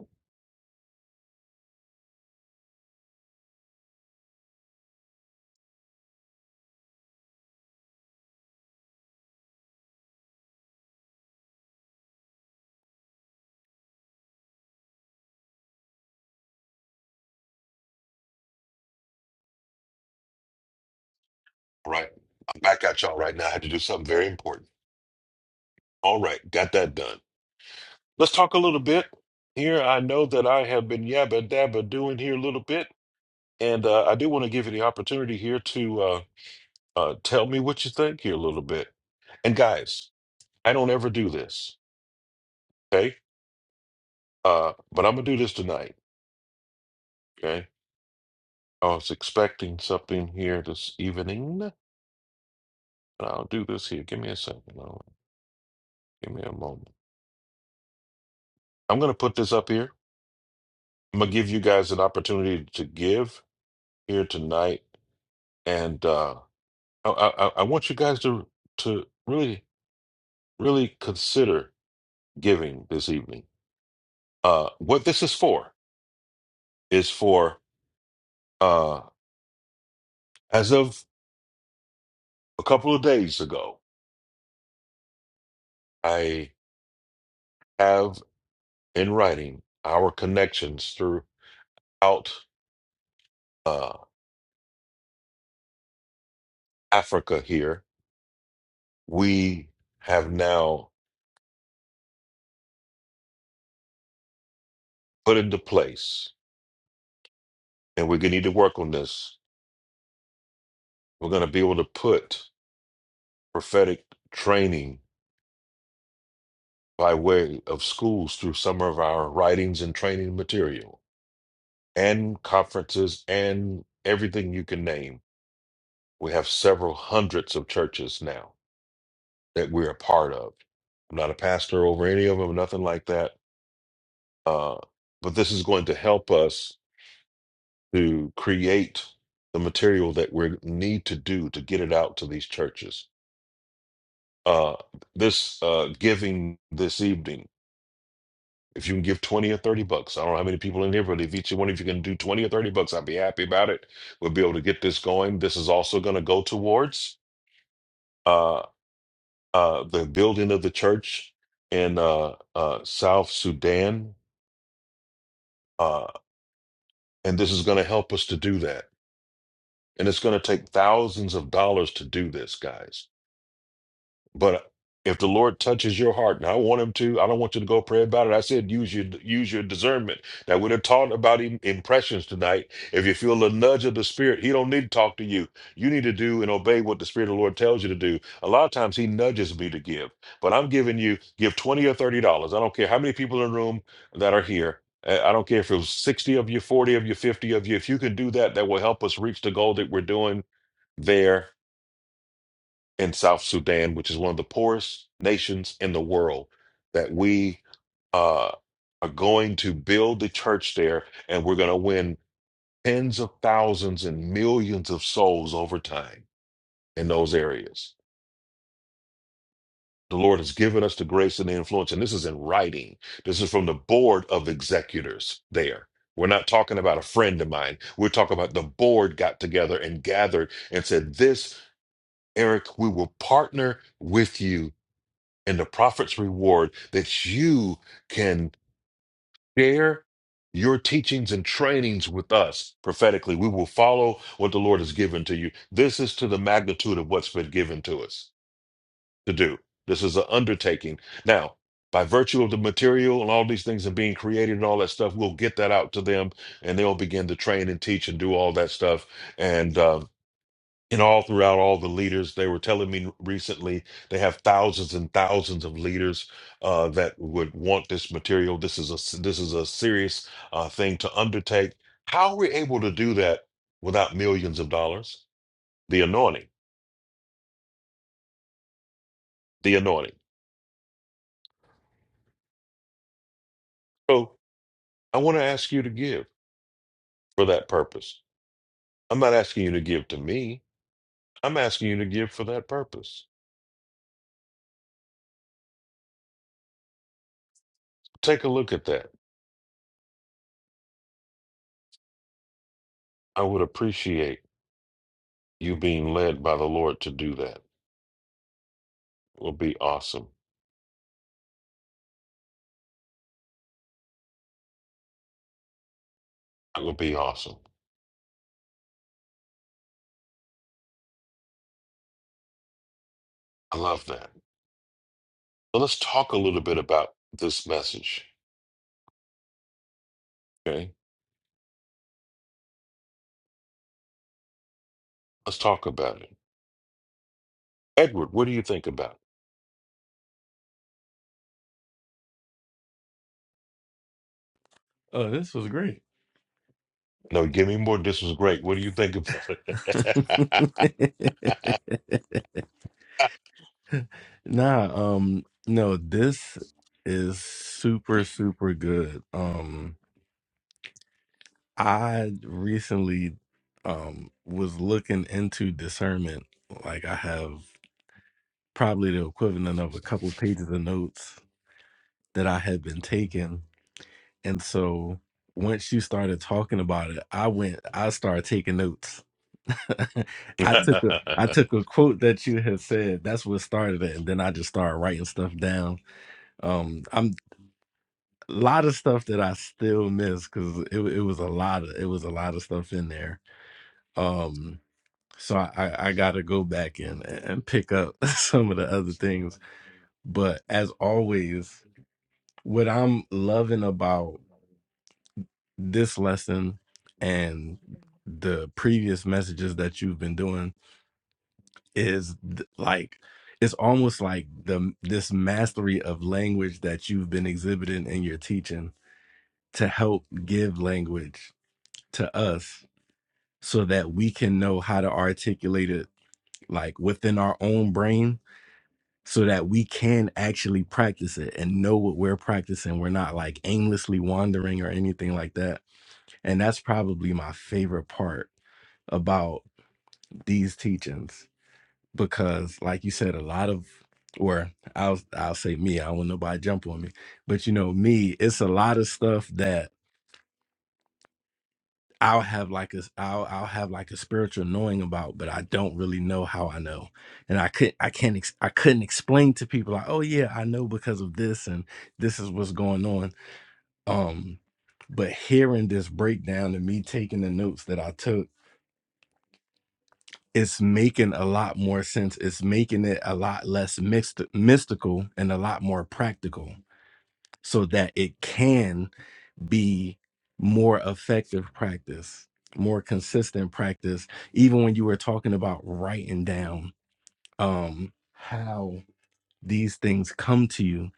S3: All right. I'm back at y'all right now. I had to do something very important. All right. Got that done. Let's talk a little bit here. I know that I have been yabba dabba doing here a little bit, and uh, I do want to give you the opportunity here to uh, uh, tell me what you think here a little bit. And guys, I don't ever do this, okay? Uh, but I'm gonna do this tonight, okay? I was expecting something here this evening, and I'll do this here. Give me a second. I'll- Give me a moment. I'm gonna put this up here. I'm gonna give you guys an opportunity to give here tonight, and. uh, I, I, I want you guys to to really really consider giving this evening. Uh, what this is for is for uh, as of a couple of days ago, I have in writing our connections throughout uh, Africa. Here we have now put into place, and we're gonna need to work on this. We're gonna be able to put prophetic training by way of schools through some of our writings and training material and conferences and everything you can name. We have several hundreds of churches now that we're a part of. I'm not a pastor over any of them, nothing like that. Uh, but this is going to help us to create the material that we need to do to get it out to these churches. Uh, this uh, giving this evening If you can give 20 or 30 bucks, I don't know how many people in here, but if each one of you can do 20 or 30 bucks, I'd be happy about it. We'll be able to get this going. This is also going to go towards uh, uh, the building of the church in uh, uh, South Sudan. Uh, and this is going to help us to do that. And it's going to take thousands of dollars to do this, guys But if the Lord touches your heart, and I want Him to, I don't want you to go pray about it. I said, use your use your discernment. Now we're talking about im- impressions tonight. If you feel the nudge of the Spirit, He don't need to talk to you. You need to do and obey what the Spirit of the Lord tells you to do. A lot of times He nudges me to give, but I'm giving you give twenty or thirty dollars. I don't care how many people in the room that are here. Uh, I don't care if it was sixty of you, forty of you, fifty of you. If you can do that, that will help us reach the goal that we're doing there in South Sudan, which is one of the poorest nations in the world, that we uh, are going to build the church there and we're going to win tens of thousands and millions of souls over time in those areas. The Lord has given us the grace and the influence, and this is in writing. This is from the board of executors there. We're not talking about a friend of mine. We're talking about the board got together and gathered and said, This, Eric, we will partner with you and the prophet's reward that you can share your teachings and trainings with us prophetically. We will follow what the Lord has given to you. This is to the magnitude of what's been given to us to do. This is an undertaking. Now, by virtue of the material and all these things and being created and all that stuff, we'll get that out to them and they'll begin to train and teach and do all that stuff. And uh, and all throughout all the leaders they were telling me recently they have thousands and thousands of leaders uh, that would want this material this is a this is a serious uh, thing to undertake how are we able to do that without millions of dollars the anointing the anointing so i want to ask you to give for that purpose i'm not asking you to give to me i'm asking you to give for that purpose take a look at that i would appreciate you being led by the lord to do that it will be awesome That would be awesome. I love that. So let's talk a little bit about this message. Okay. Let's talk about it. Edward, what do you think about it?
S8: Oh, this was great.
S3: No, give me more. This was great. What do you think about it?
S8: Nah, um, no, this is super, super good. Um, I recently um was looking into discernment. Like I have probably the equivalent of a couple pages of notes that I had been taking. And so once you started talking about it, I went, I started taking notes. I took a I took a quote that you had said. That's what started it, and then I just started writing stuff down. Um, I'm a lot of stuff that I still miss because it, it was a lot of it was a lot of stuff in there. Um, so I, I I gotta go back in and and pick up some of the other things. But as always, what I'm loving about this lesson and the previous messages that you've been doing is th- like it's almost like the this mastery of language that you've been exhibiting in your teaching to help give language to us so that we can know how to articulate it like within our own brain so that we can actually practice it and know what we're practicing we're not like aimlessly wandering or anything like that and that's probably my favorite part about these teachings because like you said a lot of or I'll I'll say me I don't want nobody to jump on me but you know me it's a lot of stuff that. I'll have like a I'll I'll have like a spiritual knowing about, but I don't really know how I know, and I could I can't ex- I couldn't explain to people like, oh yeah, I know because of this and this is what's going on. Um, but hearing this breakdown and me taking the notes that I took, it's making a lot more sense. It's making it a lot less mixed mystical and a lot more practical, so that it can be more effective practice, more consistent practice, even when you were talking about writing down um, how these things come to you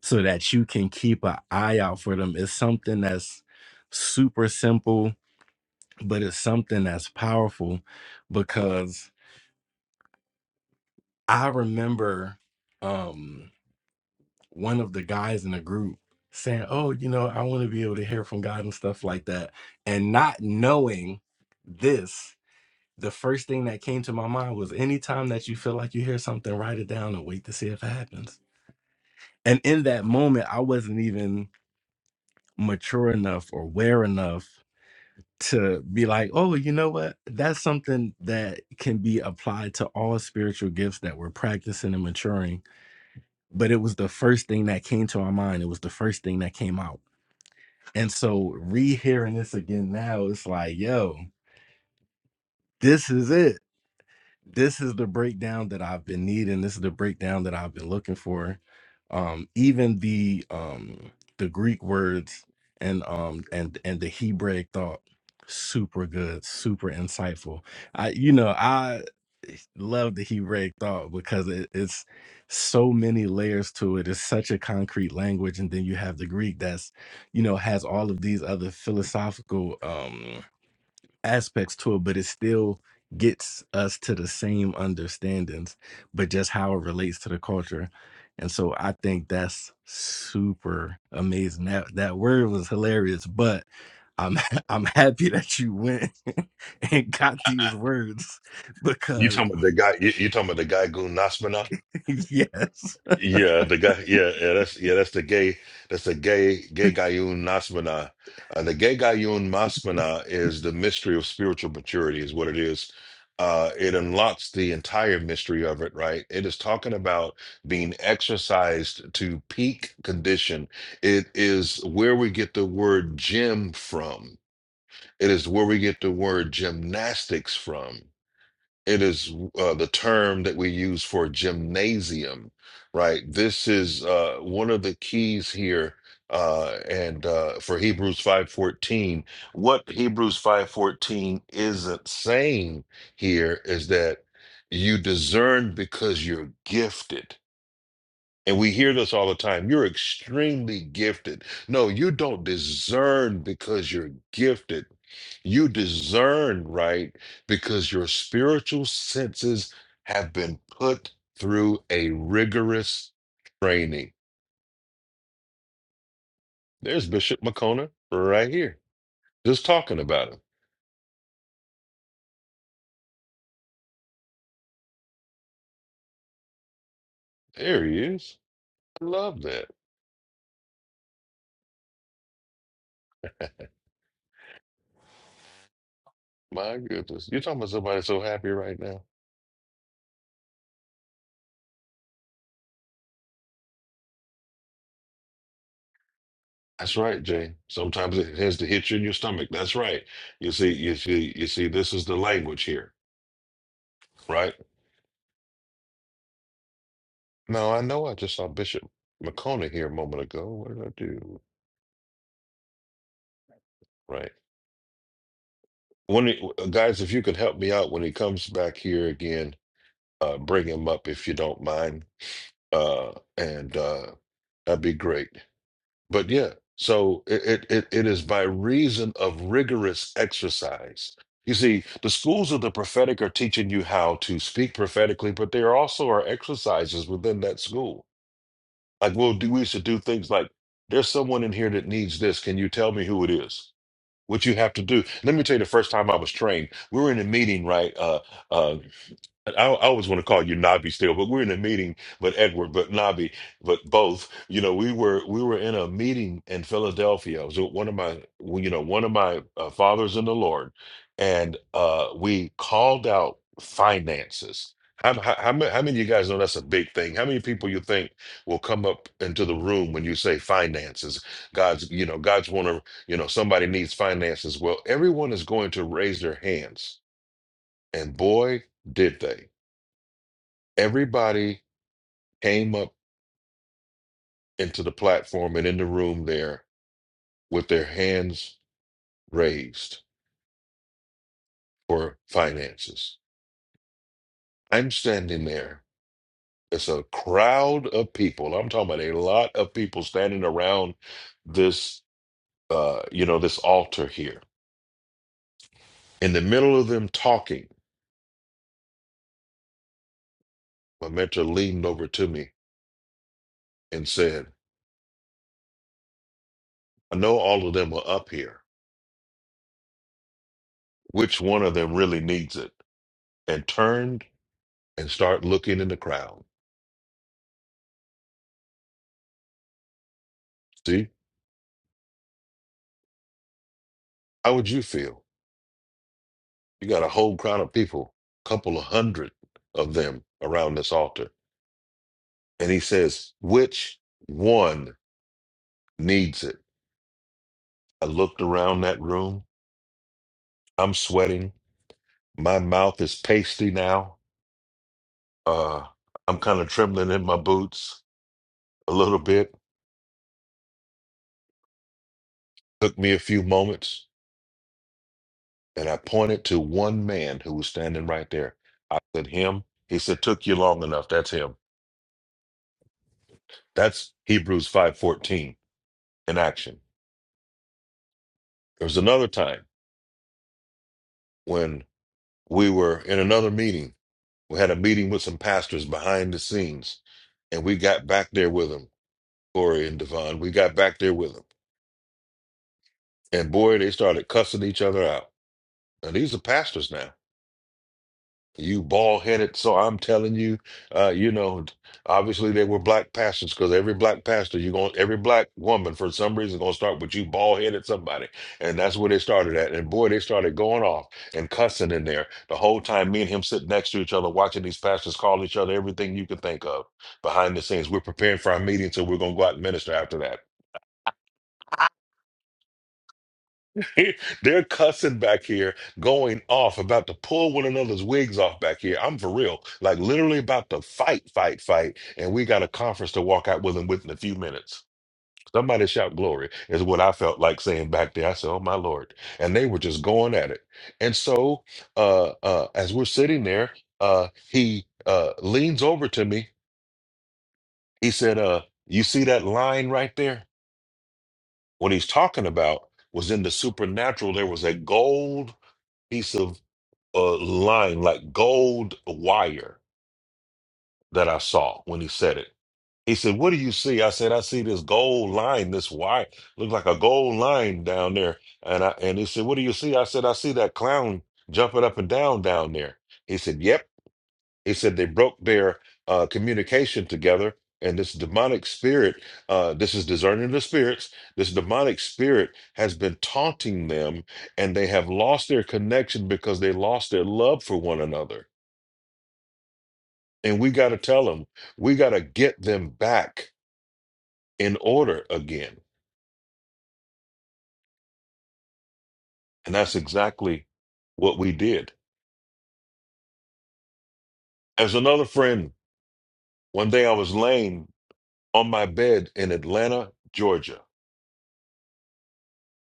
S8: so that you can keep an eye out for them. is something that's super simple, but it's something that's powerful because I remember. Um, one of the guys in the group saying, "Oh, you know, I want to be able to hear from God and stuff like that," and not knowing this, the first thing that came to my mind was, "Anytime that you feel like you hear something, write it down and wait to see if it happens." And in that moment, I wasn't even mature enough or aware enough to be like, "Oh, you know what? That's something that can be applied to all spiritual gifts that we're practicing and maturing." But it was the first thing that came to my mind. It was the first thing that came out And so rehearing this again now, it's like, yo, this is it this is the breakdown that I've been needing. This is the breakdown that I've been looking for. Um, even the um, the Greek words and um, and and the Hebraic thought, super good, super insightful. I you know I love the Hebraic thought because it, it's so many layers to it. It's such a concrete language, and then you have the Greek that's you know has all of these other philosophical. Um, aspects to it, but it still gets us to the same understandings, but just how it relates to the culture. And so I think that's super amazing. That that word was hilarious, but I'm I'm happy that you went and got these words
S3: you
S8: because
S3: talking about the guy? You, you talking about the guy Goon
S8: yes.
S3: Yeah, the guy. Yeah, yeah, that's yeah, that's the gay. That's the gay gay Gayun Nasmana. Uh, the gay Gayun Masmana is the mystery of spiritual maturity, is what it is. Uh, it unlocks the entire mystery of it, right? It is talking about being exercised to peak condition. It is where we get the word gym from. It is where we get the word gymnastics from. It is uh, the term that we use for gymnasium, right? This is uh, one of the keys here, uh, and uh, for Hebrews five fourteen, what Hebrews five fourteen isn't saying here is that you discern because you're gifted and we hear this all the time. You're extremely gifted. No, you don't discern because you're gifted. You discern, right? Because your spiritual senses have been put through a rigorous training. There's Bishop Makona right here, just talking about him. There he is. I love that. My goodness. You're talking about somebody so happy right now. That's right, Jay. Sometimes it has to hit you in your stomach. That's right. You see, you see, you see, this is the language here, right? No, I know I just saw Bishop McCona here a moment ago. What did I do? Right. When it, uh, guys, if you could help me out when he comes back here again, uh, bring him up if you don't mind. Uh, and uh, that'd be great. But yeah, so it, it, it it is by reason of rigorous exercise. You see, the schools of the prophetic are teaching you how to speak prophetically, but there also are exercises within that school. Like we'll do, we should do things like, there's someone in here that needs this. Can you tell me who it is? What you have to do. Let me tell you the first time I was trained, we were in a meeting, right? Uh. uh, I, I always want to call you Nabi still, but we're in a meeting. But Edward, but Nabi, but both. You know, we were we were in a meeting in Philadelphia. It was with one of my, well, you know, one of my uh, fathers in the Lord, and uh, we called out finances. How, how, how many, how many of you guys know that's a big thing? How many people you think will come up into the room when you say finances? God's, you know, God's want to, you know, somebody needs finances. Well, everyone is going to raise their hands, and boy, did they everybody came up into the platform and in the room there with their hands raised for finances. I'm standing there. It's a crowd of people. I'm talking about a lot of people standing around this, uh, you know, this altar here. In the middle of them talking, my mentor leaned over to me and said, "I know all of them are up here. Which one of them really needs it?" And turned and started looking in the crowd. See, how would you feel You got a whole crowd of people, a couple of hundred of them around this altar. And he says, Which one needs it? I looked around that room. I'm sweating. My mouth is pasty now. Uh, I'm kind of trembling in my boots a little bit. Took me a few moments. And I pointed to one man who was standing right there. I said, Him. He said, Took you long enough. That's him. That's Hebrews 5:14 in action. There was another time when we were in another meeting. We had a meeting with some pastors behind the scenes, and we got back there with them, Corey and Devon. We got back there with them, and boy, they started cussing each other out. And these are pastors now. You bald headed, so I'm telling you, uh, you know, obviously they were black pastors because every black pastor, you going every black woman for some reason gonna start with you bald headed somebody, and that's where they started at. And boy, they started going off and cussing in there the whole time. Me and him sitting next to each other, watching these pastors call each other everything you could think of behind the scenes. We're preparing for our meeting, so we're gonna go out and minister after that. They're cussing back here, going off, about to pull one another's wigs off back here. I'm for real. Like literally about to fight, fight, fight. And we got a conference to walk out with them within a few minutes. Somebody shout glory is what I felt like saying back there. I said, Oh my Lord. And they were just going at it. And so uh uh as we're sitting there, uh he uh leans over to me. He said, uh, you see that line right there? What he's talking about was in the supernatural, there was a gold piece of uh, line, like gold wire that I saw when he said it. He said, What do you see? I said, I see this gold line, this wire. Look like a gold line down there. And I and he said, What do you see? I said, I see that clown jumping up and down down there. He said, Yep. He said they broke their uh, communication together. And this demonic spirit, uh, this is discerning the spirits. This demonic spirit has been taunting them, and they have lost their connection because they lost their love for one another And we got to tell them, we got to get them back in order again. And that's exactly what we did. As another friend, one day I was laying on my bed in Atlanta, Georgia,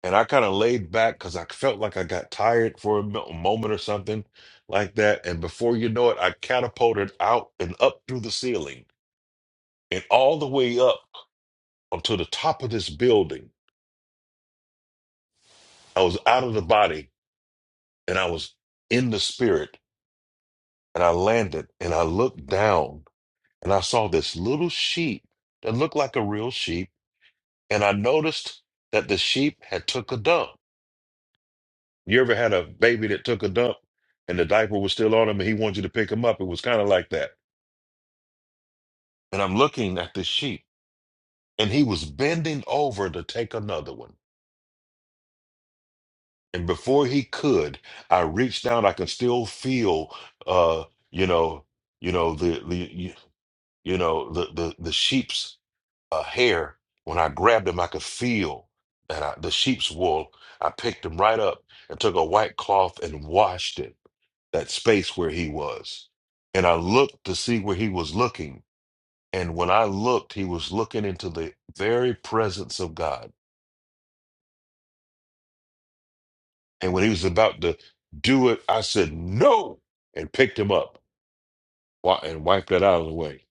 S3: and I kind of laid back because I felt like I got tired for a mo- moment or something like that. And before you know it, I catapulted out and up through the ceiling and all the way up onto the top of this building. I was out of the body and I was in the spirit and I landed and I looked down and I saw this little sheep that looked like a real sheep. And I noticed that the sheep had took a dump. You ever had a baby that took a dump and the diaper was still on him and he wanted you to pick him up? It was kind of like that. And I'm looking at the sheep and he was bending over to take another one. And before he could, I reached down. I can still feel, uh, you know, you know the the you you know the the the sheep's a hair. When I grabbed him, I could feel that I, the sheep's wool. I picked him right up and took a white cloth and washed it, that space where he was. And I looked to see where he was looking. And when I looked, he was looking into the very presence of God. And when he was about to do it, I said, No, and picked him up wi- and wiped that out of the way.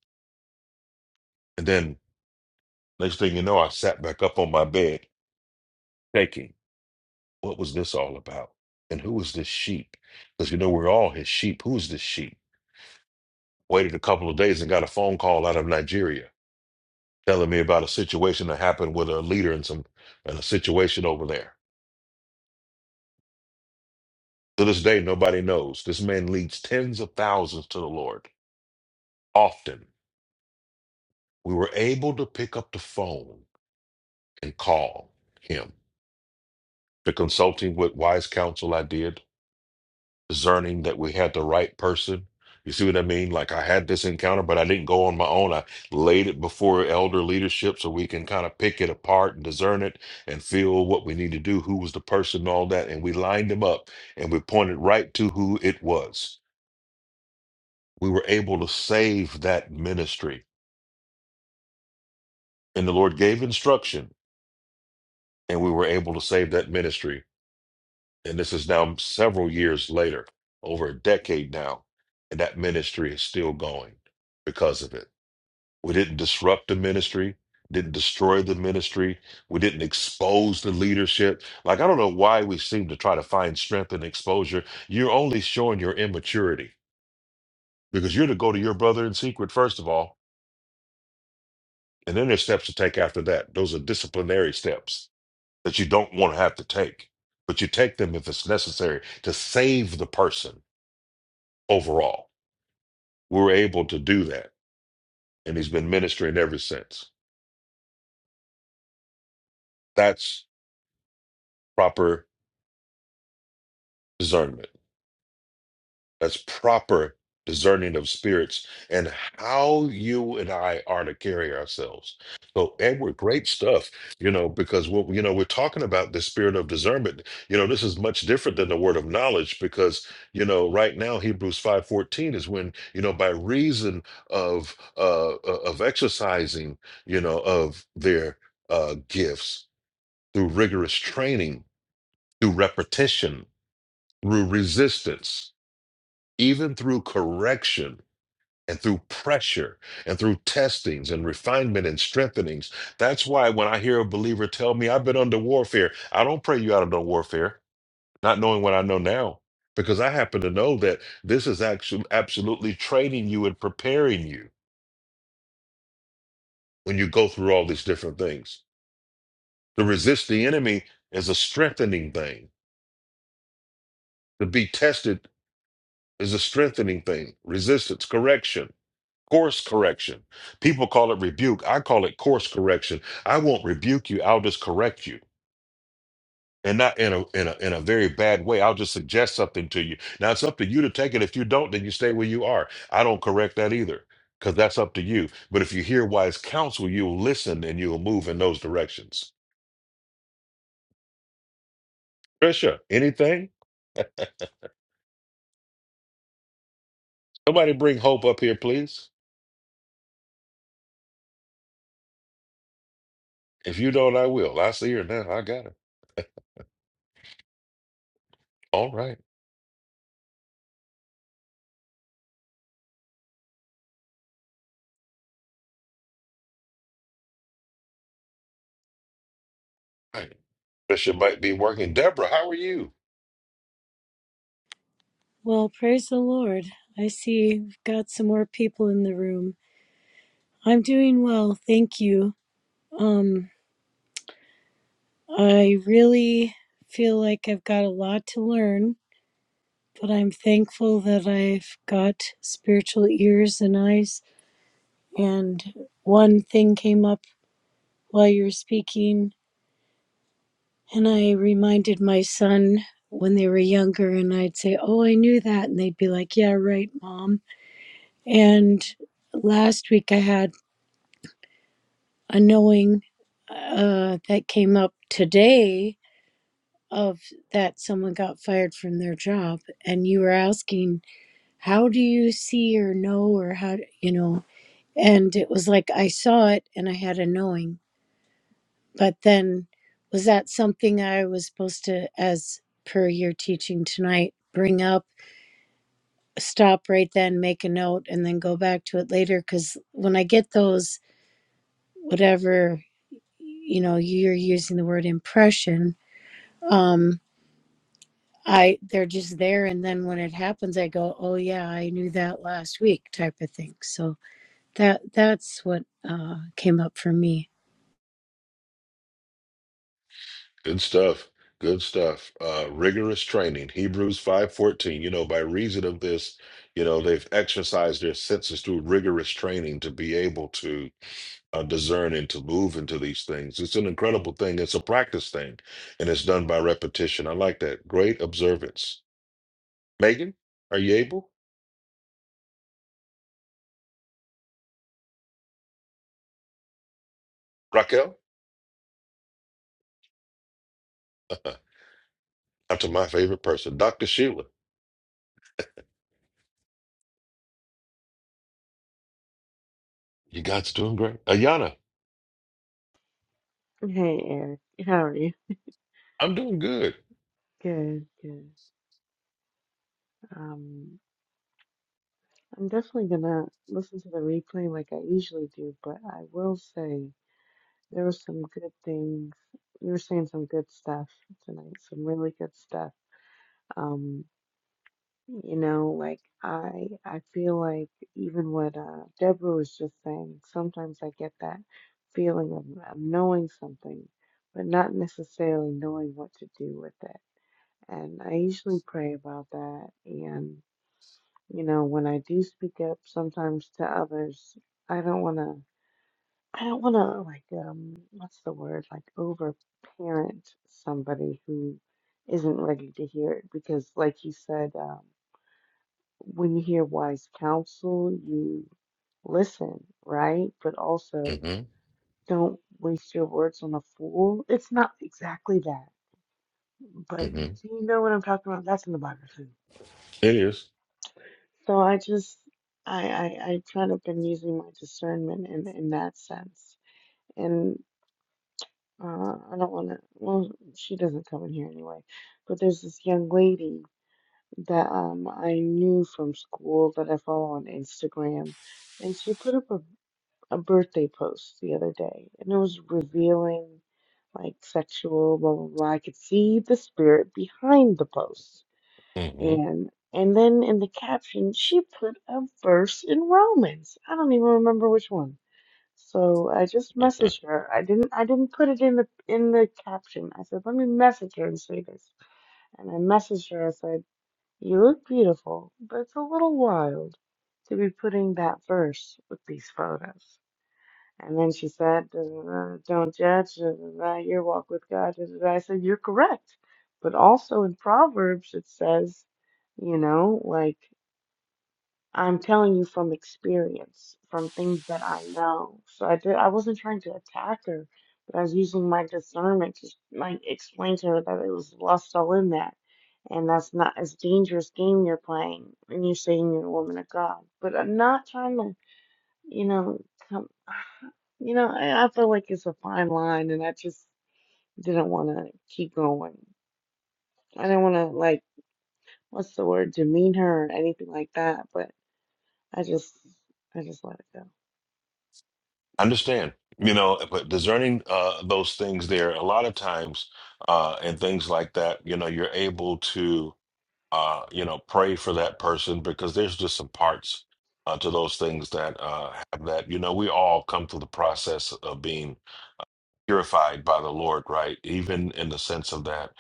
S3: And then next thing you know, I sat back up on my bed, shaking. What was this all about? And who was this sheep? Because you know, we're all his sheep. Who's this sheep? Waited a couple of days and got a phone call out of Nigeria telling me about a situation that happened with a leader and some and a situation over there. To this day, nobody knows. This man leads tens of thousands to the Lord. Often, we were able to pick up the phone and call him. The consulting with wise counsel I did discerning that we had the right person. You see what I mean? Like I had this encounter, but I didn't go on my own. I laid it before elder leadership so we can kind of pick it apart and discern it and feel what we need to do, who was the person, and all that. And we lined them up and we pointed right to who it was. We were able to save that ministry. And the Lord gave instruction and we were able to save that ministry. And this is now several years later, over a decade now, and that ministry is still going because of it. We didn't disrupt the ministry, didn't destroy the ministry. We didn't expose the leadership. Like, I don't know why we seem to try to find strength in exposure. You're only showing your immaturity because you're to go to your brother in secret, first of all, and then there's steps to take after that. Those are disciplinary steps that you don't want to have to take, but you take them if it's necessary to save the person overall. We were able to do that, and he's been ministering ever since. That's proper discernment. That's proper discerning of spirits and how you and I are to carry ourselves. So, Edward, great stuff, you know, because what you know, we're talking about the spirit of discernment. You know, this is much different than the word of knowledge because, you know, right now Hebrews 5:14 is when, you know, by reason of uh uh, of exercising, you know, of their uh gifts through rigorous training, through repetition, through resistance even through correction and through pressure and through testings and refinement and strengthenings. That's why when I hear a believer tell me, I've been under warfare, I don't pray you out of no warfare, not knowing what I know now, because I happen to know that this is actually absolutely training you and preparing you when you go through all these different things. To resist the enemy is a strengthening thing, to be tested is a strengthening thing, resistance, correction course correction. People call it rebuke. I call it course correction. I won't rebuke you. I'll just correct you. And not in a in a in a very bad way. I'll just suggest something to you. Now it's up to you to take it. If you don't, then you stay where you are. I don't correct that either. Because that's up to you. But if you hear wise counsel, you'll listen and you'll move in those directions. Trisha, anything? Somebody bring hope up here, please. If you don't, I will. I see her now. I got her. All right. All right. Trisha might be working. Deborah, how are you?
S12: Well, praise the Lord. I see you've got some more people in the room. I'm doing well, thank you. Um, I really feel like I've got a lot to learn, but I'm thankful that I've got spiritual ears and eyes. And one thing came up while you were speaking, and I reminded my son when they were younger, and I'd say, Oh, I knew that. And they'd be like, Yeah, right, mom. And last week I had a knowing uh, that came up today of that someone got fired from their job and you were asking how do you see or know or how do, you know and it was like i saw it and i had a knowing but then was that something i was supposed to as per your teaching tonight bring up stop right then make a note and then go back to it later because when i get those whatever you know you're using the word impression um i they're just there and then when it happens i go oh yeah i knew that last week type of thing so that that's what uh came up for me
S3: Good stuff. Good stuff. Uh, rigorous training. Hebrews 5:14. You know, by reason of this, you know, they've exercised their senses through rigorous training to be able to uh, discern and to move into these things. It's an incredible thing. It's a practice thing, and it's done by repetition. I like that. Great observance. Megan, are you able? Raquel, uh, after my favorite person, Dr. Sheila. You guys doing great. Ayana,
S13: Hey, Eric. How are you?
S3: I'm doing good.
S13: Good, good. Um, I'm definitely gonna listen to the replay like I usually do, but I will say there were some good things. You were saying some good stuff tonight, some really good stuff. Um, you know, like I I feel like even what uh Deborah was just saying, sometimes I get that feeling of, of knowing something, but not necessarily knowing what to do with it. And I usually pray about that. And, you know, when I do speak up sometimes to others, I don't want to, I don't want to, like, um, what's the word? Like, overparent somebody who isn't ready to hear it. Because, like you said, um, when you hear wise counsel, you listen, right? But also,
S3: hmm
S13: don't waste your words on a fool. It's not exactly that, but
S3: hmm
S13: you know what I'm talking about? That's in the Bible too.
S3: It is.
S13: So I just I I, I kind of been using my discernment in in that sense, and uh, I don't want to. Well, she doesn't come in here anyway. But there's this young lady that um I knew from school that I follow on Instagram, and she put up a a birthday post the other day, and it was revealing, like sexual blah blah blah. I could see the spirit behind the post
S3: Mm-hmm.
S13: and and then in the caption, she put a verse in Romans. I don't even remember which one. So I just messaged her. I didn't I didn't put it in the in the caption. I said, let me message her and say this. And I messaged her. I said, you look beautiful, but it's a little wild to be putting that verse with these photos. And then she said, da, da, da, Don't judge da, da, da, your walk with God. Da, da, da. I said, You're correct. But also in Proverbs, it says, You know, like, I'm telling you from experience, from things that I know. So I did, I wasn't trying to attack her, but I was using my discernment to like explain to her that it was lust all in that. And that's not as dangerous game you're playing when you're saying you're a woman of God. But I'm not trying to, you know, come." You know, I, I feel like it's a fine line, and I just didn't want to keep going. I didn't want to like, what's the word, demean her or anything like that. But I just, I just let it go.
S3: I Understand, you know, but discerning uh, those things there, a lot of times, uh, and things like that, you know, you're able to, uh, you know, pray for that person because there's just some parts uh, to those things that uh, have that, you know, we all come through the process of being purified by the Lord, right? Even in the sense of that.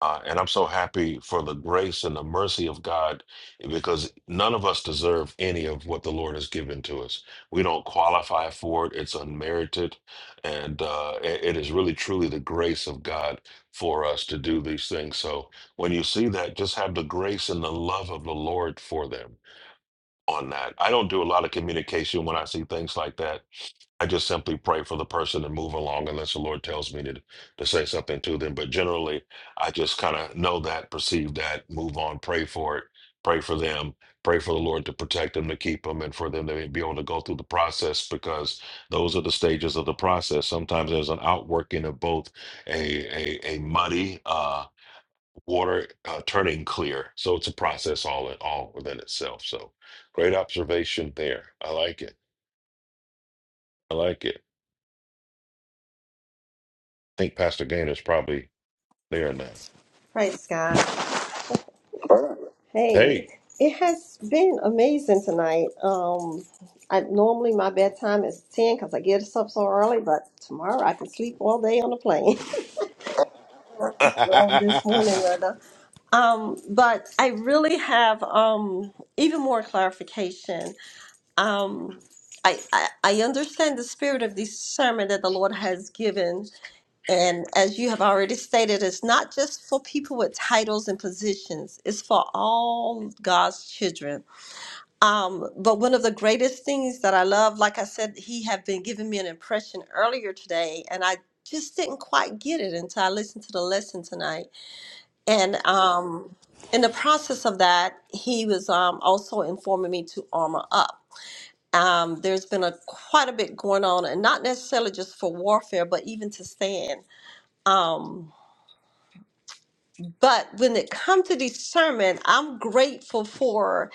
S3: Uh, and I'm so happy for the grace and the mercy of God because none of us deserve any of what the Lord has given to us. We don't qualify for it, it's unmerited. And uh, it it is really, truly the grace of God for us to do these things. So when you see that, just have the grace and the love of the Lord for them on that. I don't do a lot of communication when I see things like that. I just simply pray for the person and move along unless the Lord tells me to, to say something to them. But generally, I just kind of know that, perceive that, move on, pray for it, pray for them, pray for the Lord to protect them, to keep them, and for them to be able to go through the process because those are the stages of the process. Sometimes there's an outworking of both a, a, a muddy, uh, water uh, turning clear. So it's a process all in all within itself. So great observation there. I like it. I like it. I think Pastor Gainer's probably there now.
S6: Praise God. Hey,
S3: Hey.
S6: it has been amazing tonight. Um, I normally my bedtime is ten because I get up so early, but tomorrow I can sleep all day on the plane. well, this morning rather. Um, but I really have um even more clarification. Um, I, I I understand the spirit of discernment that the Lord has given, and as you have already stated, it's not just for people with titles and positions; it's for all God's children Um, but one of the greatest things that I love, like I said, he had been giving me an impression earlier today, and I just didn't quite get it until I listened to the lesson tonight. And um, in the process of that, he was um, also informing me to armor up. Um, there's been a quite a bit going on, and not necessarily just for warfare, but even to stand. Um, but when it comes to discernment, I'm grateful for.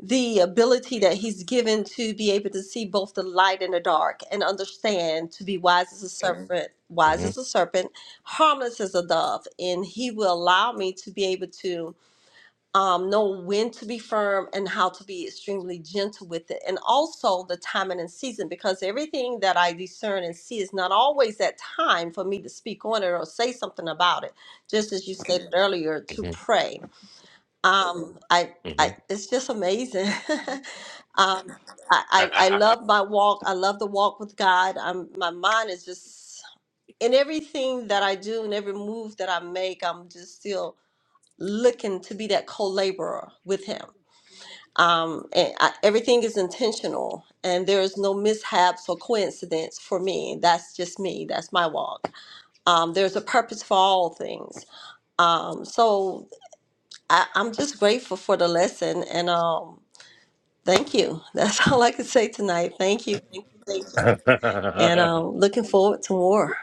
S6: the ability that he's given to be able to see both the light and the dark and understand to be wise as a serpent Mhm. wise
S3: Mhm,
S6: as a serpent harmless as a dove and he will allow me to be able to um, know when to be firm and how to be extremely gentle with it and also the timing and season because everything that i discern and see is not always that time for me to speak on it or say something about it just as you stated Mhm. earlier to
S3: mhm,
S6: pray um, I, I, it's just amazing. um, I,
S3: mhm.
S6: I, I love my walk. I love the walk with God. I'm, my mind is just in everything that I do and every move that I make. I'm just still looking to be that co-laborer with Him. Um, and I, everything is intentional, and there is no mishaps or coincidence for me. That's just me. That's my walk. Um, there's a purpose for all things. Um, so I, I'm just grateful for the lesson, and um, Thank you. That's all I can say tonight. Thank you. Thank you. Thank you. And um, looking forward to more.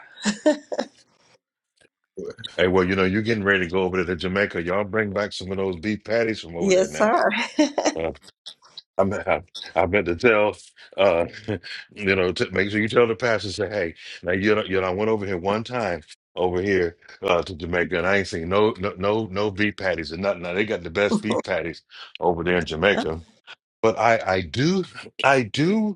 S3: hey, well, you know, you're getting ready to go over there to Jamaica. Y'all bring back some of those beef patties from over there
S6: Yes,
S3: now.
S6: sir.
S3: I mean, I, I meant to tell, uh, you know, to make sure you tell the pastor, say, hey, now you know, you know, I went over here one time over here uh, to Jamaica, and I ain't seen no, no, no, no beef patties and nothing. Now they got the best beef patties over there in Jamaica, but I, I do, I do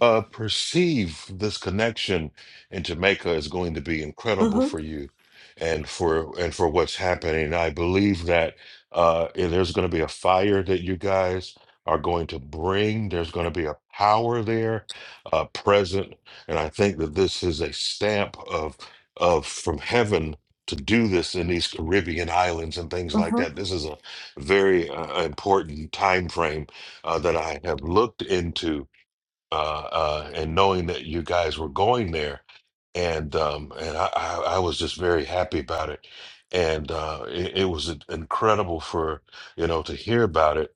S3: uh, perceive this connection in Jamaica is going to be incredible
S6: Mm-hmm.
S3: for you and for and for what's happening. I believe that uh, and there's going to be a fire that you guys are going to bring. There's going to be a power there uh, present, and I think that this is a stamp of of from heaven to do this in these Caribbean islands and things like
S6: Mm-hmm.
S3: that. This is a very uh, important time frame uh, that I have looked into uh, uh, and knowing that you guys were going there, and um, and I, I I was just very happy about it, and uh, it, it was incredible for you know to hear about it,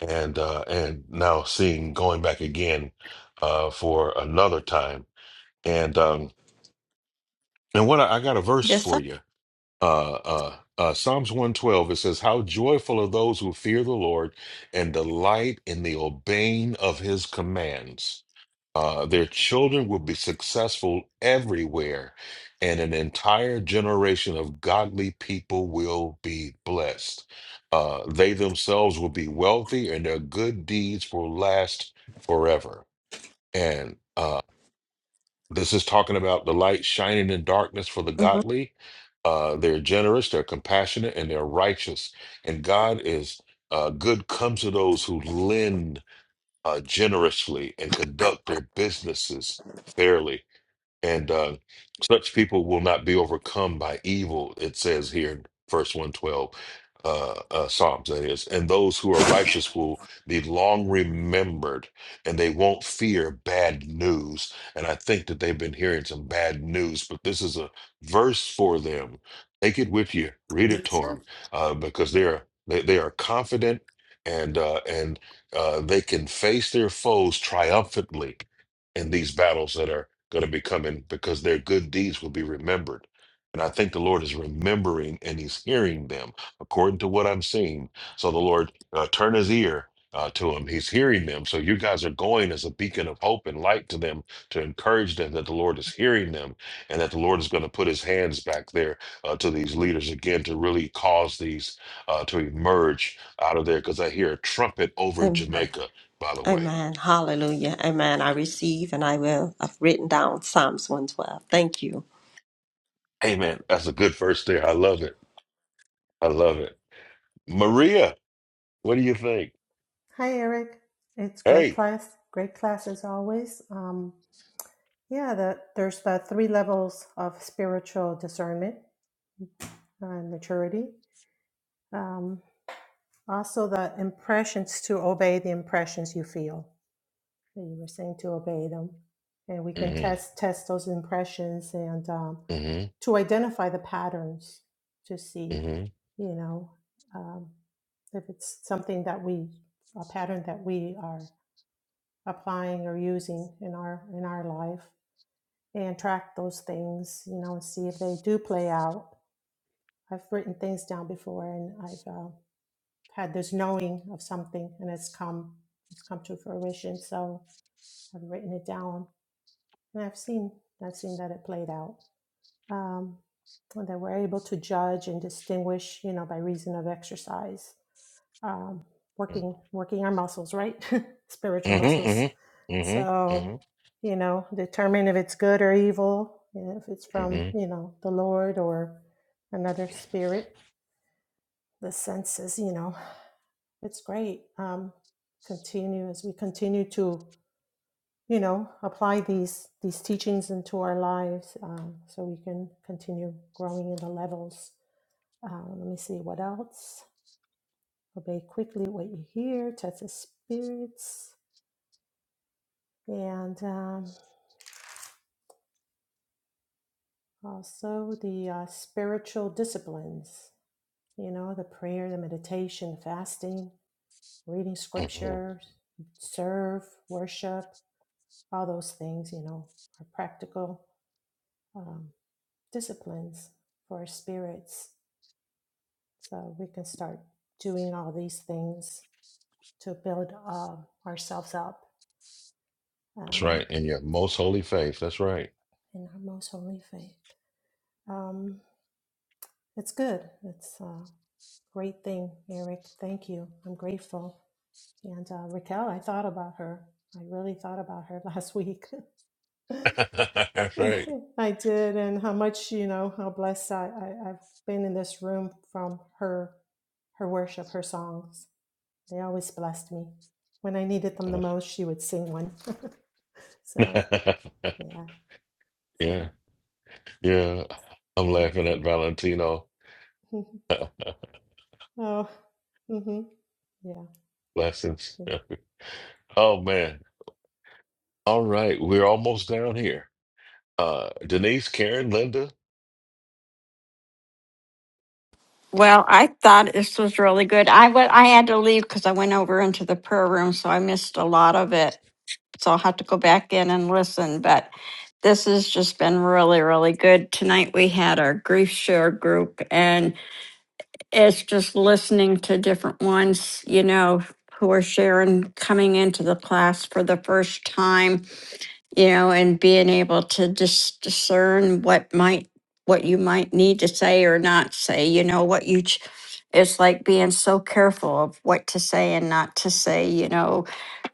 S3: and uh, and now seeing going back again uh, for another time, and um, and what I, I got a verse
S6: Yes, sir.
S3: for you. Uh, uh, uh, Psalms 112, it says, How joyful are those who fear the Lord and delight in the obeying of his commands. Uh, their children will be successful everywhere, and an entire generation of godly people will be blessed. Uh, they themselves will be wealthy, and their good deeds will last forever. And uh, this is talking about the light shining in darkness for the
S6: Mm-hmm.
S3: godly. Uh, they're generous, they're compassionate, and they're righteous. And God is uh, good comes to those who lend uh, generously and conduct their businesses fairly. And uh, such people will not be overcome by evil, it says here in verse 112, uh, uh, Psalms, that is. And those who are righteous will be long remembered and they won't fear bad news. And I think that they've been hearing some bad news, but this is a verse for them. Take it with you, read it
S6: Yes,
S3: to
S6: sir.
S3: them, uh, because they're, they, they are confident and, uh, and uh, they can face their foes triumphantly in these battles that are going to be coming because their good deeds will be remembered. And I think the Lord is remembering and He's hearing them according to what I'm seeing. So the Lord uh, turn His ear uh, to Him. He's hearing them. So you guys are going as a beacon of hope and light to them to encourage them that the Lord is hearing them and that the Lord is going to put His hands back there uh, to these leaders again to really cause these uh, to emerge out of there. Because I hear a trumpet over
S6: Amen.
S3: Jamaica, by the way.
S6: Amen. Hallelujah. Amen. I receive and I will. I've written down Psalms 112. Thank you.
S3: Amen. That's a good verse there. I love it. I love it. Maria, what do you think?
S14: Hi, Eric. It's great
S3: Hey.
S14: class. Great class as always. Um, yeah, the, there's the three levels of spiritual discernment and maturity. Um, also, the impressions to obey the impressions you feel. And You were saying to obey them, and we can
S3: Mm-hmm.
S14: test test those impressions and um,
S3: Mm-hmm.
S14: to identify the patterns to see,
S3: Mm-hmm.
S14: you know, um, if it's something that we a pattern that we are applying or using in our in our life and track those things you know and see if they do play out i've written things down before and i've uh, had this knowing of something and it's come it's come to fruition so i've written it down and i've seen i've seen that it played out um, and that we're able to judge and distinguish you know by reason of exercise um, working working our muscles, right?
S3: Mm-hmm.
S14: Spiritual muscles.
S3: Mm-hmm. Mm-hmm.
S14: So,
S3: Mm-hmm.
S14: you know, determine if it's good or evil, and if it's from you know the Lord or another spirit. The senses, you know, it's great. Um, continue as we continue to you know apply these these teachings into our lives, um, so we can continue growing in the levels. Uh, let me see what else. Obey quickly what you hear. Test the spirits and um, also the uh, spiritual disciplines, you know, the prayer, the meditation, fasting, reading
S3: Mm-hmm.
S14: scriptures, serve, worship, all those things, you know, are practical um, disciplines for our spirits. So we can start doing all these things to build uh, ourselves up
S3: That's
S14: um,
S3: right. In your most holy faith. That's right.
S14: in our most holy faith. Um, it's good. It's uh, Great thing, Eric. Thank you. I'm grateful. And uh, Raquel, I thought about her. I really thought about her last week.
S3: That's right.
S14: I did, and how much you know how blessed I, I I've been in this room from her, her worship, her songs. They always blessed me. When I needed them the
S3: Uh,
S14: most, she would sing one. so yeah.
S3: yeah.
S14: So
S3: Yeah. I'm
S14: thank
S3: laughing
S14: you.
S3: at Valentino
S14: oh. Mm-hmm. Yeah.
S3: lessons. Oh man. All right. We're almost down here. Uh Denise, Karen, Linda.
S7: Well, I thought this was really good. I wa- I had to leave because I went over into the prayer room, so I missed a lot of it. so I'll have to go back in and listen. But this has just been really, really good. Tonight we had our grief share group, and it's just listening to different ones, you know, who are sharing coming into the class for the first time, you know, and being able to just discern what might what you might need to say or not say, you know, what you ch- it's like being so careful of what to say and not to say, you know,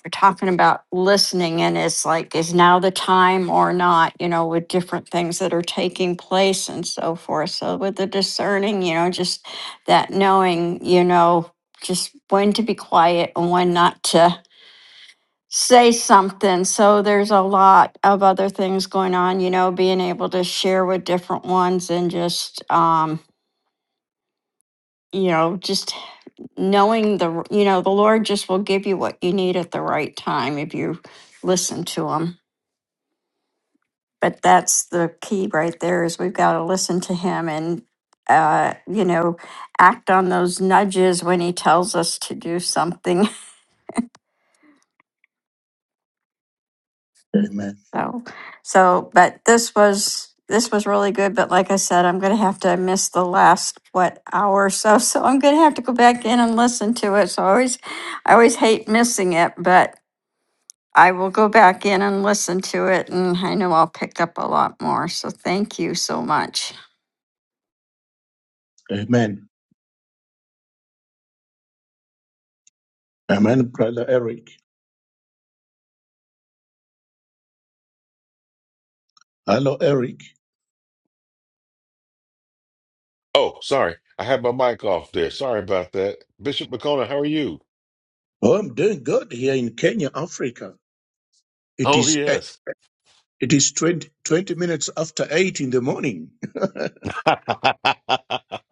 S7: we're talking about listening and it's like is now the time or not you know with different things that are taking place and so forth so with the discerning you know just that knowing you know just when to be quiet and when not to say something so there's a lot of other things going on you know being able to share with different ones and just um you know just knowing the you know the lord just will give you what you need at the right time if you listen to him but that's the key right there is we've got to listen to him and uh, you know act on those nudges when he tells us to do something
S15: Amen.
S7: so so but this was this was really good but like i said i'm going to have to miss the last what hour or so so i'm going to have to go back in and listen to it so i always i always hate missing it but i will go back in and listen to it and i know i'll pick up a lot more so thank you so much
S15: Amen. Amen, brother Eric. Hello, Eric.
S3: Oh, sorry. I had my mic off there. Sorry about that. Bishop McCona, how are you?
S15: Oh, I'm doing good here in Kenya, Africa. It
S3: Oh
S15: is eh,
S3: yes.
S15: it is 20 20 minutes after eight in the morning.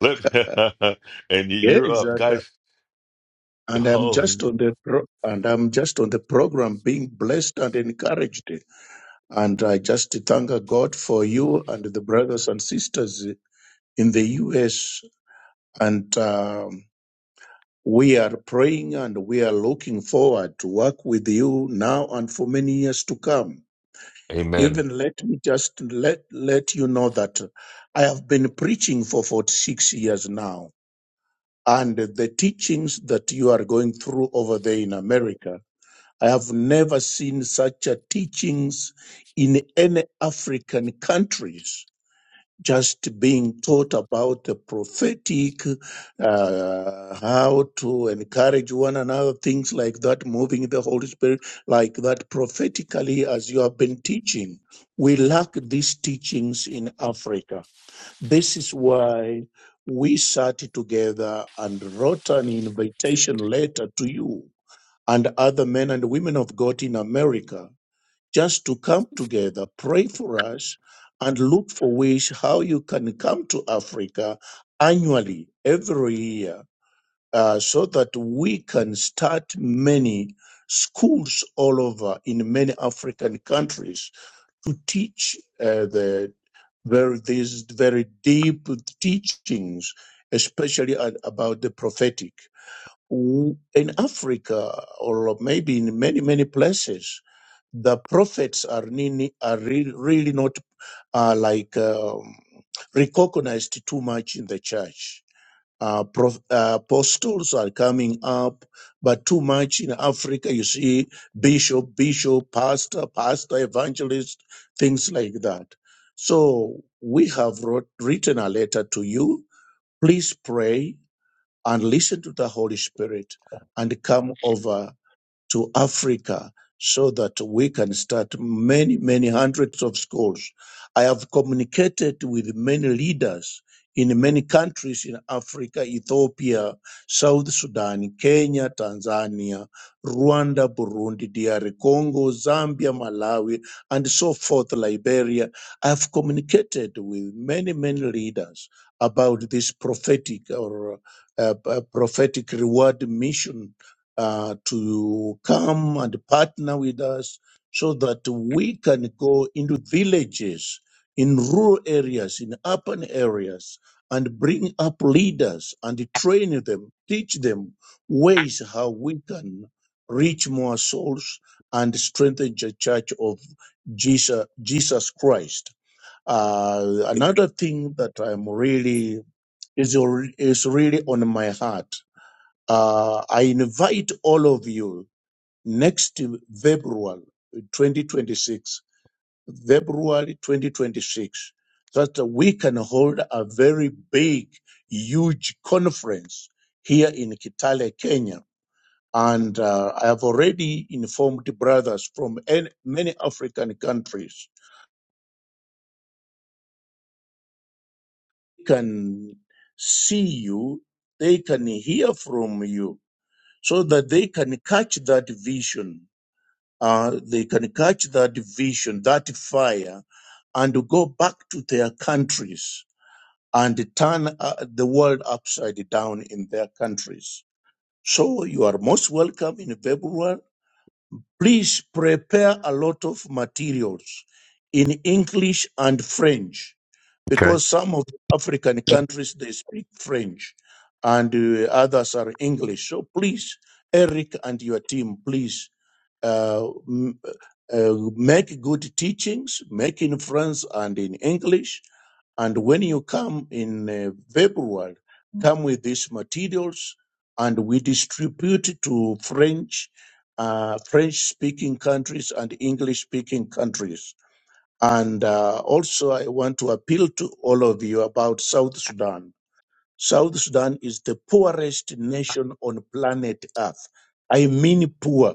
S3: Let- and you- you're
S15: Yes,
S3: up,
S15: and, uh,
S3: guys.
S15: and I'm
S3: Oh,
S15: just
S3: man.
S15: on the pro- and I'm just on the program, being blessed and encouraged. And I just thank God for you and the brothers and sisters in the U.S. and. um, We are praying and we are looking forward to work with you now and for many years to come.
S3: amen.
S15: Even let me just let, let you know that I have been preaching for 46 years now. And the teachings that you are going through over there in America, I have never seen such a teachings in any African countries just being taught about the prophetic, uh, how to encourage one another, things like that, moving the Holy Spirit like that prophetically, as you have been teaching. We lack these teachings in Africa. This is why we sat together and wrote an invitation letter to you and other men and women of God in America just to come together, pray for us, and look for ways how you can come to Africa annually, every year, uh, so that we can start many schools all over in many African countries to teach uh, the very these very deep teachings, especially a- about the prophetic. W- In Africa, or maybe in many many places, the prophets are, nini- are really, really not uh, like um, recognized too much in the church. Uh, prof, uh, apostles are coming up, but too much in Africa, you see bishop, bishop, pastor, pastor, evangelist, things like that. So we have wrote, written a letter to you. Please pray and listen to the Holy Spirit and come over to Africa so that we can start many, many hundreds of schools. I have communicated with many leaders in many countries in Africa, Ethiopia, South Sudan, Kenya, Tanzania, Rwanda, Burundi, DR Congo, Zambia, Malawi, and so forth, Liberia. I have communicated with many, many leaders about this prophetic or uh, uh, prophetic reward mission uh, to come and partner with us so that we can go into villages, in rural areas, in urban areas, and bring up leaders and train them, teach them ways how we can reach more souls and strengthen the church of Jesus, Jesus Christ. Uh, another thing that I'm really is, is really on my heart uh, I invite all of you next February 2026, February 2026, that we can hold a very big, huge conference here in Kitale, Kenya. And uh, I have already informed brothers from an- many African countries They can see you, they can hear from you, so that they can catch that vision uh, they can catch that vision, that fire, and go back to their countries and turn uh, the world upside down in their countries. So you are most welcome in February. Please prepare a lot of materials in English and French
S3: Okay.
S15: because some of the African countries they speak French and uh, others are English. So please, Eric and your team, please uh, m- uh, make good teachings, make in French and in English. And when you come in uh, February, come with these materials and we distribute it to French, uh, French speaking countries and English speaking countries. And uh, also, I want to appeal to all of you about South Sudan. South Sudan is the poorest nation on planet Earth. I mean poor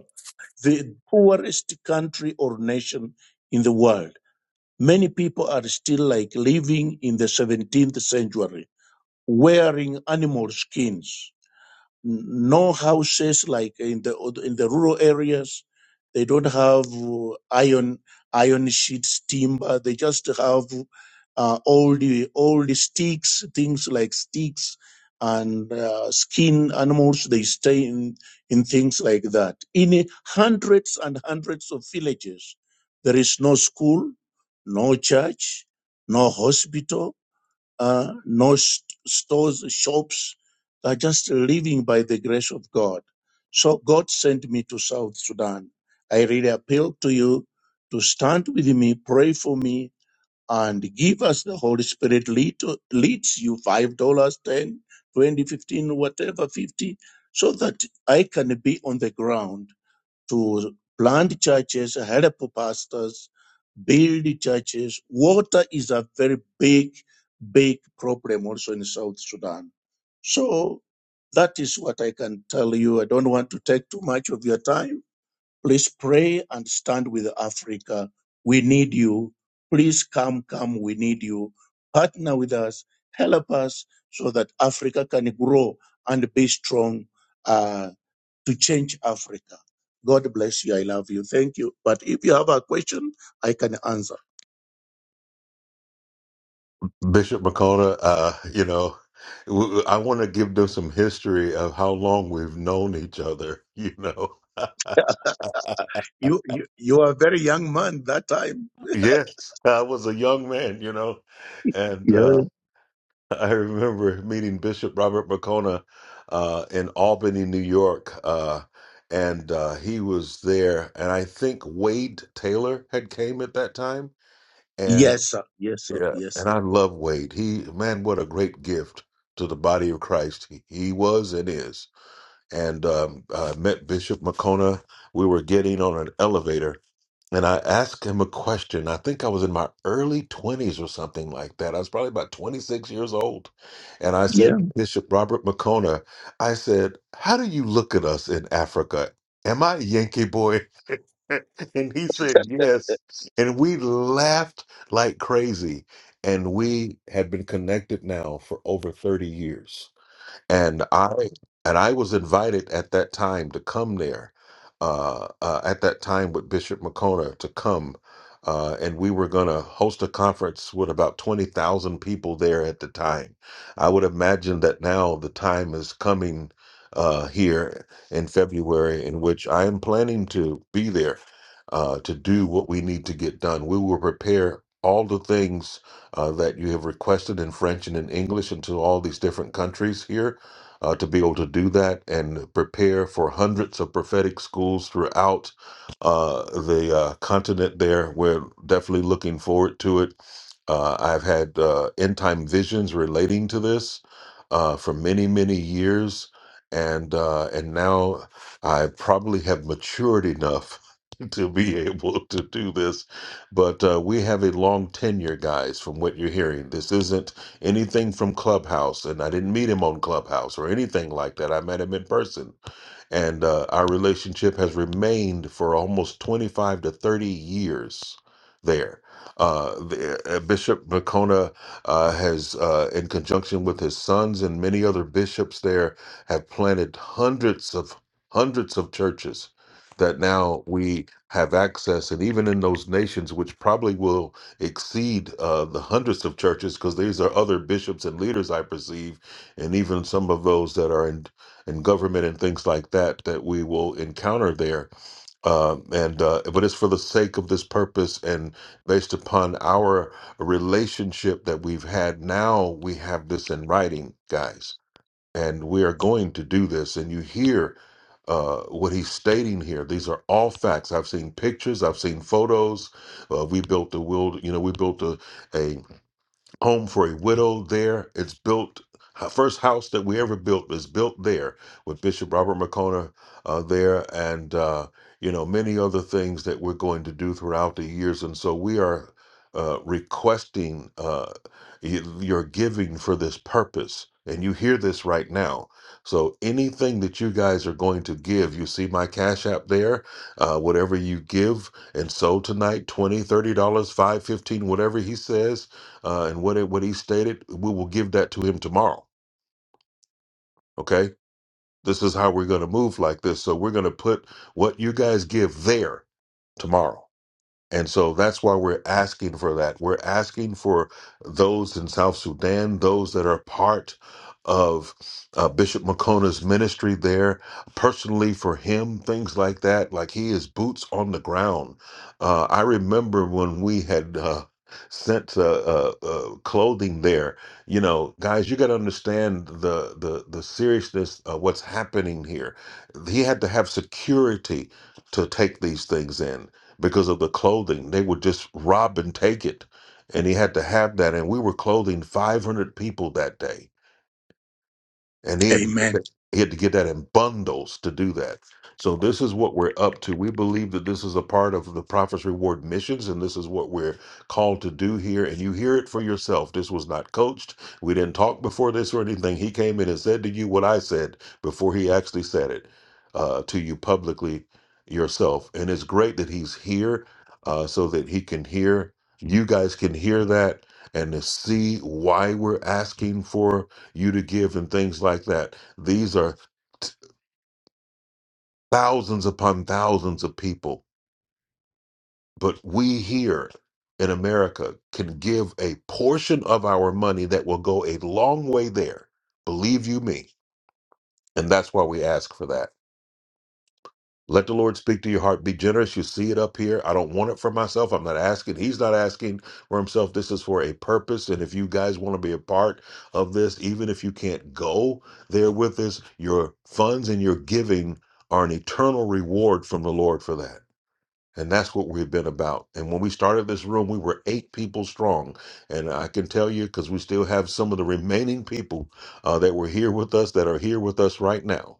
S15: the poorest country or nation in the world. Many people are still like living in the 17th century, wearing animal skins. No houses like in the in the rural areas. They don't have uh, iron iron sheets, timber. They just have uh, all the all the sticks, things like sticks and uh, skin animals. They stay in in things like that. In hundreds and hundreds of villages, there is no school, no church, no hospital uh, no st- stores, shops. They're just living by the grace of God. So God sent me to South Sudan. I really appeal to you to stand with me, pray for me, and give us the Holy Spirit lead to, leads you five dollars, ten, twenty, fifteen, whatever, fifty, so that I can be on the ground to plant churches, help pastors, build churches. Water is a very big, big problem also in South Sudan. So that is what I can tell you. I don't want to take too much of your time. Please pray and stand with Africa. We need you. Please come, come. We need you. Partner with us. Help us so that Africa can grow and be strong. uh, to change Africa. God bless you. I love you. Thank you. But if you have a question, I can answer.
S3: Bishop McCona, uh, you know, w- w- I want to give them some history of how long we've known each other, you know.
S15: You you, you are a very young man that time.
S3: yes, I was a young man, you know, and
S15: Yeah.
S3: uh, I remember meeting Bishop Robert McCona uh, in Albany, New York, uh, and uh, he was there. And I think Wade Taylor had came at that time. And
S15: Yes, sir. Yes, sir.
S3: yeah,
S15: Yes,
S3: and
S15: sir.
S3: I love Wade. He man, what a great gift to the body of Christ he, he was and is. And um, I met Bishop McCona. We were getting on an elevator, and I asked him a question. I think I was in my early 20s or something like that. I was probably about 26 years old. And I said
S15: Yeah.
S3: to Bishop Robert McCona, I said, How do you look at us in Africa? Am I a Yankee boy? and he said, Yes. And we laughed like crazy. And we had been connected now for over 30 years and I and I was invited at that time to come there. Uh, uh, at that time, with Bishop McCona to come, uh, and we were going to host a conference with about twenty thousand people there at the time. I would imagine that now the time is coming uh, here in February, in which I am planning to be there uh, to do what we need to get done. We will prepare all the things uh, that you have requested in French and in English into all these different countries here uh, to be able to do that and prepare for hundreds of prophetic schools throughout uh, the uh, continent there. We're definitely looking forward to it. Uh, I've had uh, end time visions relating to this uh, for many, many years. And, uh, and now I probably have matured enough to be able to do this. But uh, we have a long tenure, guys, from what you're hearing. This isn't anything from Clubhouse, and I didn't meet him on Clubhouse or anything like that. I met him in person and uh, our relationship has remained for almost 25 to 30 years there. Uh, the, uh, Bishop Makona uh, has, uh, in conjunction with his sons and many other bishops there, have planted hundreds of hundreds of churches that now we have access, and even in those nations, which probably will exceed uh, the hundreds of churches, because these are other bishops and leaders I perceive, and even some of those that are in and government and things like that that we will encounter there. Um, and uh, but it's for the sake of this purpose and based upon our relationship that we've had. Now we have this in writing, guys, and we are going to do this. And you hear uh, what he's stating here. These are all facts. I've seen pictures. I've seen photos. Uh, we built a wild. You know, we built a, a home for a widow there. It's built, h- first house that we ever built was built there with Bishop Robert McCona uh, there, and uh, you know many other things that we're going to do throughout the years. And so we are uh, requesting uh, y- your giving for this purpose. And you hear this right now. So anything that you guys are going to give, you see my Cash App there, uh, whatever you give and so tonight, $20, dollars, $30, dollars, 5 dollars, 15 dollars, whatever he says, uh, and what it, what he stated, we will give that to him tomorrow. Okay, this is how we're going to move like this. So we're going to put what you guys give there tomorrow. And so that's why we're asking for that. We're asking for those in South Sudan, those that are part of uh, Bishop Makona's ministry there, personally for him, things like that. Like he is boots on the ground. Uh, I remember when we had uh, sent uh, uh, uh, clothing there. You know, guys, you got to understand the the the seriousness of what's happening here. He had to have security to take these things in because of the clothing. They would just rob and take it. And he had to have that. And we were clothing 500 people that day and he had to get
S15: Amen.
S3: that, he had to get that in bundles to do that. So this is what we're up to. We believe that this is a part of the Prophet's Reward missions, and this is what we're called to do here. And you hear it for yourself. This was not coached. We didn't talk before this or anything. He came in and said to you what I said before he actually said it uh, to you publicly yourself. And it's great that he's here uh, so that he can hear. You guys can hear that and to see why we're asking for you to give and things like that. These are t- thousands upon thousands of people. But we here in America can give a portion of our money that will go a long way there. Believe you me. And that's why we ask for that. Let the Lord speak to your heart. Be generous. You see it up here. I don't want it for myself. I'm not asking. He's not asking for himself. This is for a purpose. And if you guys want to be a part of this, even if you can't go there with us, your funds and your giving are an eternal reward from the Lord for that. And that's what we've been about. And when we started this room, we were eight people strong. And I can tell you, because we still have some of the remaining people uh, that were here with us that are here with us right now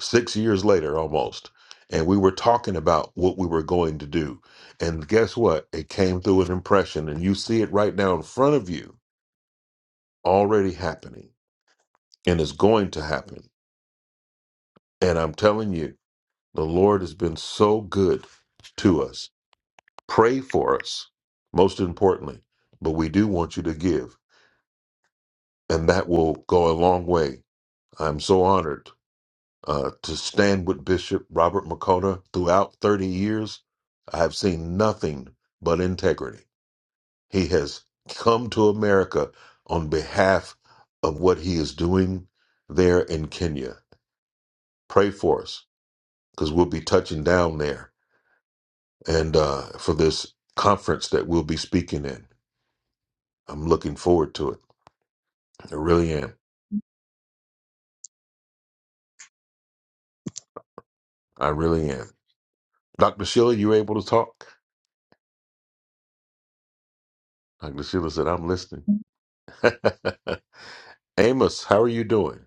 S3: six years later almost. And we were talking about what we were going to do. And guess what? It came through an impression, and you see it right now in front of you, already happening, and it's going to happen. And I'm telling you, the Lord has been so good to us. Pray for us, most importantly, but we do want you to give, and that will go a long way. I'm so honored uh, to stand with Bishop Robert Makota throughout 30 years, I have seen nothing but integrity. He has come to America on behalf of what he is doing there in Kenya. Pray for us because we'll be touching down there and uh, for this conference that we'll be speaking in. I'm looking forward to it. I really am. I really am. Dr. Sheila, you able to talk? Dr. Sheila said, I'm listening. Amos, how are you doing?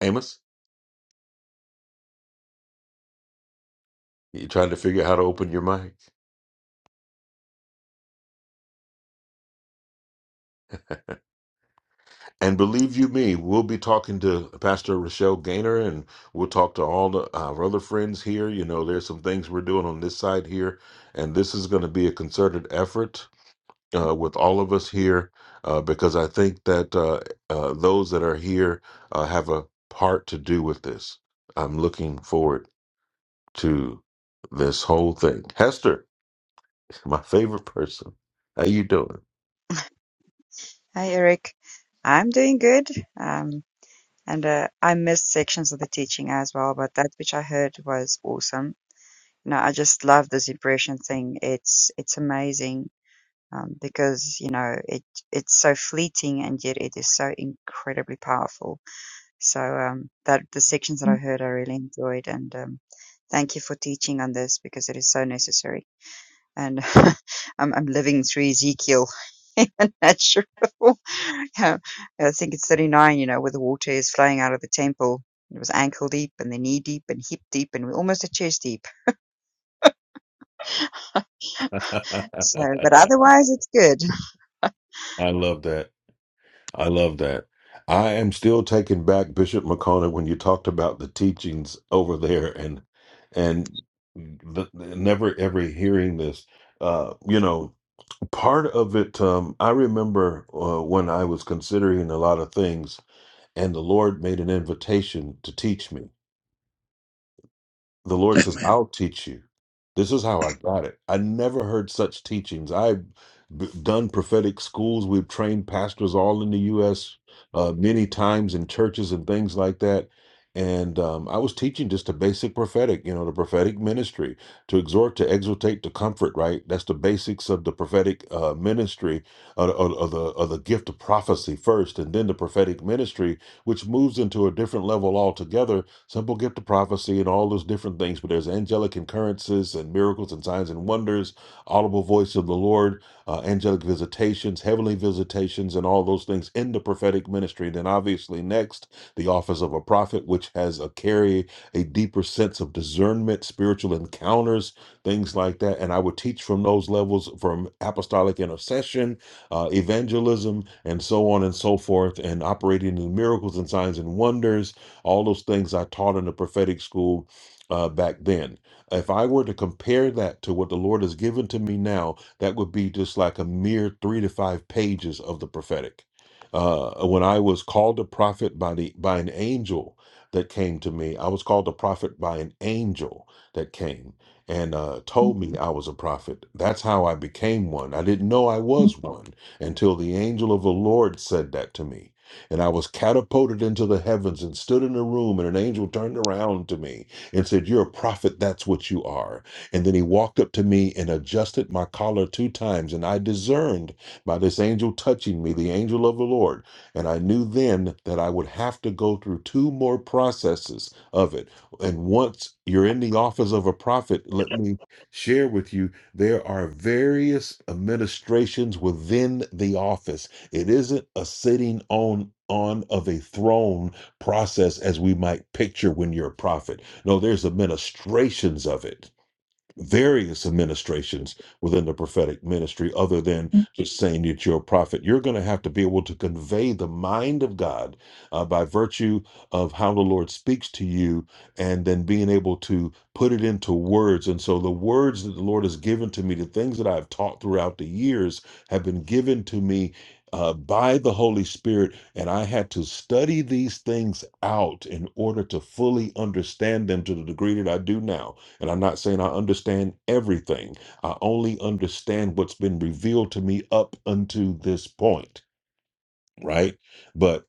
S3: Amos? You're trying to figure out how to open your mic. And believe you me, we'll be talking to Pastor Rochelle Gaynor and we'll talk to all the, our other friends here. You know, there's some things we're doing on this side here. And this is going to be a concerted effort uh, with all of us here uh, because I think that uh, uh, those that are here uh, have a part to do with this. I'm looking forward to this whole thing. Hester, my favorite person. How you doing?
S16: Hi, Eric. I'm doing good. Um, and uh, I missed sections of the teaching as well, but that which I heard was awesome. No, I just love this impression thing. It's it's amazing um, because you know it it's so fleeting and yet it is so incredibly powerful. So um, that the sections that I heard, I really enjoyed, and um, thank you for teaching on this because it is so necessary and I'm, I'm living through Ezekiel in a natural. Yeah, I think it's 39, you know, where the water is flowing out of the temple. It was ankle deep and the knee deep and hip deep and we're almost at chest deep. So, but otherwise it's good.
S3: I love that. I love that. I am still taken back, Bishop McConnell, when you talked about the teachings over there and and the, the- never ever hearing this. Uh, you know, part of it. Um, I remember uh, when I was considering a lot of things, and the Lord made an invitation to teach me the Lord says,
S15: Amen.
S3: I'll teach you. This is how I got it. I never heard such teachings. I've b- done prophetic schools. We've trained pastors all in the U.S. Uh, many times in churches and things like that. And um, I was teaching just the basic prophetic, you know, the prophetic ministry to exhort, to exhortate, to comfort, right? That's the basics of the prophetic uh, ministry, of, of of the, of the gift of prophecy first, and then the prophetic ministry, which moves into a different level altogether simple gift of prophecy and all those different things, but there's angelic occurrences and miracles and signs and wonders, audible voice of the Lord, uh, angelic visitations, heavenly visitations, and all those things in the prophetic ministry. Then obviously next, the office of a prophet, which has a carry a deeper sense of discernment, spiritual encounters, things like that. And I would teach from those levels from apostolic intercession, uh, evangelism, and so on and so forth, and operating in miracles and signs and wonders all those things I taught in the prophetic school uh, back then. If I were to compare that to what the Lord has given to me now, that would be just like a mere three to five pages of the prophetic. Uh, when I was called a prophet by the by an angel that came to me, I was called a prophet by an angel that came and uh, told me I was a prophet. That's how I became one. I didn't know I was one until the angel of the Lord said that to me and I was catapulted into the heavens and stood in a room, and an angel turned around to me and said, You're a prophet, that's what you are. And then he walked up to me and adjusted my collar two times, and I discerned by this angel touching me, the angel of the Lord. And I knew then that I would have to go through two more processes of it. And once you're in the office of a prophet, let me share with you there are various administrations within the office it isn't a sitting on on of a throne process as we might picture when you're a prophet. No, there's administrations of it various administrations within the prophetic ministry other than just saying that you're a prophet you're going to have to be able to convey the mind of god uh, by virtue of how the lord speaks to you and then being able to put it into words and so the words that the lord has given to me the things that i've taught throughout the years have been given to me uh, by the Holy Spirit, and I had to study these things out in order to fully understand them to the degree that I do now and I'm not saying I understand everything, I only understand what's been revealed to me up unto this point, right? But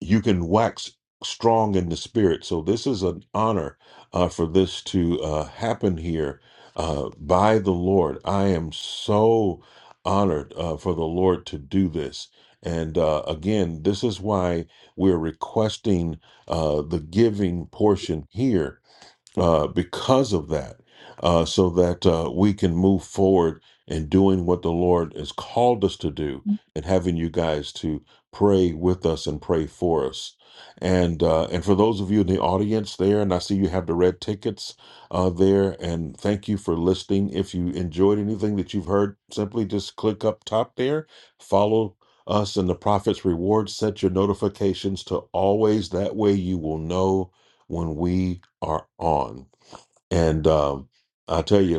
S3: you can wax strong in the spirit. So this is an honor uh, for this to uh, happen here uh, by the Lord. I am so honored uh, for the Lord to do this. And uh, again, this is why we're requesting uh, the giving portion here uh, because of that, uh, so that uh, we can move forward in doing what the Lord has called us to do and having you guys to pray with us and pray for us. And uh, and for those of you in the audience there, and I see you have the red tickets uh, there, and thank you for listening. If you enjoyed anything that you've heard, simply just click up top there, follow us in the Prophet's Reward, set your notifications to always. That way you will know when we are on. And um, I tell you,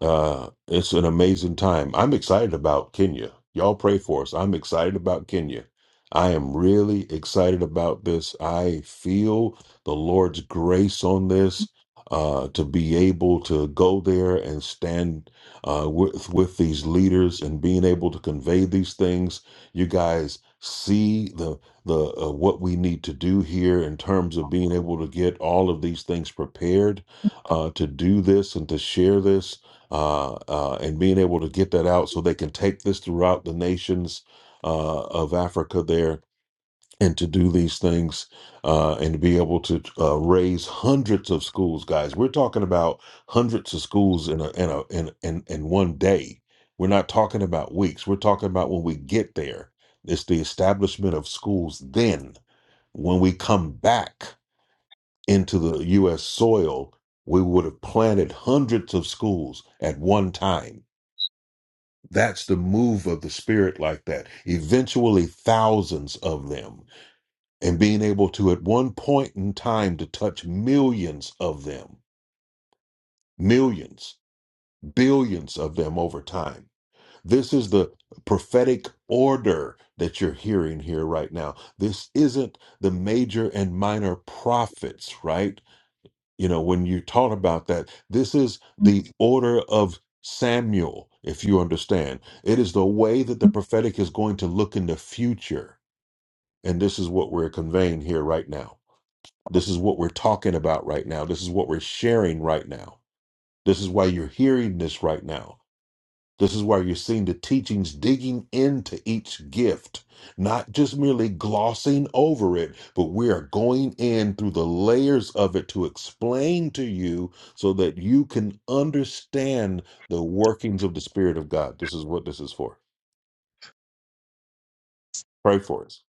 S3: uh, it's an amazing time. I'm excited about Kenya. Y'all pray for us. I'm excited about Kenya. I am really excited about this. I feel the Lord's grace on this uh, to be able to go there and stand uh, with with these leaders and being able to convey these things. You guys see the the uh, what we need to do here in terms of being able to get all of these things prepared uh, to do this and to share this uh, uh, and being able to get that out so they can take this throughout the nations uh, of Africa there and to do these things uh, and to be able to uh, raise hundreds of schools, guys. We're talking about hundreds of schools in a, in a in, in in one day. We're not talking about weeks. We're talking about when we get there. It's the establishment of schools. Then, when we come back into the U.S. soil, we would have planted hundreds of schools at one time that's the move of the Spirit like that. Eventually, thousands of them, and being able to, at one point in time, to touch millions of them, millions, billions of them over time. This is the prophetic order that you're hearing here right now. This isn't the major and minor prophets, right? you know when you taught about that this is the order of samuel if you understand it is the way that the prophetic is going to look in the future and this is what we're conveying here right now this is what we're talking about right now this is what we're sharing right now this is why you're hearing this right now this is where you're seeing the teachings digging into each gift, not just merely glossing over it, but we are going in through the layers of it to explain to you so that you can understand the workings of the Spirit of God. This is what this is for. Pray for us.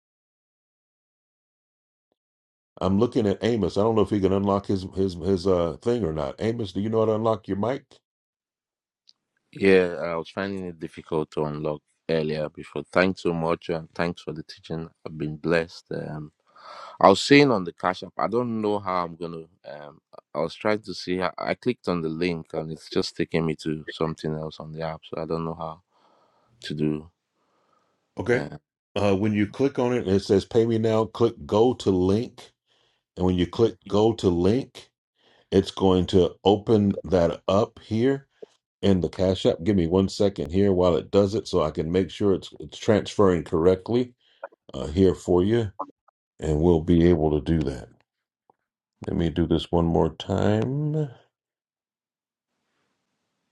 S3: I'm looking at Amos. I don't know if he can unlock his his his uh thing or not. Amos, do you know how to unlock your mic?
S17: Yeah, I was finding it difficult to unlock earlier before. Thanks so much, and thanks for the teaching. I've been blessed. Um, I was saying on the Cash App, I don't know how I'm gonna. Um, I was trying to see. How, I clicked on the link, and it's just taking me to something else on the app. So I don't know how to do.
S3: Okay.
S17: Uh,
S3: Uh, when you click on it, it says "Pay me now." Click "Go to link," and when you
S17: Yeah.
S3: click "Go to link," It's going to open that up here in the Cash App. Give me one second here while it does it so I can make sure it's, it's transferring correctly uh, here for you, and we'll be able to do that. Let me do this one more time.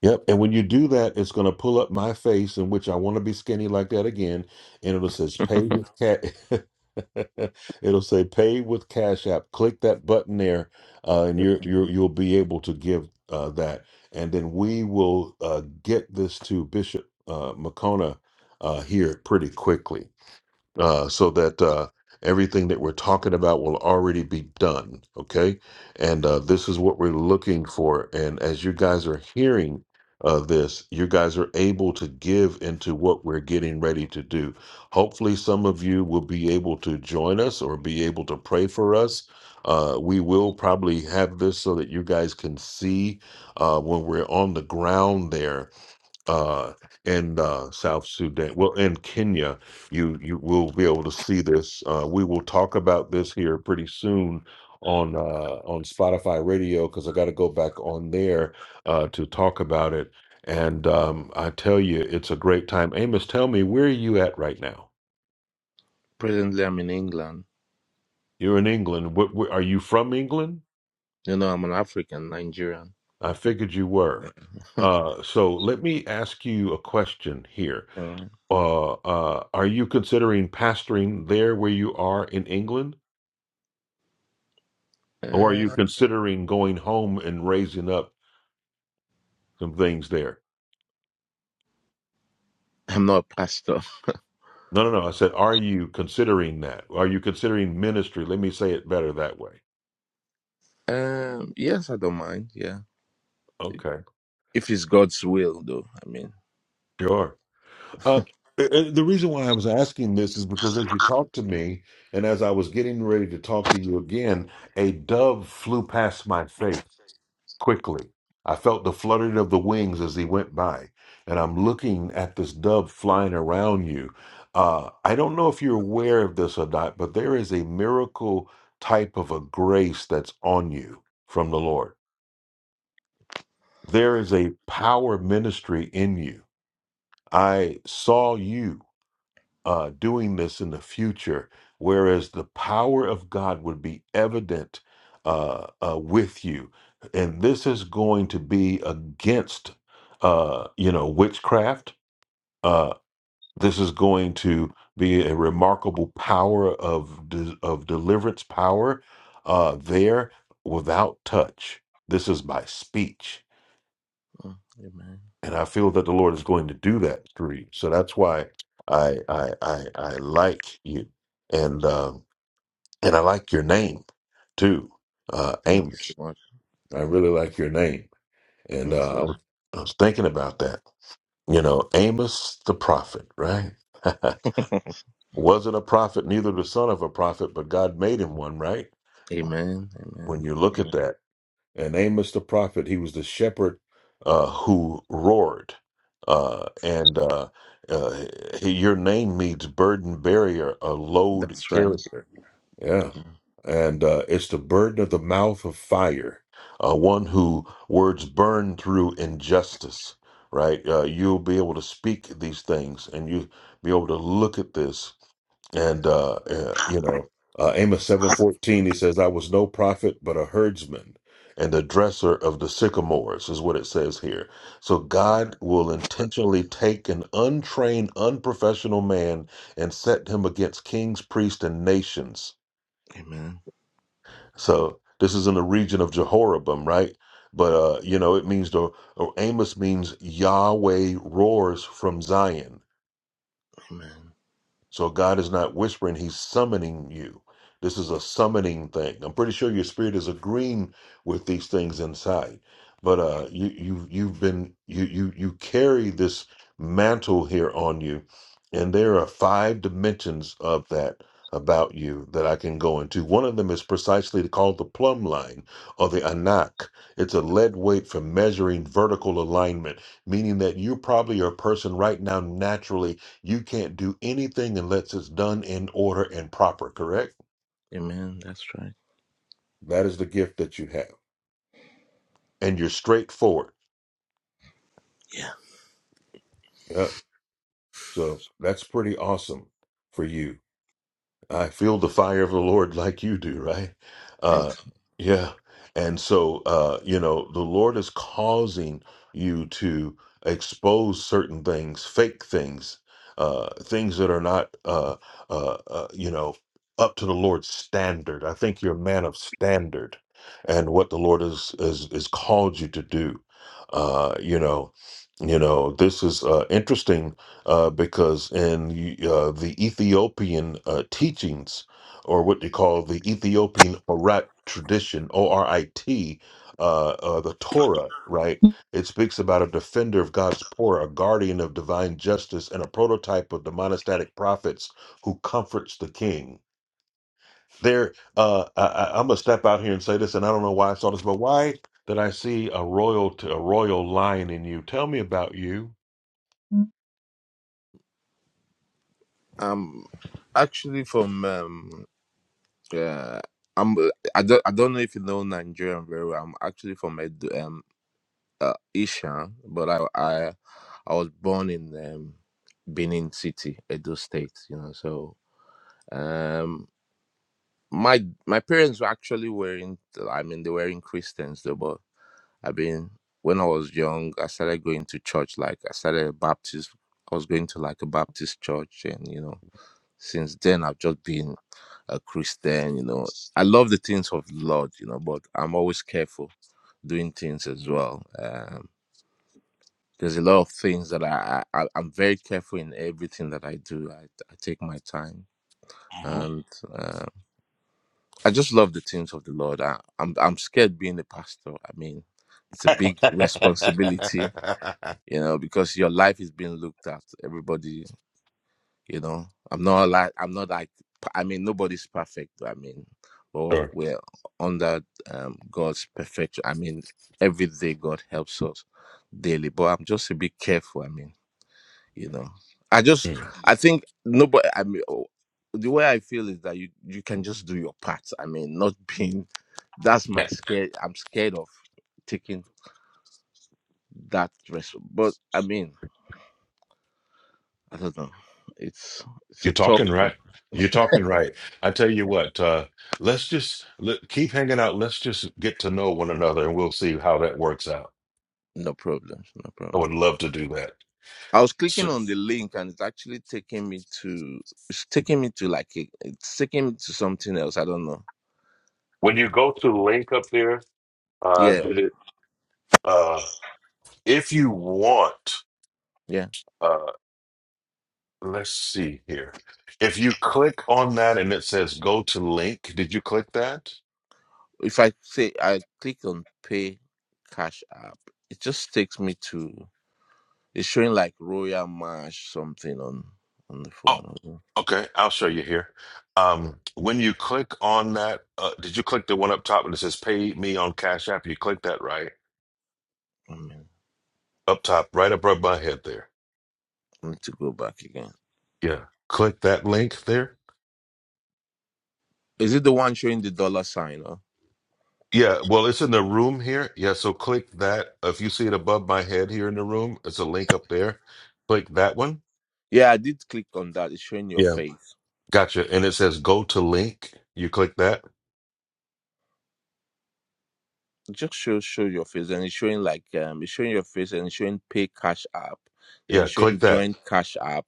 S3: Yep. And when you do that, it's going to pull up my face in which I want to be skinny like that again. And it'll says pay with cat. it'll say pay with Cash App. Click that button there, uh, and you're,
S17: okay.
S3: you're you'll be able to give uh, that. And then we will uh, get this to Bishop uh, McCona uh, here pretty quickly uh, so that uh, everything that we're talking about will already be done. Okay. And uh, this is what we're looking for. And as you guys are hearing uh, this, you guys are able to give into what we're getting ready to do. Hopefully, some of you will be able to join us or be able to pray for us. Uh, we will probably have this so that you guys can see uh, when we're on the ground there uh, in uh, South Sudan, well, in Kenya, you you will be able to see this. Uh, we will talk about this here pretty soon on uh, on Spotify Radio because I got to go back on there uh, to talk about it. And um, I tell you, it's a great time. Amos, tell me where are you at right now?
S17: Presently, I'm in England.
S3: You're in England. What, where, are you from England?
S17: You know, I'm an African Nigerian.
S3: I
S17: But,
S3: figured you were.
S17: yeah.
S3: Uh, so let me ask you a question here
S17: All right.
S3: uh, uh, are you considering pastoring there where you are in England, or are you
S17: Uh,
S3: considering going home and raising up some things there?
S17: I'm not a pastor.
S3: No, no, no. I said, are you considering that? Are you considering ministry? Let me say it better that way.
S17: Um, yes, I don't mind. Yeah,
S3: Okay,
S17: if it's God's will, though. I mean.
S3: sure. Uh, uh, uh, the reason why I was asking this is because as you talked to me, and as I was getting ready to talk to you again, a dove flew past my face. quickly. I felt the fluttering of the wings as he went by, and I'm looking at this dove flying around you. Uh, I don't know if you're aware of this or not, but there is a miracle type of a grace that's on you from the Lord. There is a power ministry in you. I saw you uh, doing this in the future, whereas the power of God would be evident uh, uh, with you. And this is going to be against, uh, you know, witchcraft. Uh, this is going to be a remarkable power of de- of deliverance power uh, there without touch. This is by speech
S17: Mm, Amen.
S3: and I feel that the Lord is going to do that through you. So that's why I I I, I like you, and um, and I like your name too, uh,
S17: Thank you so
S3: Amos.
S17: much.
S3: I
S17: Thank
S3: really like your name, and
S17: thanks a
S3: uh, I,
S17: lot.
S3: was, I was thinking about that. You know, Amos the prophet, right? Wasn't a prophet, neither the son of a prophet, but God made him one, right?
S17: Amen.
S3: When
S17: Amen.
S3: you look at
S17: Amen.
S3: that. and Amos the prophet, he was the shepherd uh, who roared. Uh, and uh, uh, he, your name means burden barrier, a load
S17: That's right.
S3: carrier. Yeah. And uh, it's the burden of the mouth of fire, uh, one who words burn through injustice, right? Uh, you'll be able to speak these things and you will be able to look at this and uh, uh, you know, uh, Amos seven fourteen, he says, "I was no prophet, but a herdsman, and a dresser of the sycamores," is what it says here. So God will intentionally take an untrained, unprofessional man and set him against kings, priests, and nations.
S17: Amen.
S3: So this is in the region of Jehoram, right? But uh, you know, it means the or Amos means Yahweh roars from Zion.
S17: Amen.
S3: So God is not whispering, He's summoning you. This is a summoning thing. I'm pretty sure your spirit is agreeing with these things inside. But uh you you you've been you you you carry this mantle here on you, and there are five dimensions of that about you that I can go into. One of them is precisely called the plumb line or the anak. It's a lead weight for measuring vertical alignment, meaning that you probably are a person right now naturally you can't do anything unless it's done in order and proper, correct?
S17: Amen. That's right.
S3: That is the gift that you have. And you're straightforward.
S17: Yeah.
S3: Yeah. So that's pretty awesome for you. I feel the fire of the Lord like you do, right? Uh,
S17: Thanks.
S3: yeah. And so, uh, you know, the Lord is causing you to expose certain things, fake things, uh, things that are not, uh, uh, uh, you know, up to the Lord's standard. I think you're a man of standard and what the Lord is, is, is called you to do. Uh, you know, you know, this is uh, interesting uh, because in uh, the Ethiopian uh, teachings, or what they call the Ethiopian Orat tradition, O R I T, uh, uh, the Torah, right? It speaks about a defender of God's poor, a guardian of divine justice, and a prototype of the monastic prophets who comforts the king. There, uh, I, I- I'm gonna step out here and say this, and I don't know why I saw this, but why did I see a royal, t- a royal lion in you? Tell me about you.
S17: Um actually from um uh I'm I don't I don't know if you know Nigerian very well. I'm actually from Edo- um uh, Isha, but I I I was born in um Benin City, Edo State, you know, so um. my my parents were actually wearing i mean they were in christians though but i mean when i was young i started going to church like i started baptist i was going to like a baptist church and you know since then i've just been a christian you know i love the things of the lord you know but i'm always careful doing things as well um there's a lot of things that I, I I- i'm very careful in everything that i do i, I take my time and uh, I just love the things of the Lord. I, I'm I'm scared being a pastor. I mean, it's a big responsibility, you know, because your life is being looked at. Everybody, you know, I'm not like I'm not like I mean, nobody's perfect. I mean, or
S3: Sure.
S17: we're under um, God's perfection. I mean, every day God helps us daily, but I'm just a bit careful. I mean you know i just
S3: Mm.
S17: i think nobody i mean oh, the way i feel is that you you can just do your part i mean not being that's my
S3: Yeah.
S17: scare i'm scared of taking that risk but i mean i don't know it's it's a
S3: You're
S17: tough
S3: talking
S17: thing
S3: right. You're talking right. I tell you what, uh, let's just let, keep hanging out. Let's just get to know one another and we'll see how that works out.
S17: no problem no
S3: I
S17: problem
S3: would love to do that.
S17: i was clicking
S3: So
S17: on the link and it's actually taking me to it's taking me to like a, it's taking me to something else i don't know
S3: when you go to the link up there, uh,
S17: yeah
S3: did it, uh, if you want,
S17: yeah
S3: uh, let's see here. If you click on that and it says go to link, did you click that?
S17: if I say I click on pay cash app, it just takes me to it's showing like Royal Marsh something on on the
S3: Oh,
S17: phone. Hold on.
S3: okay. I'll show you here. Um, when you click on that, uh, did you click the one up top and it says "Pay me on Cash App"? You click that right
S17: I mean,
S3: up top, right above my head there.
S17: I need to go back again.
S3: Yeah, click that link there.
S17: Is it the one showing the dollar sign? Or?
S3: Yeah, well, it's in the room here. Yeah, so click that. If you see it above my head here in the room, it's a link up there. Click that one.
S17: Yeah, I did click on that. It's showing your
S3: Yeah,
S17: face.
S3: gotcha. And it says "Go to link." You click that.
S17: It just show show your face, and it's showing like um, it's showing your face, and it's showing pay cash app, then
S3: Yeah,
S17: it's
S3: click
S17: showing
S3: that.
S17: join cash app.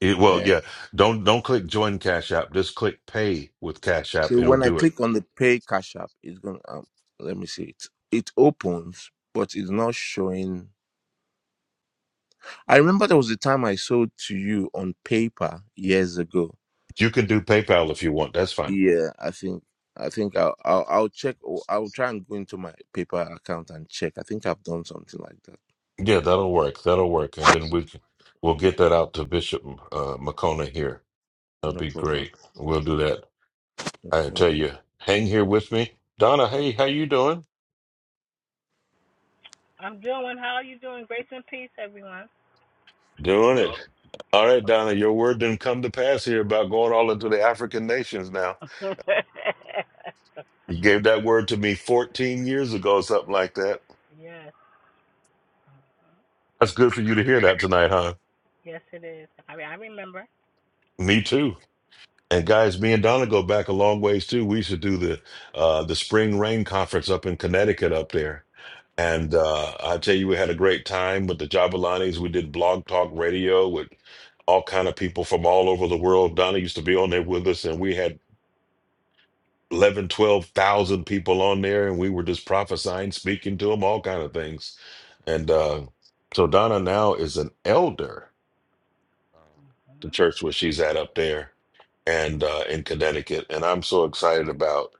S3: It, well,
S17: Then
S3: yeah. Don't don't click join Cash App. Just click pay with Cash App,
S17: so
S3: and it'll
S17: when I
S3: do it.
S17: click on the pay cash app, it's gonna um, let me see it. It opens, but it's not showing I remember there was a time I sold to you on paper years ago.
S3: You can do PayPal if you want. That's fine.
S17: Yeah, I think I think I'll I'll, I'll check. or I'll try and go into my paper account and check. I think I've done something like that.
S3: Yeah, that'll work. That'll work. And then we can, we'll get that out to Bishop uh, McCona here. That'll
S17: No
S3: be
S17: problem.
S3: great. We'll do that.
S17: Yeah.
S3: I tell you, hang here with me. Donna, hey, how you doing?
S18: I'm doing. well. How are you doing? Grace and peace, everyone.
S3: Doing it. All right, Donna, your word didn't come to pass here about going all into the African nations now. You gave that word to me 14 years ago, something like that.
S18: yes,
S3: That's good for you to hear that tonight, huh?
S18: yes, it is. I mean, I remember.
S3: Me too. And guys, me and Donna go back a long ways too. We used to do the uh, the spring rain conference up in Connecticut up there.
S18: Yes.
S3: And uh, I tell you, we had a great time with the Jabalanis. We did blog talk radio with all kind of people from all over the world. Donna used to be on there with us, and we had 11, 12,000 people on there, and we were just prophesying, speaking to them, all kind of things. And uh, so Donna now is an elder the
S18: hmm
S3: church where she's at up there and uh, in Connecticut. And I'm so excited about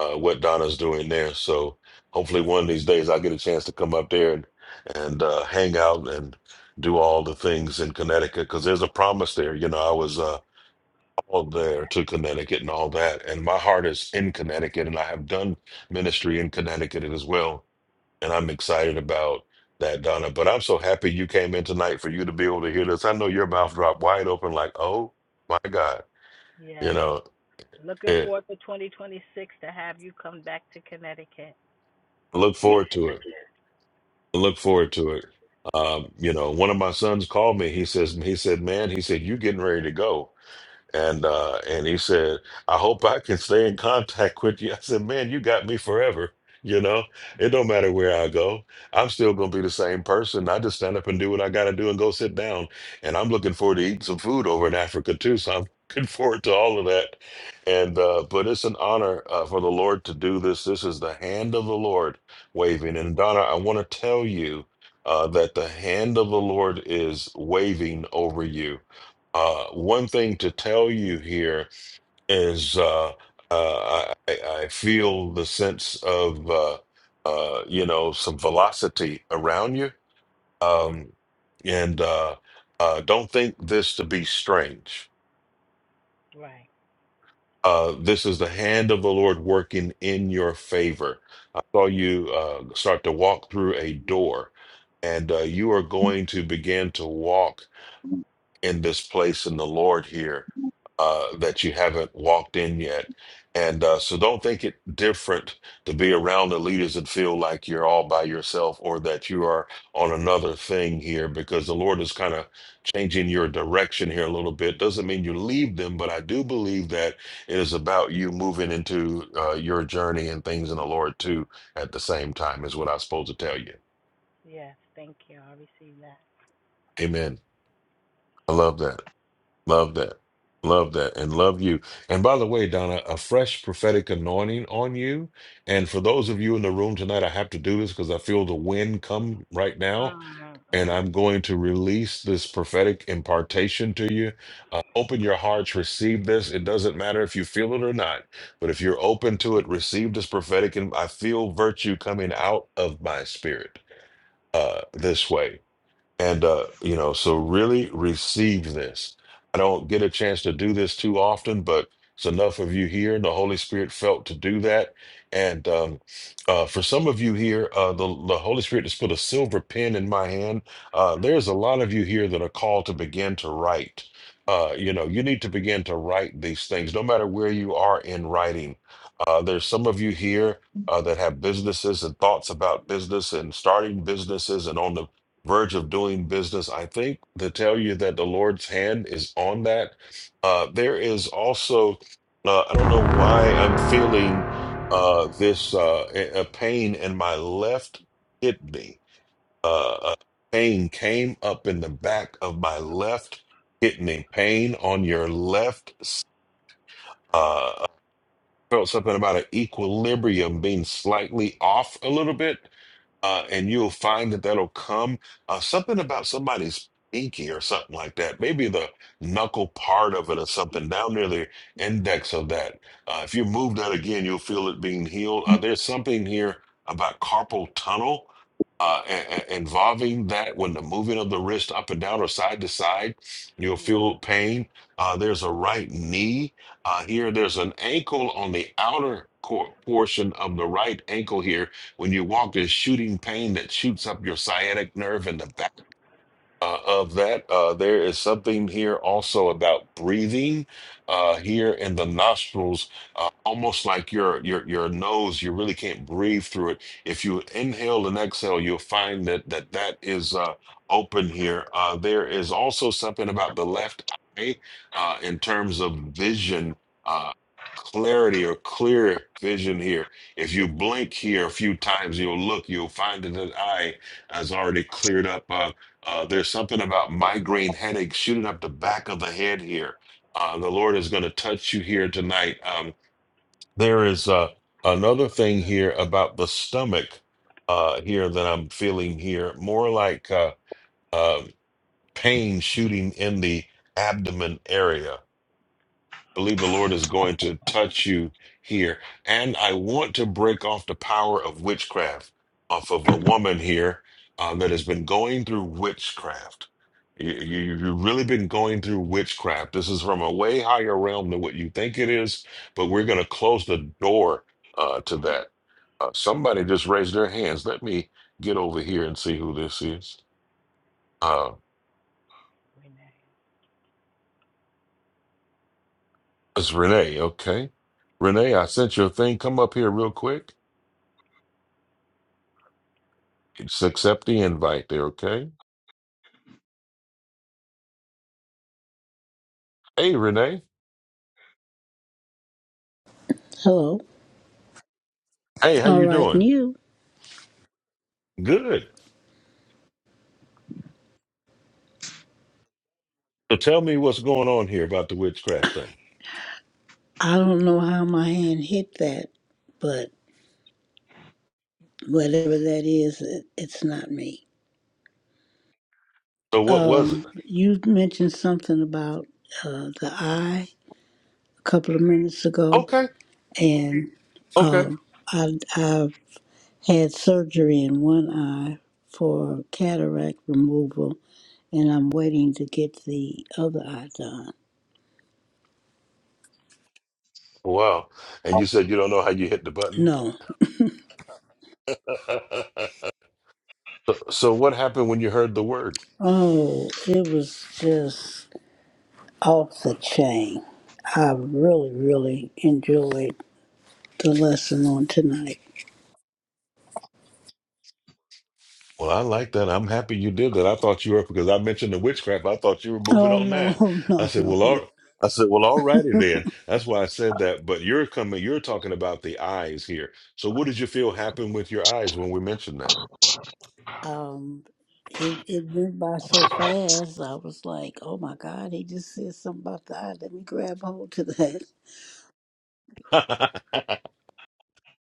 S3: uh, what Donna's doing there. So hopefully one of these days I'll get a chance to come up there and, and uh, hang out and do all the things in Connecticut because there's a promise there. You know, I was uh, all
S18: Yeah.
S3: there to Connecticut and all that. And my heart is in Connecticut and I have done ministry in Connecticut as well and I'm excited about that, Donna. But I'm so happy you came in tonight for you to be able to hear this. I know your mouth dropped wide open, like, oh my God. You
S18: Yes.
S3: know,
S18: Looking
S3: it,
S18: forward to 2026 to have you come back to Connecticut.
S3: look forward to it. Look forward to it. Um, you know, one of my sons called me. He says, he said, man, he said, you getting ready to go. And uh, and he said, I hope I can stay in contact with you. I said, Man, you got me forever. You know, it don't matter where I go. I'm still gonna be the same person. I just stand up and do what I gotta do and go sit down. And I'm looking forward to eating some food over in Africa too. So I'm looking forward to all of that. And uh, but it's an honor uh, for the Lord to do this. This is the hand of the Lord waving.
S18: Yes.
S3: And Donna, I want to tell you uh, that the hand of the Lord is waving over you uh, one thing to tell you here is uh, uh, I, I feel the sense of uh, uh, you know some velocity around you,
S18: hmm
S3: um, and uh, uh, don't think this to be strange.
S18: Right.
S3: Uh, this is the hand of the Lord working in your favor. I saw you uh, start to walk through a door, and uh, you are going to begin to walk in this place in the Lord here uh, that you haven't walked in yet. And uh, so don't think it different to be around the leaders that feel like you're all by yourself or that you are on another thing here because the Lord is kind of changing your direction here a little bit. Doesn't mean you leave them, but I do believe that it is about you moving into uh, your journey and things in the Lord too at the same time, is what I was supposed to tell you.
S18: Yes. Thank you. I received that.
S3: Amen. I love that. Love that. Love that. And love you. And by the way, Donna, a fresh prophetic anointing on you. And for those of you in the room tonight, I have to do this because I feel the wind come right now.
S18: Mm-hmm.
S3: And
S18: Mm-hmm.
S3: I'm going to release this prophetic impartation to you. Uh, open your hearts, receive this. It doesn't matter if you feel it or not, but if you're open to it, receive this prophetic. And I feel virtue coming out of my spirit uh, this way. And uh, you know, so really receive this. I don't get a chance to do this too often, but it's enough of you here, and the Holy Spirit felt to do that. And um, uh, for some of you here, uh, the the Holy Spirit has put a silver pen in my hand. Uh, there's a lot of you here that are called to begin to write. Uh, you know, you need to begin to write these things, no matter where you are in writing. Uh, there's some of you here uh, that have businesses and thoughts about business and starting businesses and on the verge of doing business. I think to tell you that the Lord's hand is on that. Uh, there is also, uh, I don't know why I'm feeling uh, this uh, a a pain in my left kidney. Uh, a pain came up in the back of my left kidney. Pain on your left. s- Uh, I felt something about an equilibrium being slightly off a little bit uh, and you'll find that that'll come. Uh, something about somebody's pinky or something like that. Maybe the knuckle part of it or something down near the index of that. Uh, if you move that again, you'll feel it being healed. Uh, there's something here about carpal tunnel. Uh, a- a- involving that when the moving of the wrist up and down or side to side, you'll
S18: Gee,
S3: feel pain. Uh, there's a right knee uh, here. There's an ankle on the outer cor- portion of the right ankle here when you walk, there's shooting pain that shoots up your sciatic nerve in the back uh, of that. Uh, there is something here also about breathing uh, here in the nostrils, uh, almost like your your your nose. You really can't breathe through it. If you inhale and exhale, you'll find that that that is uh, open here. Uh, there is also something about the left eye uh, in terms of vision. Uh, clarity or clear vision here if you blink here a few times you'll look you'll find that the eye has already cleared up Uh, uh, there's something about migraine headaches shooting up the back of the head here. Uh, the Lord is going to touch you here tonight. Um, there is uh, another thing here about the stomach uh, here that I'm feeling here, more like uh, uh, pain shooting in the abdomen area believe the Lord is going to touch you here. And I want to break off the power of witchcraft off of a woman here um, that has been going through witchcraft. You, you, have really been going through witchcraft. This is from a way higher realm than what you think it is, but we're going to close the door uh, to that. Uh, somebody just raised their hands. Let me get over here and see who this is. Uh,
S18: Renee.
S3: it's Renee, okay? Renee, I sent you a thing. Come up here real quick. Just accept the invite there, okay? Hey, Renee.
S19: Hello.
S3: Hey, how
S19: All
S3: you
S19: right,
S3: doing?
S19: new.
S3: Good. So tell me what's going on here about the witchcraft thing.
S19: I don't know how my hand hit that, but whatever that is, it, it's not me.
S3: So what was it?
S19: Um, you mentioned something about uh, the eye a couple of minutes ago,
S3: Okay,
S19: and
S3: okay.
S19: um, I, I've had surgery in one eye for cataract removal, and I'm waiting to get the other eye done.
S3: Wow. And you said you don't know how you hit the button.
S19: No.
S3: so what happened when you heard the word?
S19: Oh, it was just off the chain. I really, really enjoyed the lesson on tonight.
S3: Well, I like that. I'm happy you did that. I thought you were because I mentioned the witchcraft. I thought you were moving
S19: Oh
S3: on that.
S19: no,
S3: I
S19: no,
S3: said,
S19: no,
S3: well,
S19: no.
S3: all, I said, well, alrighty then. That's why I said that. But you're coming. You're talking about the eyes here. So, what did you feel happened with your eyes when we mentioned that?
S19: Um, it it went by so fast. I was like, oh my god, he just said something about that. Let me grab hold to that.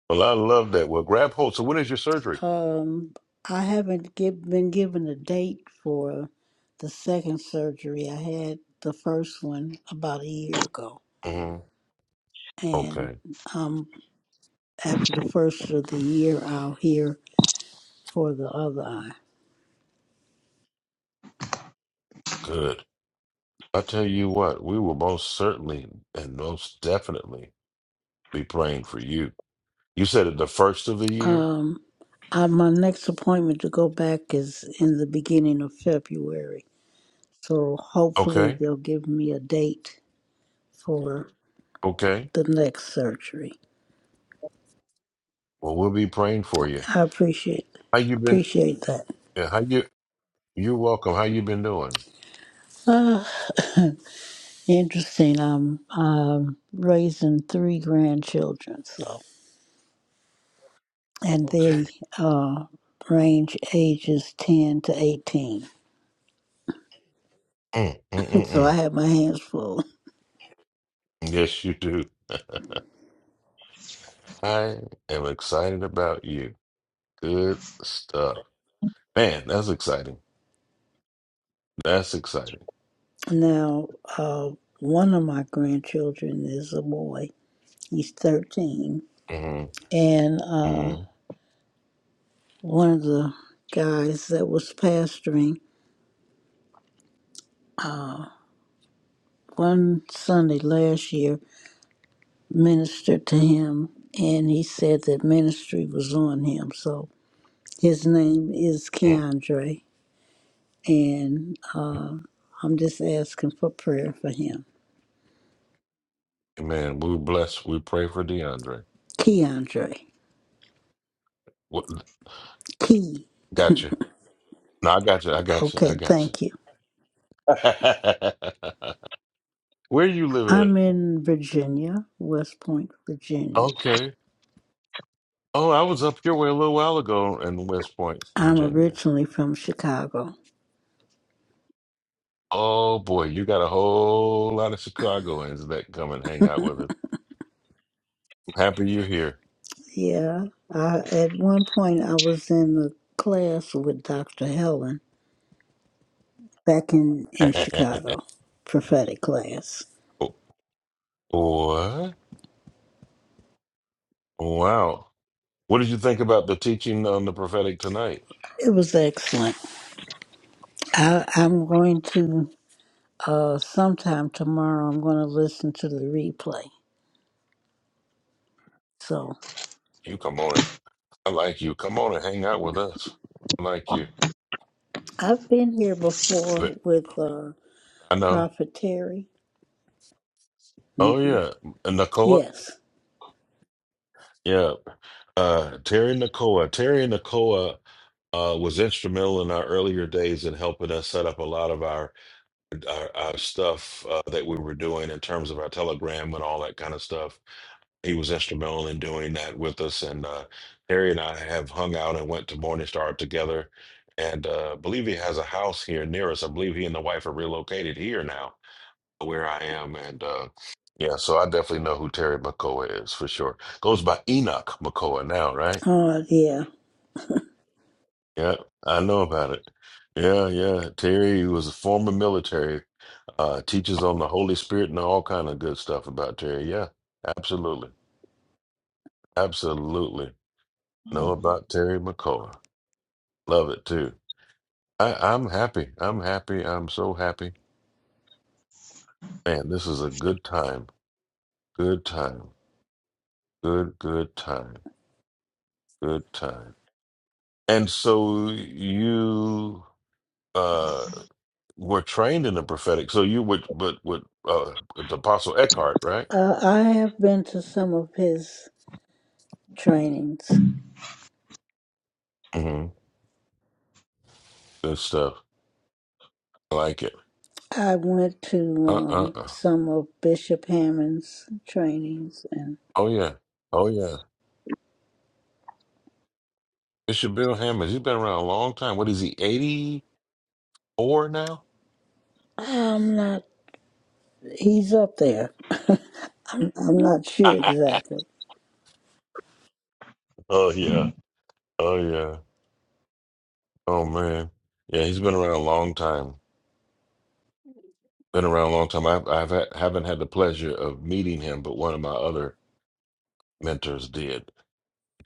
S3: well, I love that. Well, grab hold. So, when is your surgery?
S19: Um, I haven't give, been given a date for the second surgery. I had the first one about a year ago,
S3: Mhm.
S19: and
S3: Okay,
S19: um, after the first of the year, I'll hear for the other eye.
S3: good. I tell you what, we will most certainly and most definitely be praying for you. You said it the first of the year.
S19: Um, I, my next appointment to go back is in the beginning of February. So hopefully
S3: Okay.
S19: they'll give me a date for
S3: Okay.
S19: the next surgery.
S3: Well, we'll be praying for you.
S19: I appreciate
S3: How you been?
S19: appreciate that.
S3: yeah, How you? You're welcome. How you been doing?
S19: Uh, interesting. I'm, I'm raising three grandchildren, so and
S3: Okay.
S19: they uh, range ages ten to eighteen.
S3: Mm, mm, mm,
S19: So I
S3: mm.
S19: have my hands full.
S3: Yes, you do. I am excited about you. Good stuff, man. That's exciting. That's exciting.
S19: Now, uh, one of my grandchildren is a boy. He's 13.
S3: hmm
S19: And uh,
S3: hmm
S19: one of the guys that was pastoring one Sunday last year ministered to him, and he said that ministry was on him. So his name is
S3: mm.
S19: Keandre, and uh, I'm just asking for prayer for him.
S3: Man, we bless. We pray for DeAndre.
S19: Keandre.
S3: What?
S19: Key.
S3: Gotcha. No, I got you. I got you. I
S19: Okay,
S3: got
S19: thank you.
S3: you. Where you live
S19: I'm
S3: at?
S19: in Virginia, West Point, Virginia.
S3: Okay. Oh, I was up your way a little while ago in West Point,
S19: I'm
S3: Virginia.
S19: originally from Chicago.
S3: Oh boy, you got a whole lot of Chicagoans that come and hang out with us. I'm happy you're here.
S19: Yeah, I, at one point I was in a class with Dr. Helen back in, in Chicago, prophetic class.
S3: Oh, what? Wow. What did you think about the teaching on the prophetic tonight?
S19: It was excellent. I, I'm going to, uh, sometime tomorrow, I'm going to listen to the replay. So
S3: You come on in. I like you. Come on and hang out with us. I like you.
S19: I've been here
S3: But
S19: before with uh,
S3: I know.
S19: Prophet Terry. Mhm.
S3: Oh yeah. Uh, Nakoa?
S19: Yes.
S3: Yeah. Uh Terry Nakoa. Terry Nakoa uh was instrumental in our earlier days in helping us set up a lot of our our, our stuff uh, that we were doing in terms of our telegram and all that kind of stuff. He was instrumental in doing that with us. And uh, Harry and I have hung out and went to Morningstar together. And uh, believe he has a house here near us. I believe he and the wife are relocated here now, where I am. And uh, yeah, so I definitely know who Terry McCoy is for sure. Goes by Enoch McCoy now, right?
S19: Oh, yeah.
S3: Yeah, I know about it. Yeah, yeah. Terry was a former military. Uh, teaches on the Holy Spirit and all kind of good stuff about Terry. Yeah, absolutely, absolutely. Know about Terry McCullough. Love it too. I, I'm happy. I'm happy. I'm so happy. Man, this is a good time. Good time. Good good time. Good time. And so you uh were trained in the prophetic. So you would, but with uh, it's Apostle Eckhart, right?
S19: Uh, I have been to some of his trainings.
S3: hmm Good stuff. I like it.
S19: I went to
S3: Uh uh
S19: um,
S3: uh.
S19: some of Bishop Hammond's trainings, and
S3: Oh yeah. Oh yeah. Bishop Bill Hammons, he's been around a long time. What is he, 84 now?
S19: I'm not, he's up there. I'm, I'm not sure exactly.
S3: oh, yeah. Oh, yeah. Oh, man. Yeah, he's been around a long time. Been around a long time. I've, I've had, haven't had the pleasure of meeting him, but one of my other mentors did,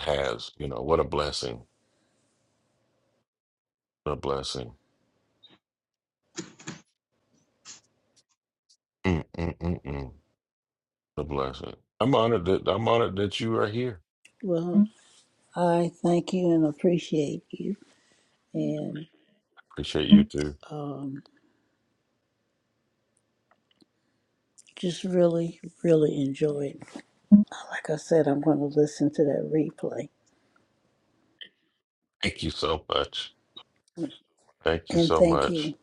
S3: has. You know, what a blessing. What a blessing. Mm, mm, mm, mm. What a blessing. I'm honored that I'm honored that you are here.
S19: Well, I thank you and appreciate you, and
S3: Appreciate you too.
S19: um, just really, really enjoyed. Like I said, I'm going to listen to that replay,
S3: Thank you so much. Thank you
S19: and
S3: so
S19: thank you.
S3: much.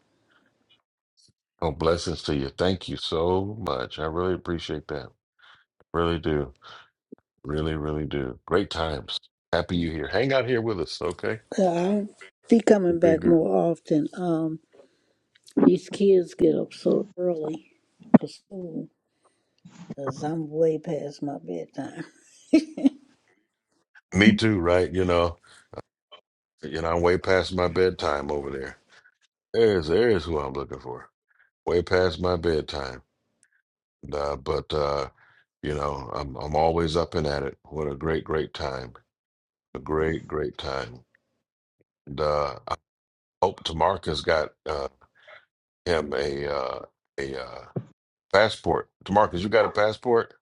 S3: Oh, blessings to you. Thank you so much. I really appreciate that. Really do. Really, really do. Great times. Happy you here. Hang out here with us, okay?
S19: Uh, I'll be
S3: The
S19: coming back
S3: bigger.
S19: more often. Um, These kids get up so early for school, 'cause I'm way past my bedtime.
S3: Me too, right? You know, you know, I'm way past my bedtime over there. There's there's who I'm looking for. Way past my bedtime. Uh, but uh, you know, I'm I'm always up and at it. What a great, great time. A great, great time. And uh I hope Tamarcus got uh him a uh a uh passport. Tamarcus, you got a passport?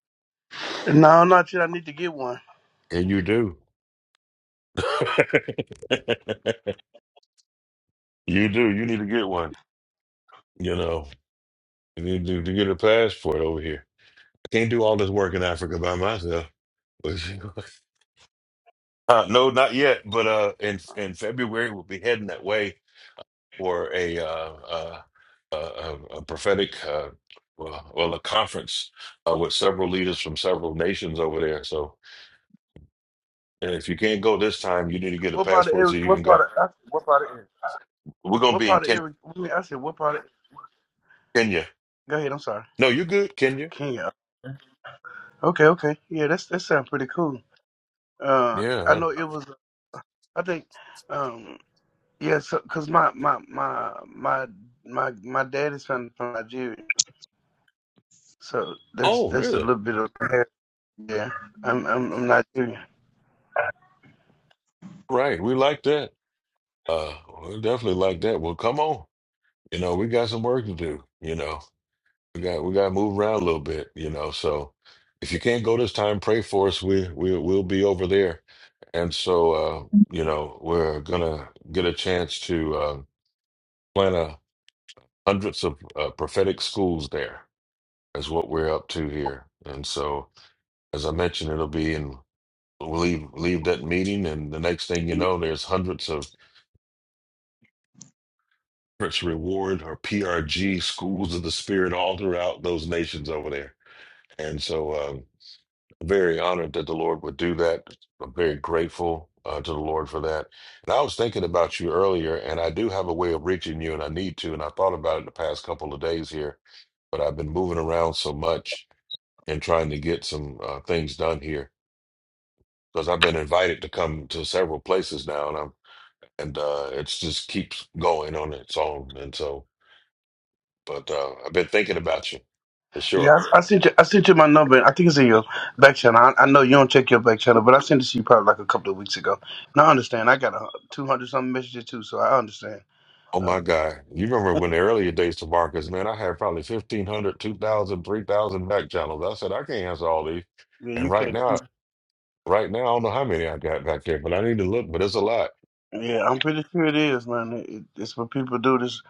S20: No, not yet. I need to get one.
S3: Yeah, you do. you do. You need to get one. You know, you need to, to get a passport over here. I can't do all this work in Africa by myself. uh, no, not yet. But uh, in in February, we'll be heading that way for a uh, uh, a, a a prophetic uh, well, well, a conference uh, with several leaders from several nations over there. So, and if you can't go this time, you need to get a
S20: What part of
S3: passport
S20: every?
S3: so you can
S20: What
S3: go.
S20: part of? I, what part of every?
S3: We're gonna
S20: What
S3: be in
S20: part of
S3: Ken-
S20: every? I, mean, I said what part of?
S3: Kenya.
S20: Go ahead. I'm sorry.
S3: No, you're good, Kenya.
S20: Kenya. Okay. Okay. Yeah. That's that sounds pretty cool. Uh, I
S3: Yeah.
S20: know it was. I think. Um. Yeah. So, cause my my my my my my dad is from, from Nigeria, so that's
S3: Oh,
S20: that's a
S3: really?
S20: little bit of. Yeah. I'm I'm, I'm Nigerian.
S3: Right. We like that. Uh, we definitely like that. Well, come on. You know, we got some work to do. You know, we got we got to move around a little bit. You know, so if you can't go this time, pray for us. We we we'll be over there, and so uh, you know we're gonna get a chance to uh, plan a hundreds of uh, prophetic schools there. Is what we're up to here, and so as I mentioned, it'll be in. We'll leave leave that meeting, and the next thing you know, there's hundreds of efforts reward or PRG schools of the spirit all throughout those nations over there. And so, um, very honored that the Lord would do that. I'm very grateful uh, to the Lord for that. And I was thinking about you earlier, and I do have a way of reaching you, and I need to. And I thought about it the past couple of days here, but I've been moving around so much and trying to get some uh, things done here because I've been invited to come to several places now, and I'm and uh, it's just keeps going on its own. And so But uh, I've been thinking about you for
S20: Yeah,
S3: sure.
S20: I, I sent you. I sent you my number. And I think it's in your back channel. I, I know you don't check your back channel, but I sent it to you probably like a couple of weeks ago. Now I understand. I got a two hundred something messages too, so I understand.
S3: Oh
S20: Uh,
S3: my God. You remember when the earlier days to Marcus, man, I had probably fifteen hundred, two thousand, three thousand 2,000, back channels. I said, I can't answer all these.
S20: yeah,
S3: And
S20: you
S3: right
S20: can't.
S3: now, right now, I don't know how many I got back there, but I need to look, but it's a lot.
S20: Yeah, I'm pretty sure it is, man. It, it- it's what people do. This,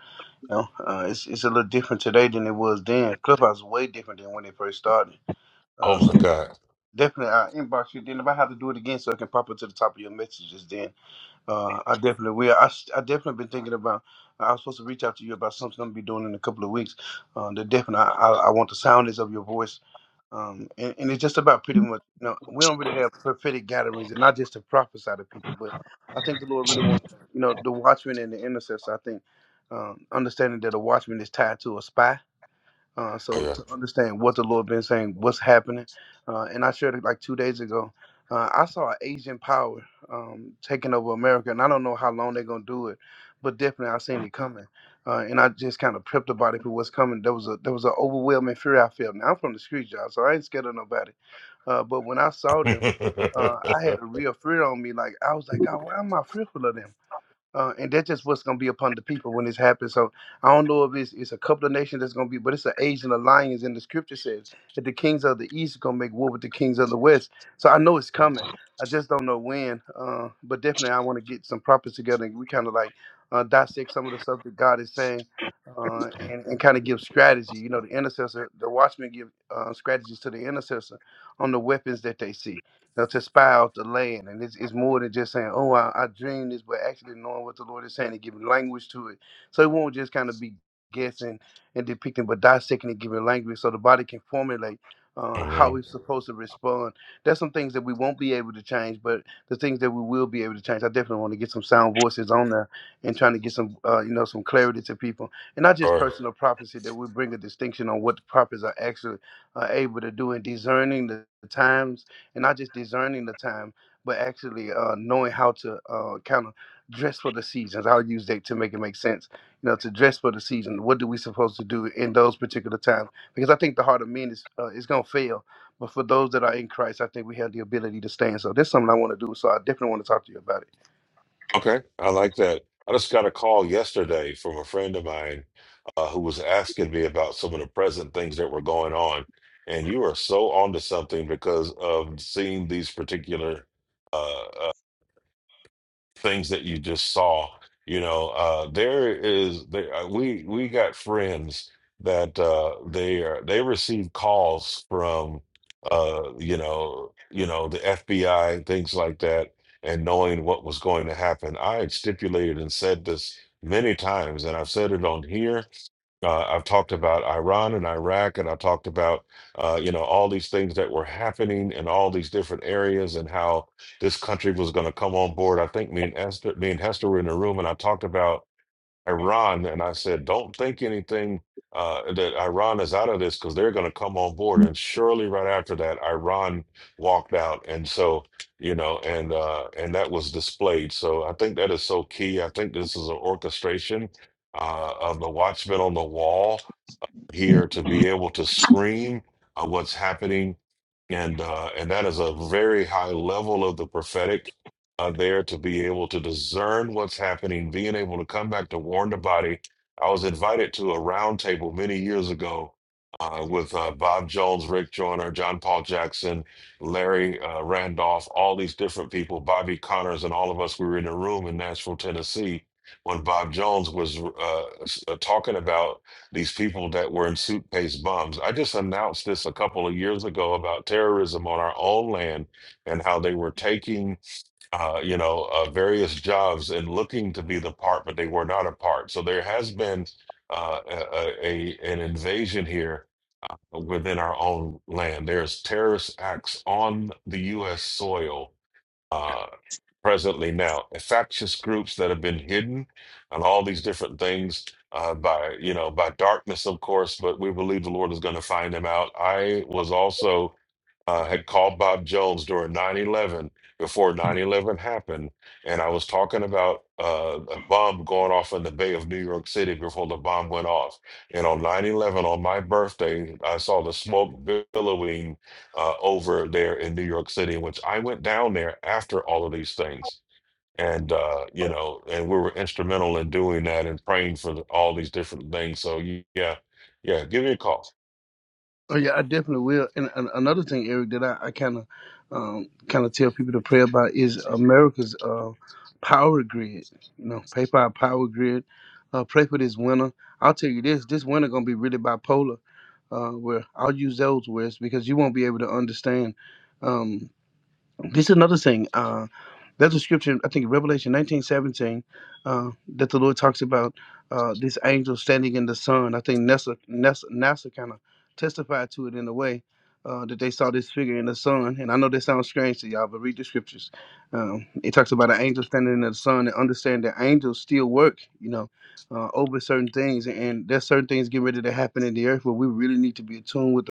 S20: you know, uh, it's it's a little different today than it was then. Clubhouse is way different than when it first started.
S3: Oh
S20: Uh, so
S3: my God.
S20: definitely, I inbox you. Then if I have to do it again, so it can pop up to the top of your messages, then Uh, I definitely will. I, s- I definitely been thinking about. I was supposed to reach out to you about something I'm gonna be doing in a couple of weeks. Uh, the definitely, I, I, I want the soundness of your voice, um, and, and it's just about pretty much. You know, we don't really have prophetic gatherings, and not just to prophesy to people, but I think the Lord really wants, you know, the watchman and the intercessor. I think um, understanding that a watchman is tied to a spy, uh, so
S3: Oh
S20: to understand what the Lord been saying, what's happening, uh, and I shared it like two days ago. Uh, I saw Asian power um, taking over America, and I don't know how long they're gonna do it, but definitely I seen it coming. Uh, and I just kind of prepped about it for what's coming. There was a there was an overwhelming fear I felt. Now I'm from the street, y'all, so I ain't scared of nobody. Uh, but when I saw them,
S3: yeah.
S20: uh, I had a real fear on me. Like I was like, God, why am I fearful of them? uh, and that's just what's going to be upon the people when this happens. So I don't know if it's, it's a couple of nations that's going to be, but it's an Asian alliance. And the scripture says that the kings of the east are going to make war with the kings of the west. So I know it's coming. I just don't know when. Uh, but definitely, I want to get some prophets together and we kind of like uh, dissect some of the stuff that God is saying. Uh, and, and kind of give strategy, you know, the intercessor, the watchman give uh, strategies to the intercessor on the weapons that they see. Now to spy out the land, and it's, it's more than just saying, "Oh, I, I dreamed this," but actually knowing what the Lord is saying and giving language to it, so it won't just kind of be guessing and depicting, but dissecting and giving language, so the body can formulate uh, how we're supposed to respond. There's some things that we won't be able to change, but the things that we will be able to change. I definitely want to get some sound voices on there and trying to get some, uh, you know, some clarity to people, and not just
S3: hmm
S20: personal prophecy. That we bring a distinction on what the prophets are actually uh, able to do in discerning the times and not just discerning the time, but actually uh, knowing how to uh, kind of dress for the seasons. I'll use that to make it make sense. You know, to dress for the season. What do we supposed to do in those particular times? Because I think the heart of men is uh, is gonna fail, but for those that are in Christ, I think we have the ability to stand. So that's something I want to do. So I definitely want to talk to you about it.
S3: Okay, I like that. I just got a call yesterday from a friend of mine uh, who was asking me about some of the present things that were going on. And you are so onto something because of seeing these particular uh, things that you just saw. You know, uh, there is there, uh, we we got friends that uh, they are they receive calls from uh, you know you know the FBI things like that, and knowing what was going to happen. I had stipulated and said this many times, and I've said it on here uh, I've talked about Iran and Iraq, and I talked about uh, you know all these things that were happening in all these different areas, and how this country was going to come on board. I think me and Esther, me and Hester were in the room, and I talked about Iran, and I said, don't think anything uh, that Iran is out of this because they're going to come on board. And surely, right after that, Iran walked out, and so you know, and uh, and that was displayed. So I think that is so key. I think this is an orchestration uh, of the watchman on the wall here to be able to scream on what's happening, and uh, and that is a very high level of the prophetic uh, there to be able to discern what's happening, being able to come back to warn the body. I was invited to a roundtable many years ago uh, with uh, Bob Jones, Rick Joyner, John Paul Jackson, Larry uh, Randolph, all these different people, Bobby Connors, and all of us. We were in a room in Nashville, Tennessee, when Bob Jones was uh, s- uh, talking about these people that were in suitcase bombs. I just announced this a couple of years ago about terrorism on our own land and how they were taking, uh, you know, uh, various jobs and looking to be the part, but they were not a part. So there has been uh, a, a a- an invasion here within our own land. There's terrorist acts on the U.S. soil uh, presently now. Factious groups that have been hidden and all these different things uh, by, you know, by darkness, of course, but we believe the Lord is going to find them out. I was also uh, had called Bob Jones during 9 11, before 9 11 happened. And I was talking about uh, a bomb going off in the Bay of New York City before the bomb went off. And on 9 11, on my birthday, I saw the smoke billowing uh, over there in New York City, which I went down there after all of these things. And, uh, you know, and we were instrumental in doing that and praying for the, all these different things. So, y- yeah, yeah, give me a call.
S20: Oh yeah, I definitely will. And, and another thing, Eric, that I, I kind of um, kind of tell people to pray about is America's uh, power grid. You know, pray for our power grid. Uh, pray for this winter. I'll tell you this: this winter gonna be really bipolar. Uh, where I'll use those words because you won't be able to understand. um, this is another thing. Uh, there's a scripture, I think Revelation nineteen seventeen, uh, that the Lord talks about uh, this angel standing in the sun. I think NASA, NASA, NASA kind of testified to it in a way uh, that they saw this figure in the sun. And I know this sounds strange to y'all, but read the scriptures. Um, it talks about an angel standing in the sun and understand that angels still work, you know, uh, over certain things. And there's certain things getting ready to happen in the earth where we really need to be attuned with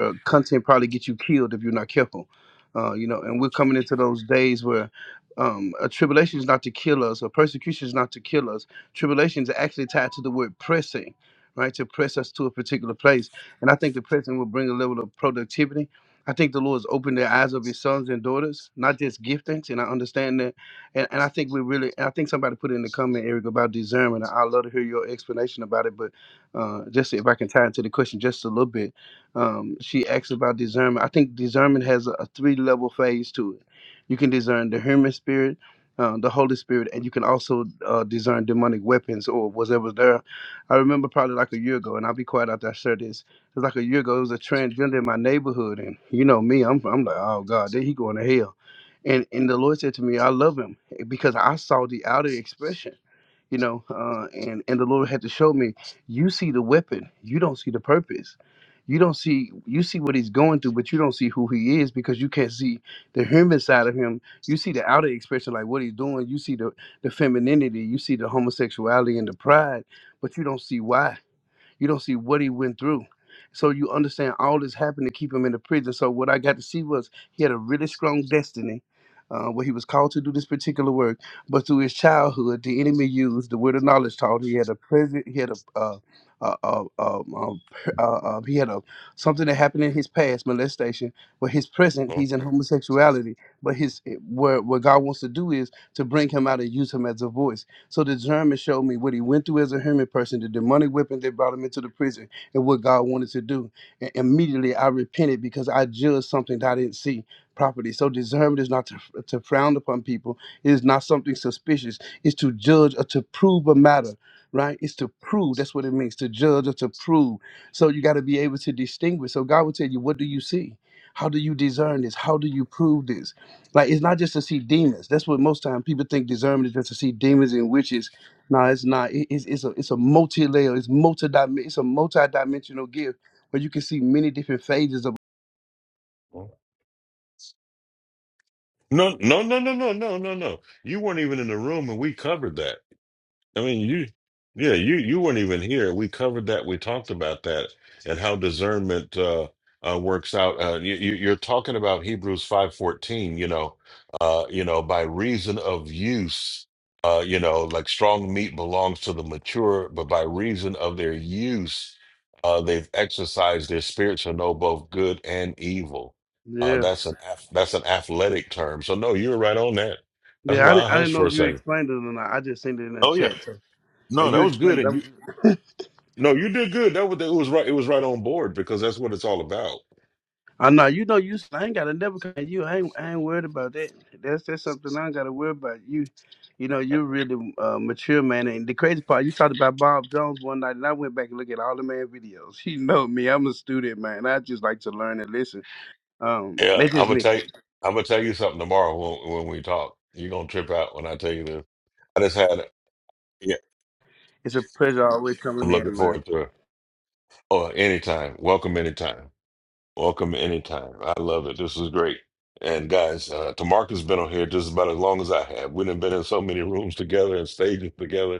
S20: uh, content probably get you killed if you're not careful. Uh, you know, and we're coming into those days where um, a tribulation is not to kill us, or persecution is not to kill us. Tribulation is actually tied to the word pressing, right? To press us to a particular place. And I think the pressing will bring a level of productivity. I think the Lord's opened the eyes of His sons and daughters, not just giftings, and I understand that. And, and I think we really, I think somebody put in the comment, Eric, about discernment. I'd love to hear your explanation about it, but uh, just if I can tie into the question just a little bit, um, she asks about discernment. I think discernment has a, a three level phase to it. You can discern the human spirit, uh, the Holy Spirit, and you can also uh, discern demonic weapons or whatever there. I remember probably like a year ago, and I'll be quiet after I share this. It was like a year ago. It was a transgender in my neighborhood, and you know me, I'm I'm like, oh God, there he going to hell. And and the Lord said to me, I love him because I saw the outer expression you know uh, and and the lord had to show me you see the weapon you don't see the purpose you don't see you see what he's going through but you don't see who he is because you can't see the human side of him you see the outer expression like what he's doing you see the the femininity you see the homosexuality and the pride but you don't see why you don't see what he went through. So you understand all this happened to keep him in the prison. So what I got to see was he had a really strong destiny. Uh, where he was called to do this particular work, but through his childhood, the enemy used the word of knowledge. Taught he had a present, he had a, uh, uh, uh, um, um, uh, uh, he had a something that happened in his past molestation. But his present, he's
S3: Mm-hmm.
S20: in homosexuality. But his eh, where what God wants to do is to bring him out and use him as a voice. So the sermon showed me what he went through as a human person, the demonic whipping that brought him into the prison, and what God wanted to do. And immediately I repented because I judged something that I didn't see properly. So discernment is not to, to frown upon people. It is not something suspicious. It's to judge or to prove a matter. Right? It's to prove. That's what it means to judge or to prove. So you got to be able to distinguish. So God will tell you, what do you see? How do you discern this? How do you prove this? Like it's not just to see demons. That's what most time people think discernment is just to see demons and witches. No, it's not. It- it's it's a it's a multi layer. It's multi It's a multi dimensional gift where you can see many different phases of.
S3: No, no, no, no, no, no, no, no. You weren't even in the room, and we covered that. I mean, you, yeah, you you weren't even here. We covered that. We talked about that and how discernment uh, uh, works out. Uh, you, you- you're talking about Hebrews five fourteen. You know, uh, you know, by reason of use, uh, you know, like strong meat belongs to the mature, but by reason of their use, uh, they've exercised their spirit to know both good and evil. Uh,
S20: Yeah,
S3: that's an ath- that's an athletic term. So no, you're right on that. That's
S20: yeah. I
S3: why I
S20: didn't, I
S3: hushed
S20: didn't know
S3: for a
S20: if you
S3: second.
S20: explained it or not. I just seen it in the
S3: Oh yeah.
S20: chat. So,
S3: No,
S20: and
S3: that
S20: you
S3: was good.
S20: explained.
S3: And you
S20: it.
S3: no, you did good. That was it was right. It was right on board because that's what it's all about.
S20: I know you know you. I ain't gotta never come at you. I ain't, I ain't worried about that. That's that's something I ain't gotta worry about. You, you know, you're really uh, mature man. And the crazy part, you talked about Bob Jones one night, and I went back and looked at all the man videos. You know me, I'm a student man. I just like to learn and listen. Um,
S3: Yeah,
S20: that's
S3: I'm
S20: just
S3: gonna
S20: me.
S3: tell you. I'm gonna tell you something tomorrow when when we talk. You're gonna trip out when I tell you this. I just had. Yeah,
S20: It's a pleasure always
S3: I'm
S20: coming
S3: looking
S20: in, man.
S3: forward to it. Oh, anytime. Welcome anytime. Welcome anytime. I love it. This is great. And guys, uh, Tamarcus been on here just about as long as I have. We've been in so many rooms together and stages together,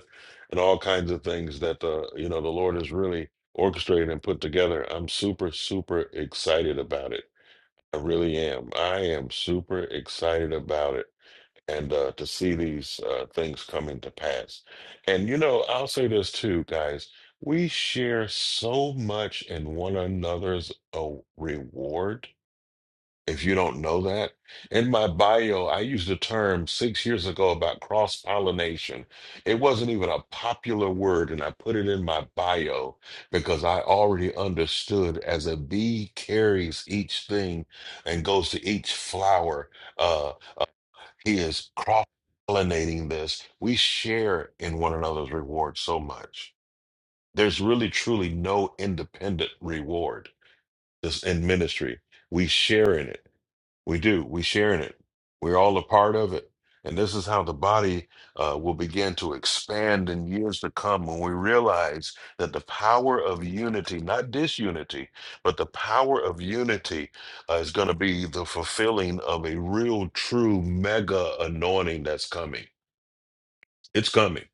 S3: and all kinds of things that uh, you know the Lord has really orchestrated and put together. I'm super super excited about it I really am. I am super excited about it and uh, to see these uh, things coming to pass. And, you know, I'll say this too, guys. We share so much in one another's uh, reward if you don't know that. In my bio, I used a term six years ago about cross pollination. It wasn't even a popular word, and I put it in my bio because I already understood as a bee carries each thing and goes to each flower, uh, uh, he is cross pollinating this. We share in one another's reward so much. There's really, truly no independent reward this in ministry. We share in it we do. We share in it. We're all a part of it. And this is how the body uh, will begin to expand in years to come when we realize that the power of unity, not disunity, but the power of unity uh, is going to be the fulfilling of a real, true mega anointing that's coming. It's coming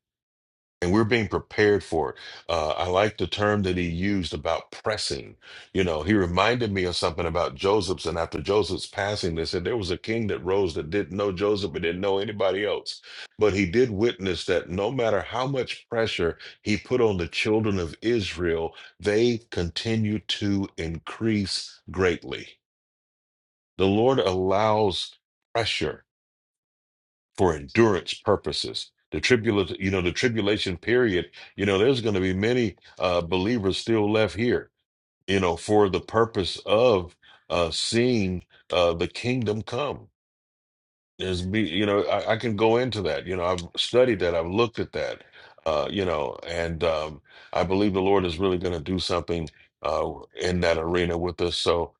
S3: and we're being prepared for it. Uh, I like the term that he used about pressing. You know, he reminded me of something about Joseph's, and after Joseph's passing, they said there was a king that rose that didn't know Joseph and didn't know anybody else. But he did witness that no matter how much pressure he put on the children of Israel, they continued to increase greatly. The Lord allows pressure for endurance purposes. The tribulation, you know, the tribulation period, you know, there's going to be many uh, believers still left here, you know, for the purpose of uh, seeing uh, the kingdom come. There's be, you know, I, I can go into that. You know, I've studied that, I've looked at that, uh, you know, and um, I believe the Lord is really going to do something uh, in that arena with us. So,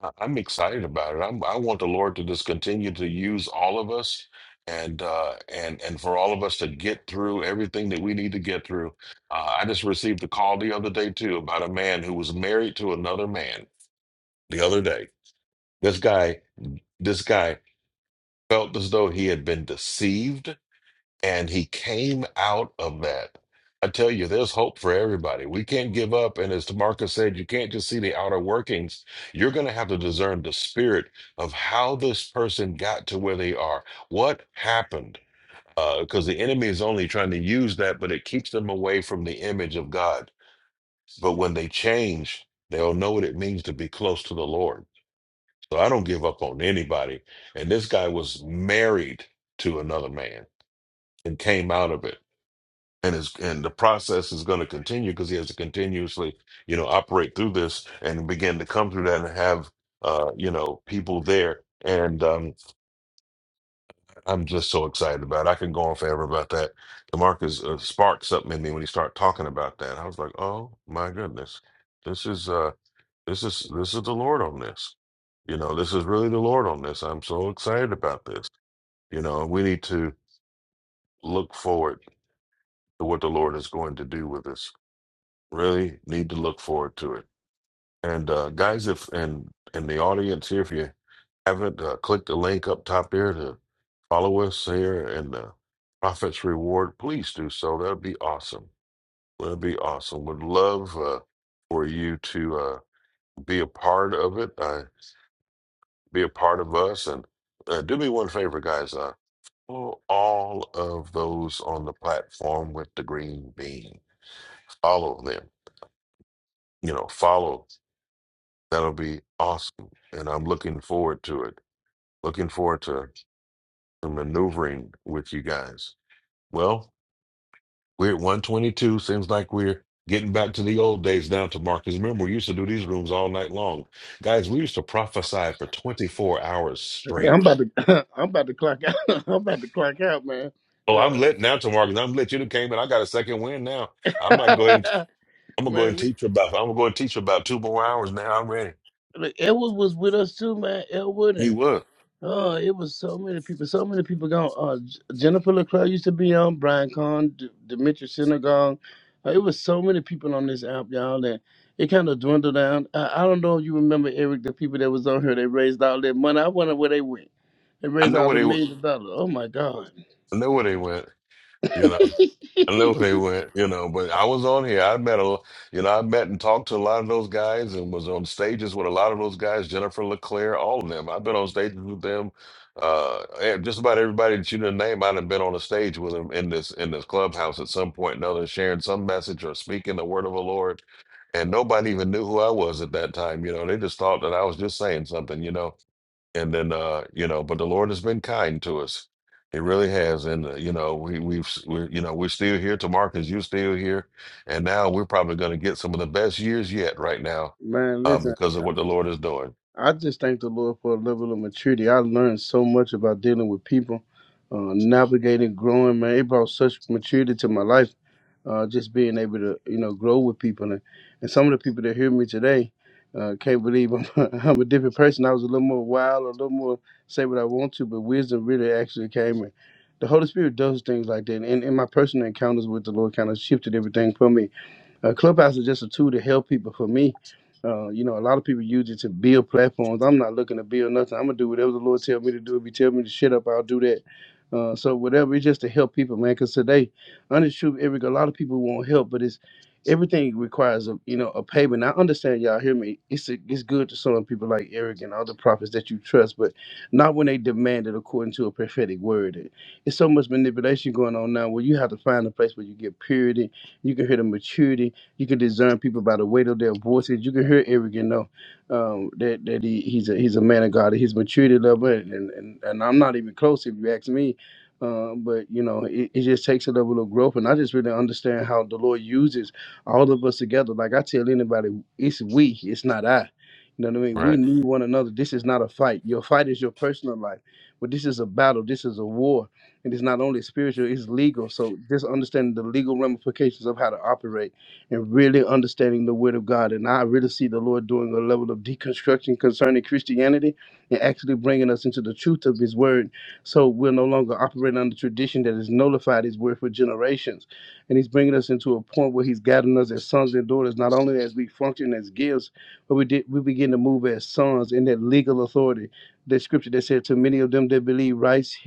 S3: I- I'm excited about it. I'm, I want the Lord to just continue to use all of us and uh and and for all of us to get through everything that we need to get through. Uh, I just received a call the other day too about a man who was married to another man the other day. This guy, this guy felt as though he had been deceived and he came out of that. I tell you, there's hope for everybody. We can't give up. And as Marcus said, you can't just see the outer workings. You're going to have to discern the spirit of how this person got to where they are. What happened? Because the enemy is only trying to use that, but it keeps them away from the image of God. But when they change, they'll know what it means to be close to the Lord. So I don't give up on anybody. And this guy was married to another man and came out of it and is and the process is going to continue because he has to continuously you know operate through this and begin to come through that and have uh you know people there and um i'm just so excited about it i can go on forever about that demarcus uh, sparked something in me when he started talking about that i was like oh my goodness this is uh this is this is the lord on this you know this is really the lord on this i'm so excited about this you know we need to look forward to what the lord is going to do with us Really need to look forward to it. And uh, guys, if and in the audience here, if you haven't uh, clicked the link up top there to follow us here in the Prophet's Reward, please do so. That would be awesome. That would be awesome. Would love uh, for you to uh, be a part of it, uh, be a part of us, and uh, do me one favor, guys. Uh, follow all of those on the platform with the green bean. Follow them. You know, follow. That'll be awesome. And I'm looking forward to it. Looking forward to, to maneuvering with you guys. Well, we're at 122. Seems like we're getting back to the old days now to Marcus. Remember, we used to do these rooms all night long. Guys, we used to prophesy for 24 hours
S20: Yeah, I'm
S3: straight.
S20: about to I'm about to clock out. I'm about to clock out, man.
S3: Oh,
S20: Uh,
S3: I'm lit now to Marcus. I'm lit. You done came in. I got a second win now. I might go ahead and I'm gonna go ahead
S20: man,
S3: and
S20: we
S3: teach for about I'm gonna go ahead and teach for about two more hours now. I'm ready.
S20: look, Elwood was with us too, man.
S3: He
S20: Elwood
S3: was.
S20: Oh, it was so many people. So many people gone. Uh, J- Jennifer LaCroix used to be on, Brian Kahn, D- Demetrius Synagogue. Uh, it was so many people on this app, y'all, that it kind of dwindled down. I, I don't know if you remember, Eric, the people that was on here, they raised all their money. I wonder where they went. They
S3: I
S20: raised
S3: know
S20: all
S3: where
S20: the
S3: they went.
S20: millions of dollars. Oh, my God.
S3: I know where they went. You know. I know they went, you know, but I was on here. I met a, l- you know, I met and talked to a lot of those guys and was on stages with a lot of those guys, Jennifer LeClaire, all of them. I've been on stages with them. Uh, and just about everybody that you didn't name, I'd have been on a stage with them in this in this clubhouse at some point or another, sharing some message or speaking the word of the Lord. And nobody even knew who I was at that time. You know, they just thought that I was just saying something, you know and then uh you know but the lord has been kind to us he really has and uh, you know we we've s- we're you know we're still here to marcus you're still here and now we're probably going to get some of the best years yet right now
S20: Man,
S3: uh
S20: listen.
S3: because of what the lord is doing
S20: I just thank the Lord for a level of maturity. I learned so much about dealing with people, uh, navigating, growing. Man, it brought such maturity to my life. Uh, just being able to, you know, grow with people, and, and some of the people that hear me today uh, can't believe I'm, I'm a different person. I was a little more wild, a little more say what I want to, but wisdom really actually came. And the Holy Spirit does things like that. And, and my personal encounters with the Lord kind of shifted everything for me uh, Clubhouse is just a tool to help people. For me, uh, you know, a lot of people use it to build platforms. I'm not looking to build nothing. I'm gonna do whatever the Lord tell me to do. If He tell me to shut up, I'll do that. Uh, so whatever, it's just to help people, man. Because today, honest truth, Eric, a lot of people want help, but it's everything requires a you know a payment. I understand y'all hear me. It's a, it's good to some people like Eric and other prophets that you trust, but not when they demand it according to a prophetic word. It's so much manipulation going on now where you have to find a place where you get purity, you can hear the maturity you can discern people by the weight of their voices. You can hear Eric and know um, that that he, he's a he's a man of God. His maturity level, and and, and I'm not even close if you ask me. Uh, but you know, it, it just takes a level of growth, and I just really understand how the Lord uses all of us together. Like I tell anybody, it's we, it's not I. You know what I mean? We
S3: right
S20: need one another. This is not a fight. Your fight is your personal life, but this is a battle. This is a war and it's not only spiritual, it's legal. So just understanding the legal ramifications of how to operate and really understanding the Word of God. And I really see the Lord doing a level of deconstruction concerning Christianity and actually bringing us into the truth of His Word. So we're no longer operating under tradition that has nullified His Word for generations. And He's bringing us into a point where He's gathering us as sons and daughters, not only as we function as gifts, but we, did, we begin to move as sons in that legal authority. The scripture that said, To many of them that believe, rights,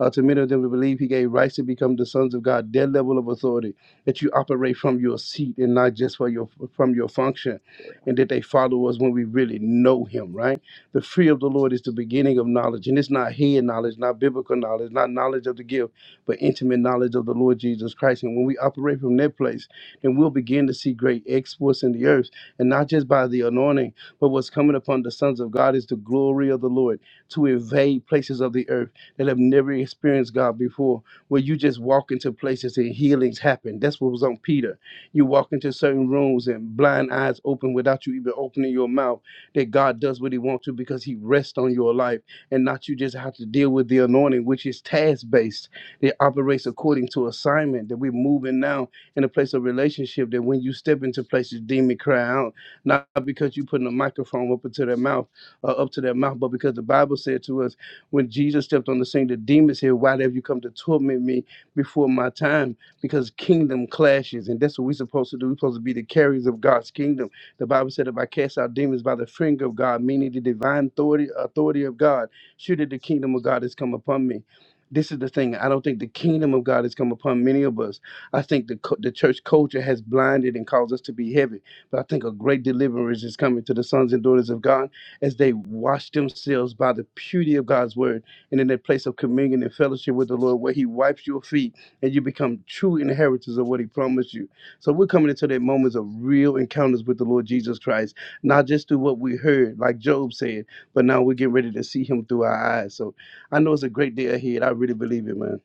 S20: uh, to many of them that believe, He gave rights to become the sons of God, their level of authority that you operate from your seat and not just for your from your function, and that they follow us when we really know Him. Right? The fear of the Lord is the beginning of knowledge, and it's not head knowledge, not biblical knowledge, not knowledge of the gift, but intimate knowledge of the Lord Jesus Christ. And when we operate from that place, then we'll begin to see great exploits in the earth, and not just by the anointing, but what's coming upon the sons of God is the glory of the Lord to invade places of the earth that have never experienced God before where you just walk into places and healings happen. That's what was on Peter. You walk into certain rooms and blind eyes open without you even opening your mouth. That God does what He wants to because He rests on your life and not you just have to deal with the anointing, which is task based. It operates according to assignment. That we're moving now in a place of relationship. That when you step into places, demon cry out, not because you putting a microphone up into their mouth, uh, up to their mouth, but because the Bible said to us when Jesus stepped on the scene, the demons said, why have you come to torment me before my time? Because kingdom clashes, and that's what we're supposed to do. We're supposed to be the carriers of God's kingdom. The Bible said, if I cast out demons by the finger of God, meaning the divine authority, authority of God, surely the kingdom of God has come upon me. This is the thing. I don't think the kingdom of God has come upon many of us. I think the cu- the church culture has blinded and caused us to be heavy. But I think a great deliverance is coming to the sons and daughters of God as they wash themselves by the purity of God's word and in that place of communion and fellowship with the Lord where he wipes your feet and you become true inheritors of what he promised you. So we're coming into that moments of real encounters with the Lord Jesus Christ, not just through what we heard, like Job said, but now we're getting ready to see him through our eyes. So I know it's a great day ahead. I really believe it, man.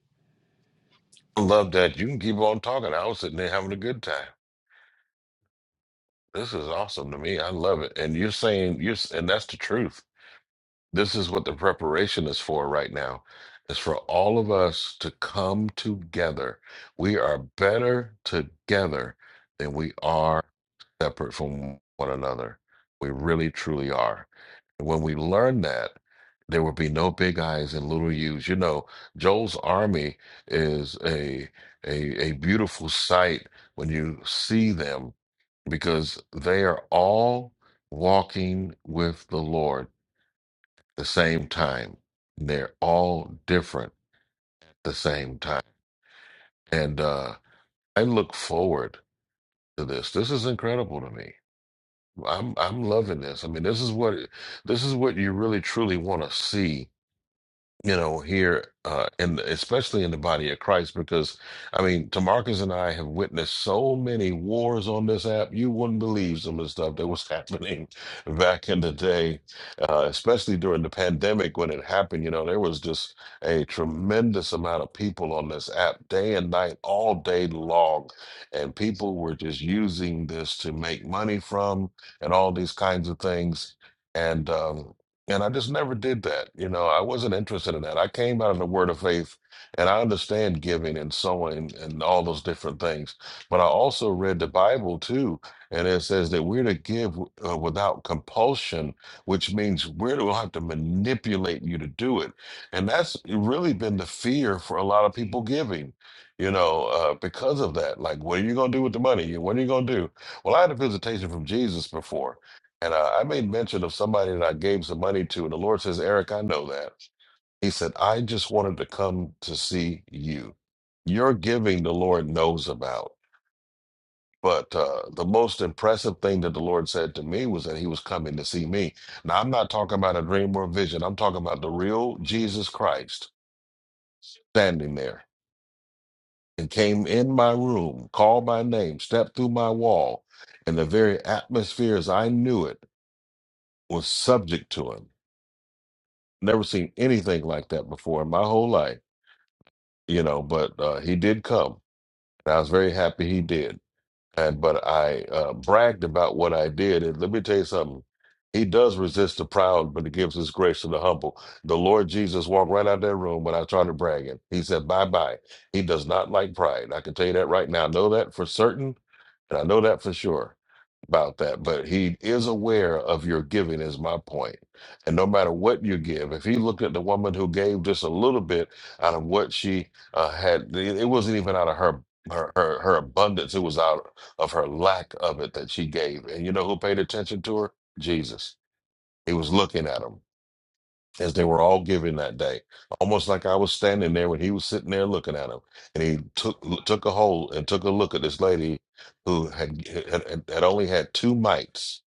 S3: love that you can keep on talking i was sitting there having a good time this is awesome to me i love it and you're saying you're s- and that's the truth This is what the preparation is for right now. It's for all of us to come together. We are better together than we are separate from one another. We really, truly are. And when we learn that, there will be no big eyes and little U's. You know, Joel's Army is a a, a beautiful sight when you see them because they are all walking with the Lord the same time. They're all different at the same time. And uh, I look forward to this. This is incredible to me. I'm I'm loving this. I mean, this is what this is what you really truly want to see you know, here uh in the, especially in the body of Christ, because I mean, Tamarcus and I have witnessed so many wars on this app. You wouldn't believe some of the stuff that was happening back in the day, uh, especially during the pandemic when it happened. You know, there was just a tremendous amount of people on this app, day and night, all day long, and people were just using this to make money from and all these kinds of things. And um and I just never did that. You know, I wasn't interested in that. I came out of the word of faith and I understand giving and sowing and all those different things. But I also read the Bible too. And it says that we're to give uh, without compulsion, which means we're to have to manipulate you to do it. And that's really been the fear for a lot of people giving, you know, uh, because of that. Like, what are you going to do with the money? What are you going to do? Well, I had a visitation from Jesus before. And uh, I made mention of somebody that I gave some money to. And the Lord says, Eric, I know that. He said, I just wanted to come to see you. Your giving, the Lord knows about. But uh, the most impressive thing that the Lord said to me was that he was coming to see me. Now, I'm not talking about a dream or a vision. I'm talking about the real Jesus Christ standing there and came in my room, called my name, stepped through my wall. And the very atmosphere as I knew it was subject to him Never seen anything like that before in my whole life, you know, but uh, he did come. And I was very happy he did. And but I uh, bragged about what I did. And let me tell you something. He does resist the proud, but he gives his grace to the humble. The Lord Jesus walked right out of that room when I started bragging. He said, Bye bye. He does not like pride. I can tell you that right now. I know that for certain, and I know that for sure about that, but he is aware of your giving, is my point. And no matter what you give, if he looked at the woman who gave just a little bit out of what she uh, had, it it wasn't even out of her, her her her abundance; it was out of her lack of it that she gave. And you know who paid attention to her? Jesus. He was looking at them as they were all giving that day, almost like I was standing there when he was sitting there looking at him. And he took took a hold and took a look at this lady who had had, had only had two mites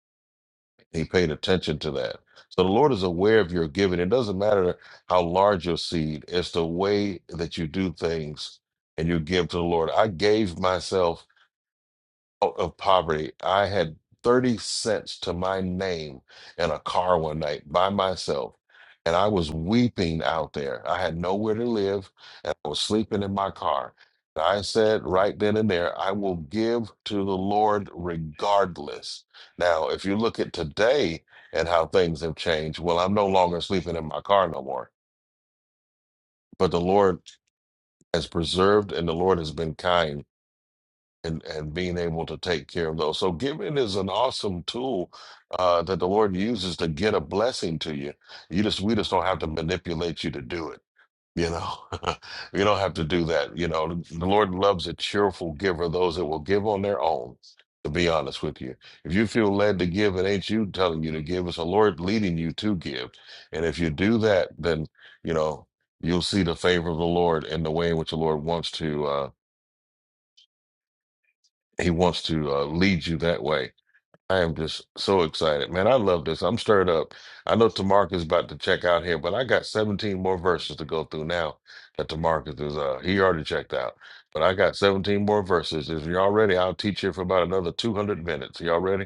S3: he paid attention to that. So the Lord is aware of your giving. It doesn't matter how large your seed, it's the way that you do things and you give to the Lord. I gave myself out of poverty. I had 30 cents to my name in a car one night by myself. And I was weeping out there. I had nowhere to live, and I was sleeping in my car. And I said right then and there, I will give to the Lord regardless. Now, if you look at today and how things have changed, well, I'm no longer sleeping in my car no more. But the Lord has preserved and the Lord has been kind and and being able to take care of those. So giving is an awesome tool uh, that the Lord uses to get a blessing to you. You just we just don't have to manipulate you to do it. You know, you don't have to do that. You know, the Lord loves a cheerful giver, those that will give on their own. To be honest with you, if you feel led to give, it ain't you telling you to give. It's the Lord leading you to give. And if you do that, then you know you'll see the favor of the Lord and the way in which the Lord wants to. Uh, he wants to uh, lead you that way. I am just so excited, man. I love this. I'm stirred up. I know Tamarcus is about to check out here, but I got 17 more verses to go through now that Tamarcus is, uh, he already checked out, but I got 17 more verses. If you're all ready, I'll teach you for about another 200 minutes. Y'all ready?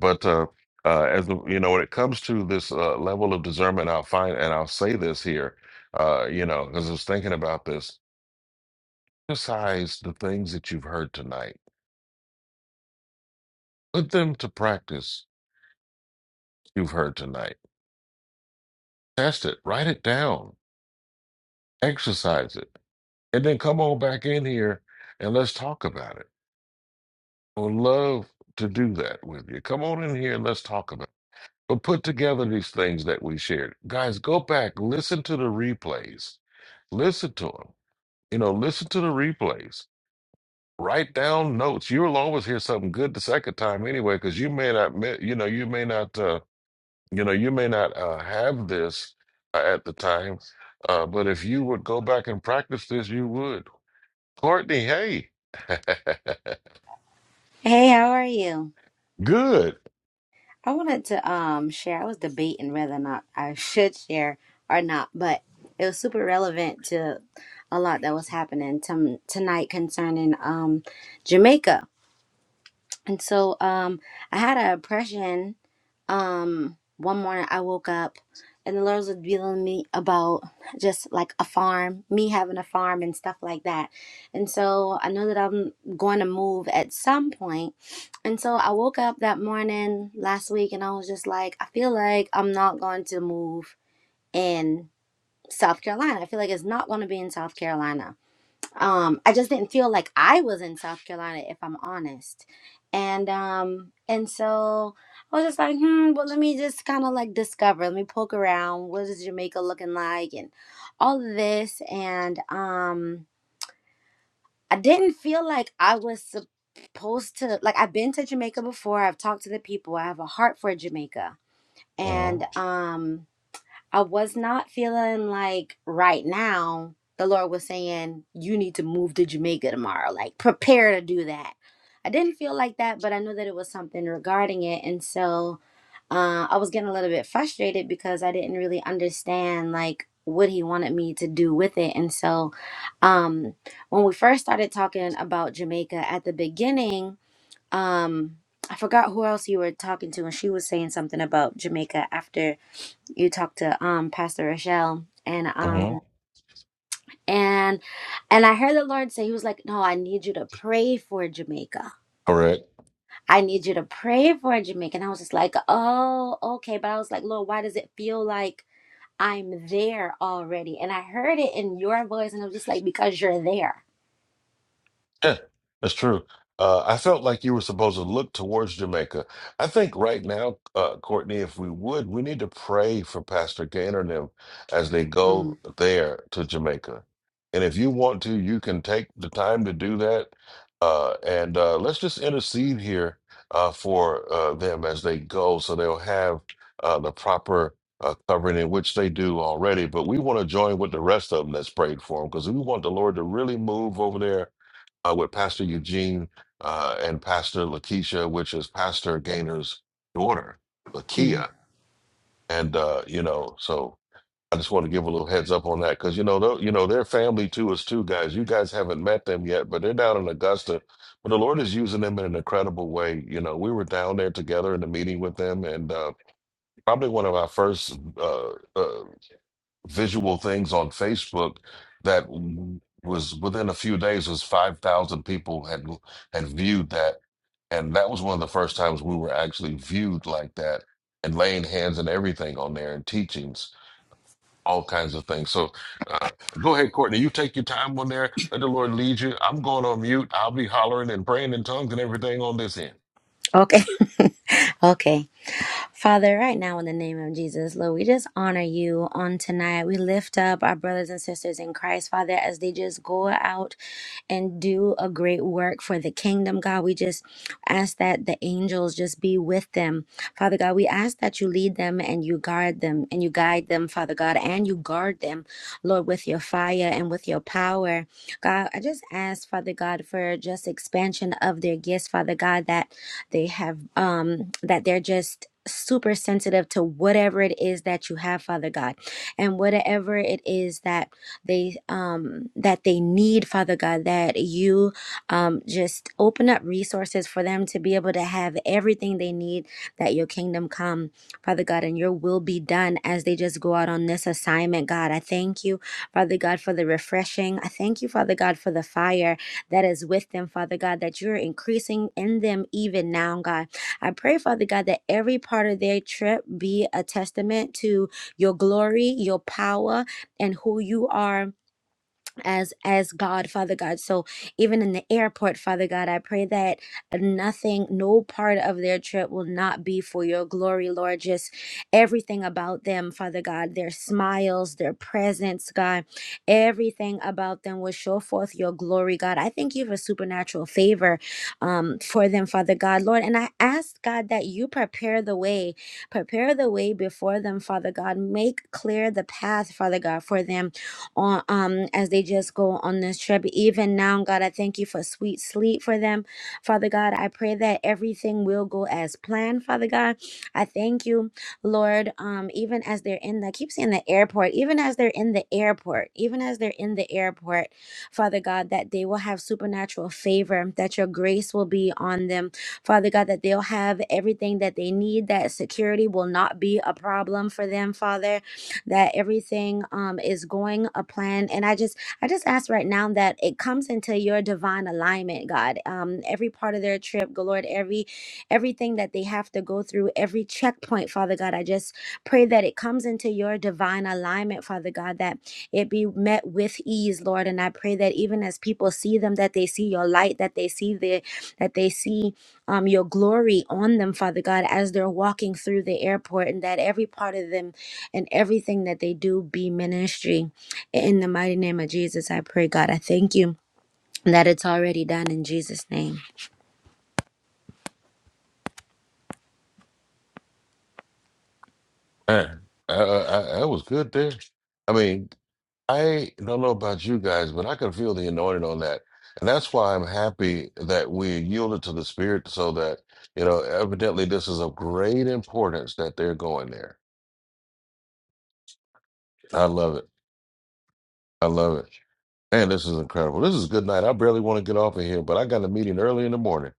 S3: But, uh, uh, as the- you know, when it comes to this uh, level of discernment, I'll find and I'll say this here, uh, you know, because I was thinking about this. Exercise the things that you've heard tonight. Put them to practice you've heard tonight. Test it, write it down, exercise it, and then come on back in here and let's talk about it. I would love to do that with you. Come on in here and let's talk about it. But put together these things that we shared. Guys, go back, listen to the replays, listen to them. You know, listen to the replays. Write down notes. You'll always hear something good the second time anyway, because you may not, me- you know, you may not. Uh, You know, you may not uh, have this uh, at the time, uh, but if you would go back and practice this, you would. Courtney, hey.
S21: Hey, how are you?
S3: Good.
S21: I wanted to um share. I was debating whether or not I should share or not, but it was super relevant to a lot that was happening tom tonight concerning um Jamaica. And so um I had a impression um one morning I woke up and the Lord was dealing me about just like a farm, me having a farm and stuff like that. And so I know that I'm going to move at some point. And so I woke up that morning last week and I was just like, I feel like I'm not going to move in South Carolina. I feel like it's not going to be in South Carolina um i just didn't feel like i was in south carolina if i'm honest and um and so i was just like hmm well let me just kind of like discover let me poke around what is jamaica looking like and all of this and um i didn't feel like i was supposed to like i've been to jamaica before i've talked to the people i have a heart for jamaica
S3: hmm
S21: and um I was not feeling like right now the Lord was saying, you need to move to Jamaica tomorrow. Like, prepare to do that. I didn't feel like that, but I knew that it was something regarding it. And so uh, I was getting a little bit frustrated because I didn't really understand, like, what he wanted me to do with it. And so um, when we first started talking about Jamaica at the beginning, um, I forgot who else you were talking to, and she was saying something about Jamaica after you talked to um Pastor Rochelle and
S3: hmm
S21: um and and I heard the Lord say he was like, "No, I need you to pray for Jamaica.
S3: Correct.
S21: I need you to pray for Jamaica." And I was just like, "Oh, okay." But I was like, "Lord, why does it feel like I'm there already?" And I heard it in your voice and I was just like, "Because you're there."
S3: Yeah, that's true. Uh, I felt like you were supposed to look towards Jamaica. I think right now, uh, Courtney, if we would, we need to pray for Pastor Gaynor and them as they go there to Jamaica. And if you want to, you can take the time to do that. Uh, and uh, let's just intercede here uh, for uh, them as they go so they'll have uh, the proper uh, covering in which they do already. But we want to join with the rest of them that's prayed for them because we want the Lord to really move over there uh, with Pastor Eugene uh, and Pastor Lakeisha, which is Pastor Gainer's daughter,
S21: Mm-hmm.
S3: Lakia. And uh, you know, so I just want to give a little heads up on that because you know, tho- you know, their family too is two guys. You guys haven't met them yet, but they're down in Augusta. But the Lord is using them in an incredible way. You know, we were down there together in the meeting with them, and uh, probably one of our first uh, uh, visual things on Facebook that w- was within a few days was 5,000 people had had viewed that and that was one of the first times we were actually viewed like that and laying hands and everything on there and teachings all kinds of things so uh, go ahead courtney you take your time on there let the lord lead you i'm going on mute i'll be hollering and praying in tongues and everything on this end
S21: Okay. okay. Father, right now in the name of Jesus, Lord, we just honor you on tonight. We lift up our brothers and sisters in Christ, Father, as they just go out. and do a great work for the kingdom, God. We just ask that the angels just be with them. Father God, we ask that you lead them and you guard them and you guide them, Father God, and you guard them, Lord, with your fire and with your power. God, I just ask, Father God, for just expansion of their gifts, Father God, that they have, um, that they're just super sensitive to whatever it is that you have, Father God, and whatever it is that they um that they need father god that you um just open up resources for them to be able to have everything they need that your kingdom come father god and your will be done as they just go out on this assignment god i thank you father god for the refreshing i thank you father god for the fire that is with them father god that you're increasing in them even now god i pray father god that every part of their trip be a testament to your glory, your power, and who you are as as God, Father God. So even in the airport, Father God, I pray that nothing, no part of their trip will not be for your glory, Lord. Just everything about them, Father God, their smiles, their presence, God, everything about them will show forth your glory, God. I thank you for supernatural favor um, for them, Father God, Lord. And I ask, God, that you prepare the way, prepare the way before them, Father God. Make clear the path, Father God, for them on um as they just go on this trip. Even now, God, I thank you for sweet sleep for them. Father God, I pray that everything will go as planned, Father God. I thank you, Lord, um, even as they're in the I keep saying the airport, even as they're in the airport, even as they're in the airport, Father God, that they will have supernatural favor, that your grace will be on them, Father God, that they'll have everything that they need, that security will not be a problem for them, Father that everything um, is going a plan. And I just, I just ask right now that it comes into your divine alignment, God. Um, every part of their trip, God, Lord, every, everything that they have to go through, every checkpoint, Father God, I just pray that it comes into your divine alignment, Father God, that it be met with ease, Lord. And I pray that even as people see them, that they see your light, that they see the, that they see um, your glory on them, Father God, as they're walking through the airport, and that every part of them and everything that they do be ministry. In the mighty name of Jesus, I pray, God, I thank you that it's already done in Jesus' name.
S3: Man, uh, uh, uh, that was good there i mean I don't know about you guys, but I can feel the anointing on that. And that's why I'm happy that we yielded to the Spirit so that, you know, evidently this is of great importance that they're going there. I love it. I love it. Man, this is incredible. This is a good night. I barely want to get off of here, but I got a meeting early in the morning.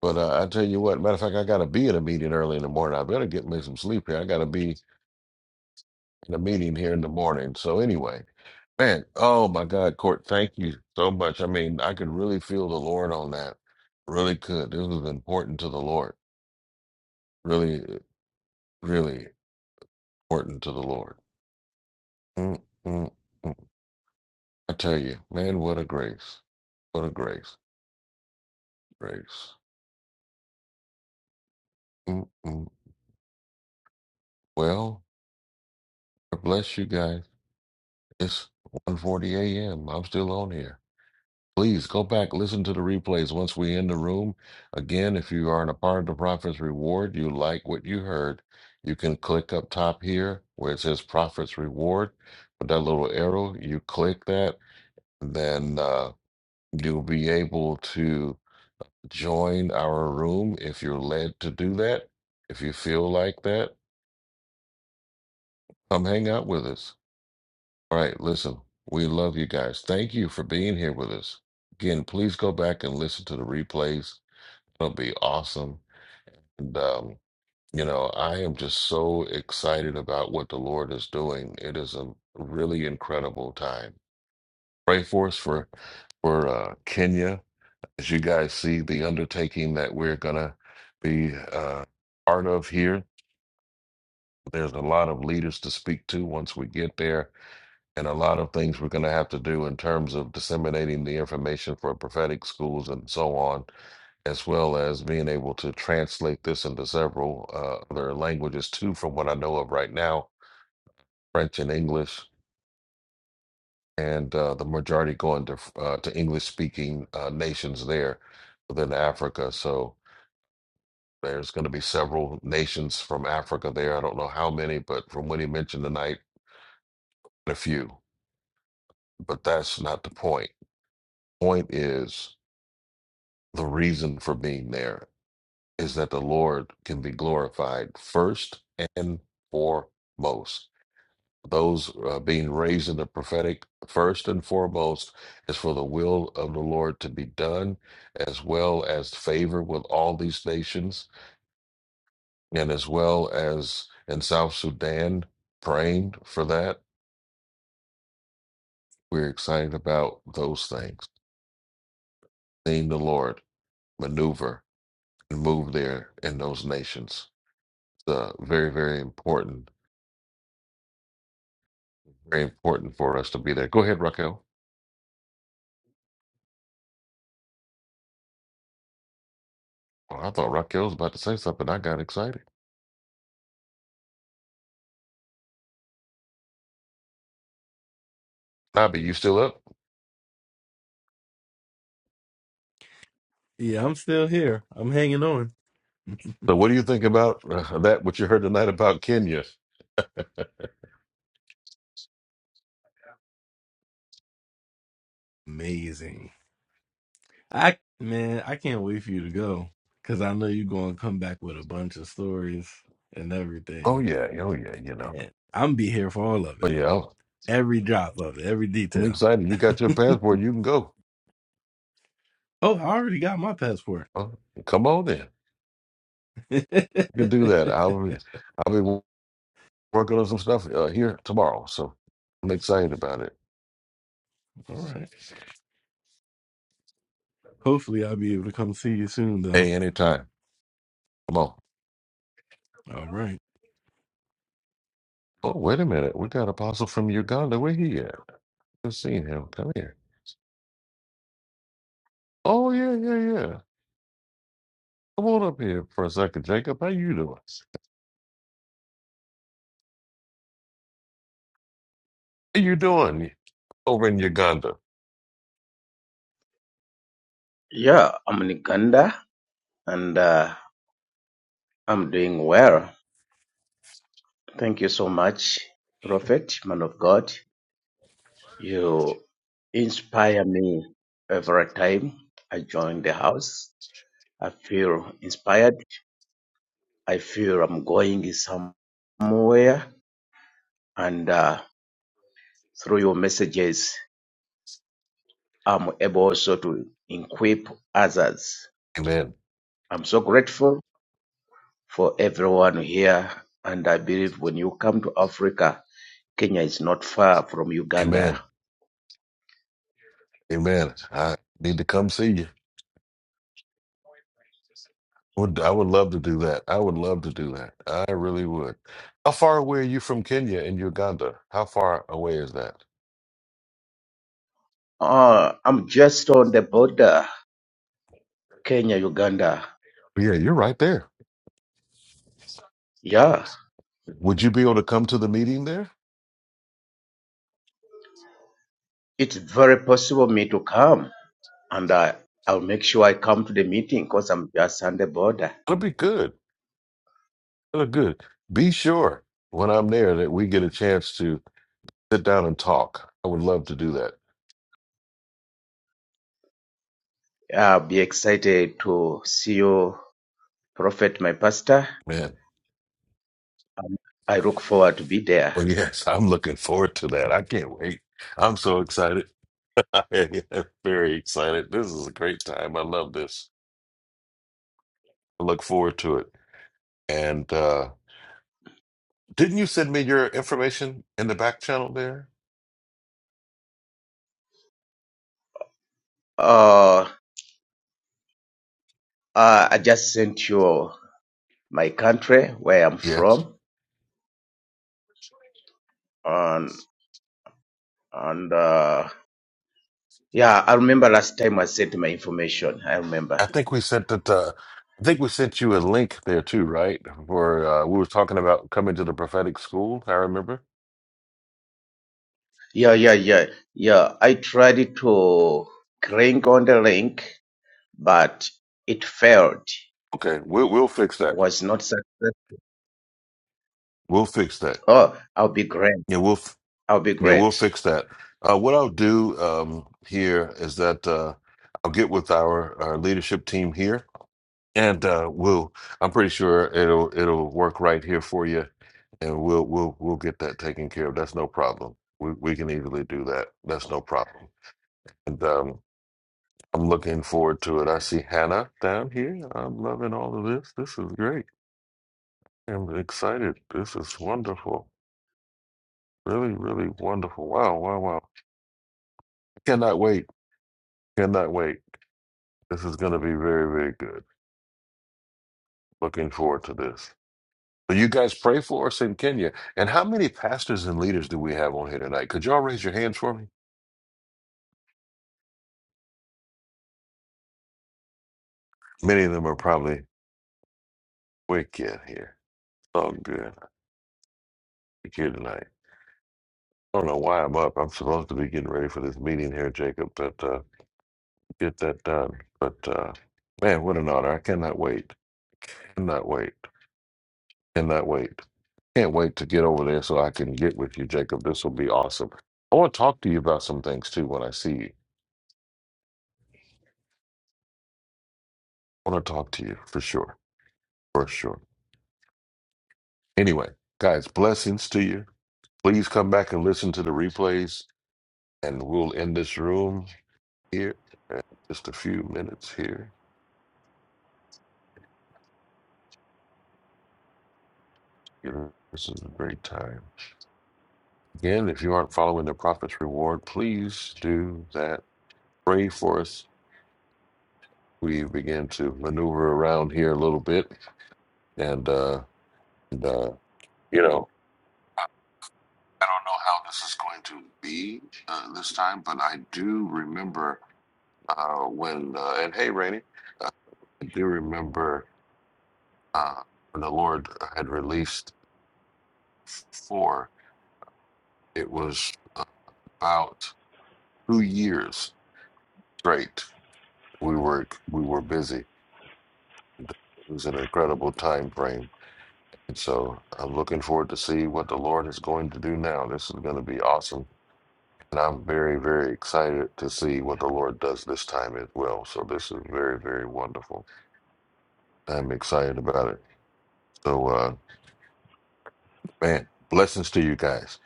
S3: But uh, I tell you what, matter of fact, I got to be in a meeting early in the morning. I better get me some sleep here. I got to be in a meeting here in the morning. So, anyway. Man, oh my God, Court, thank you so much. I mean, I could really feel the Lord on that. Really could. This was important to the Lord. Really, really important to the Lord. Mm, mm, mm. I tell you, man, what a grace. What a grace. Grace. Mm, mm. Well, God bless you guys. It's one forty a.m. I'm still on here. Please go back, listen to the replays once we end the room. Again, if you aren't a part of the Prophet's Reward, you like what you heard, you can click up top here where it says Prophet's Reward with that little arrow. You click that, then uh, you'll be able to join our room if you're led to do that. If you feel like that, come hang out with us. All right, listen, we love you guys. Thank you for being here with us. Again, please go back and listen to the replays It'll be awesome. And, um, you know, I am just so excited about what the Lord is doing. It is a really incredible time. Pray for us for for uh, Kenya. As you guys see, the undertaking that we're gonna be uh, part of here. There's a lot of leaders to speak to once we get there, and a lot of things we're gonna have to do in terms of disseminating the information for prophetic schools and so on as well as being able to translate this into several uh, other languages too, from what I know of right now, French and English, and uh, the majority going to f- uh, to English speaking uh, nations there within Africa. So there's going to be several nations from Africa there. I don't know how many, but from what he mentioned tonight, a few. But that's not the point. Point is the reason for being there is that the Lord can be glorified first and foremost Those uh, being raised in the prophetic, first and foremost, is for the will of the Lord to be done, as well as favor with all these nations, and as well as in South Sudan, praying for that. We're excited about those things, seeing the Lord maneuver and move there in those nations. It's uh, very, very important, very important for us to be there. Go ahead, Raquel. Well, I thought Raquel was about to say something. I got excited. Bobby, you still up?
S8: Yeah, I'm still here. I'm hanging on.
S3: So, what do you think about uh, that? What you heard tonight about Kenya?
S8: Amazing. I man, I can't wait for you to go because I know you're going to come back with a bunch of stories and
S3: Oh
S8: everything,
S3: yeah, oh yeah, you know.
S8: and I'm be here for all of
S3: But
S8: it,
S3: yeah,
S8: every drop of it, every
S3: I'm
S8: detail.
S3: excited. You got your passport. You can go.
S8: Oh, I already got my passport.
S3: Uh, come on then. You can do that. I'll be, I'll be working on some stuff uh, here tomorrow. So I'm excited about it.
S8: All right. Hopefully, I'll be able to come see you soon, though.
S3: Hey, anytime. Come on.
S8: All right.
S3: Oh wait a minute. We got Apostle from Uganda. Where he at? Just seen him. Come here. Oh yeah, yeah, yeah. Come on up here for a second, Jacob. How you doing? How you doing over in Uganda?
S22: Yeah, I'm in Uganda and uh, I'm doing well. Thank you so much, Prophet, man of God. You inspire me every time I join the house. I feel inspired. I feel I'm going somewhere. And uh, through your messages, I'm able also to equip others.
S3: Amen.
S22: I'm so grateful for everyone here. And I believe when you come to Africa, Kenya is not far from Uganda.
S3: Amen. Amen. I need to come see you. Would I would love to do that. I would love to do that. I really would. How far away are you from Kenya and Uganda? How far away is that?
S22: Oh, I'm just on the border, Kenya, Uganda.
S3: Yeah, you're right there.
S22: Yeah,
S3: Would you be able to come to the meeting there?
S22: it's very possible me to come, and I, I'll make sure I come to the meeting because I'm just on the border.
S3: That'd be good. That'd be good. Be sure when I'm there that we get a chance to sit down and talk. I would love to do that.
S22: Yeah, I'll be excited to see you, Prophet, my pastor.
S3: Man.
S22: I look forward to be there.
S3: Well, yes, I'm looking forward to that. I can't wait. I'm so excited. I am very excited. This is a great time. I love this. I look forward to it. And uh didn't you send me your information in the back channel there?
S22: Uh, uh, I just sent you my country, where I'm
S3: Yes.
S22: from, And uh, yeah, I remember last time I sent my information. I
S3: I
S22: remember.
S3: think we sent it uh I think we sent you a link there too, right? For uh we were talking about coming to the prophetic school, I remember.
S22: Yeah, yeah, yeah, yeah. I tried to click on the link, but it failed.
S3: Okay, we'll we'll fix
S22: I
S3: that.
S22: was not successful.
S3: We'll fix that.
S22: Oh, I'll be great.
S3: Yeah, we'll f-
S22: I'll be
S3: yeah, we'll
S22: great.
S3: fix that. Uh what I'll do um here is that uh I'll get with our, our leadership team here And uh, we'll, I'm pretty sure it'll it'll work right here for you, and we'll we'll we'll get that taken care of. That's no problem. We we can easily do that. That's no problem. And um, I'm looking forward to it. I see Hannah down here. I'm loving all of this. This is great. I'm excited. This is wonderful. Really, really wonderful. Wow, wow, wow. Cannot wait. Cannot wait. This is going to be very, very good. Looking forward to this. Will you guys pray for us in Kenya? And how many pastors and leaders do we have on here tonight? Could y'all raise your hands for me? Many of them are probably wicked here. It's all good. I'm here tonight. I don't know why I'm up. I'm supposed to be getting ready for this meeting here, Jacob, but uh, get that done. But uh, man, what an honor. I cannot wait. Cannot wait. Cannot wait. Can't wait to get over there so I can get with you, Jacob. This will be awesome. I want to talk to you about some things too when I see you. I want to talk to you for sure. For sure. Anyway, guys, blessings to you. Please come back and listen to the replays, and we'll end this room here. Just a few minutes here. You know, This is a great time. Again, if you aren't following the Prophet's Reward, please do that. Pray for us. We begin to maneuver around here a little bit, and uh, and uh, you know, I don't know how this is going to be uh, this time, but I do remember uh, when. Uh, and hey, Rainey, uh, I do remember uh, when the Lord uh, had released four, it was about two years straight. We were we were busy. It was an incredible time frame, and so I'm looking forward to see what the Lord is going to do now. This is going to be awesome, and I'm very very excited to see what the Lord does this time as well. So this is very very wonderful. I'm excited about it. So uh, man, blessings to you guys.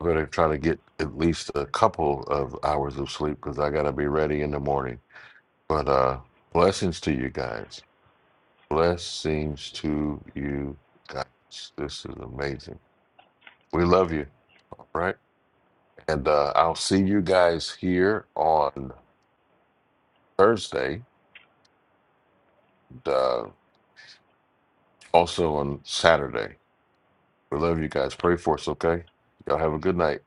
S3: I'm gonna try to get at least a couple of hours of sleep because I gotta be ready in the morning. But uh blessings to you guys. Blessings to you guys. This is amazing. We love you, right? And uh I'll see you guys here on Thursday, and, uh also on Saturday. We love you guys. Pray for us, okay? Y'all have a good night.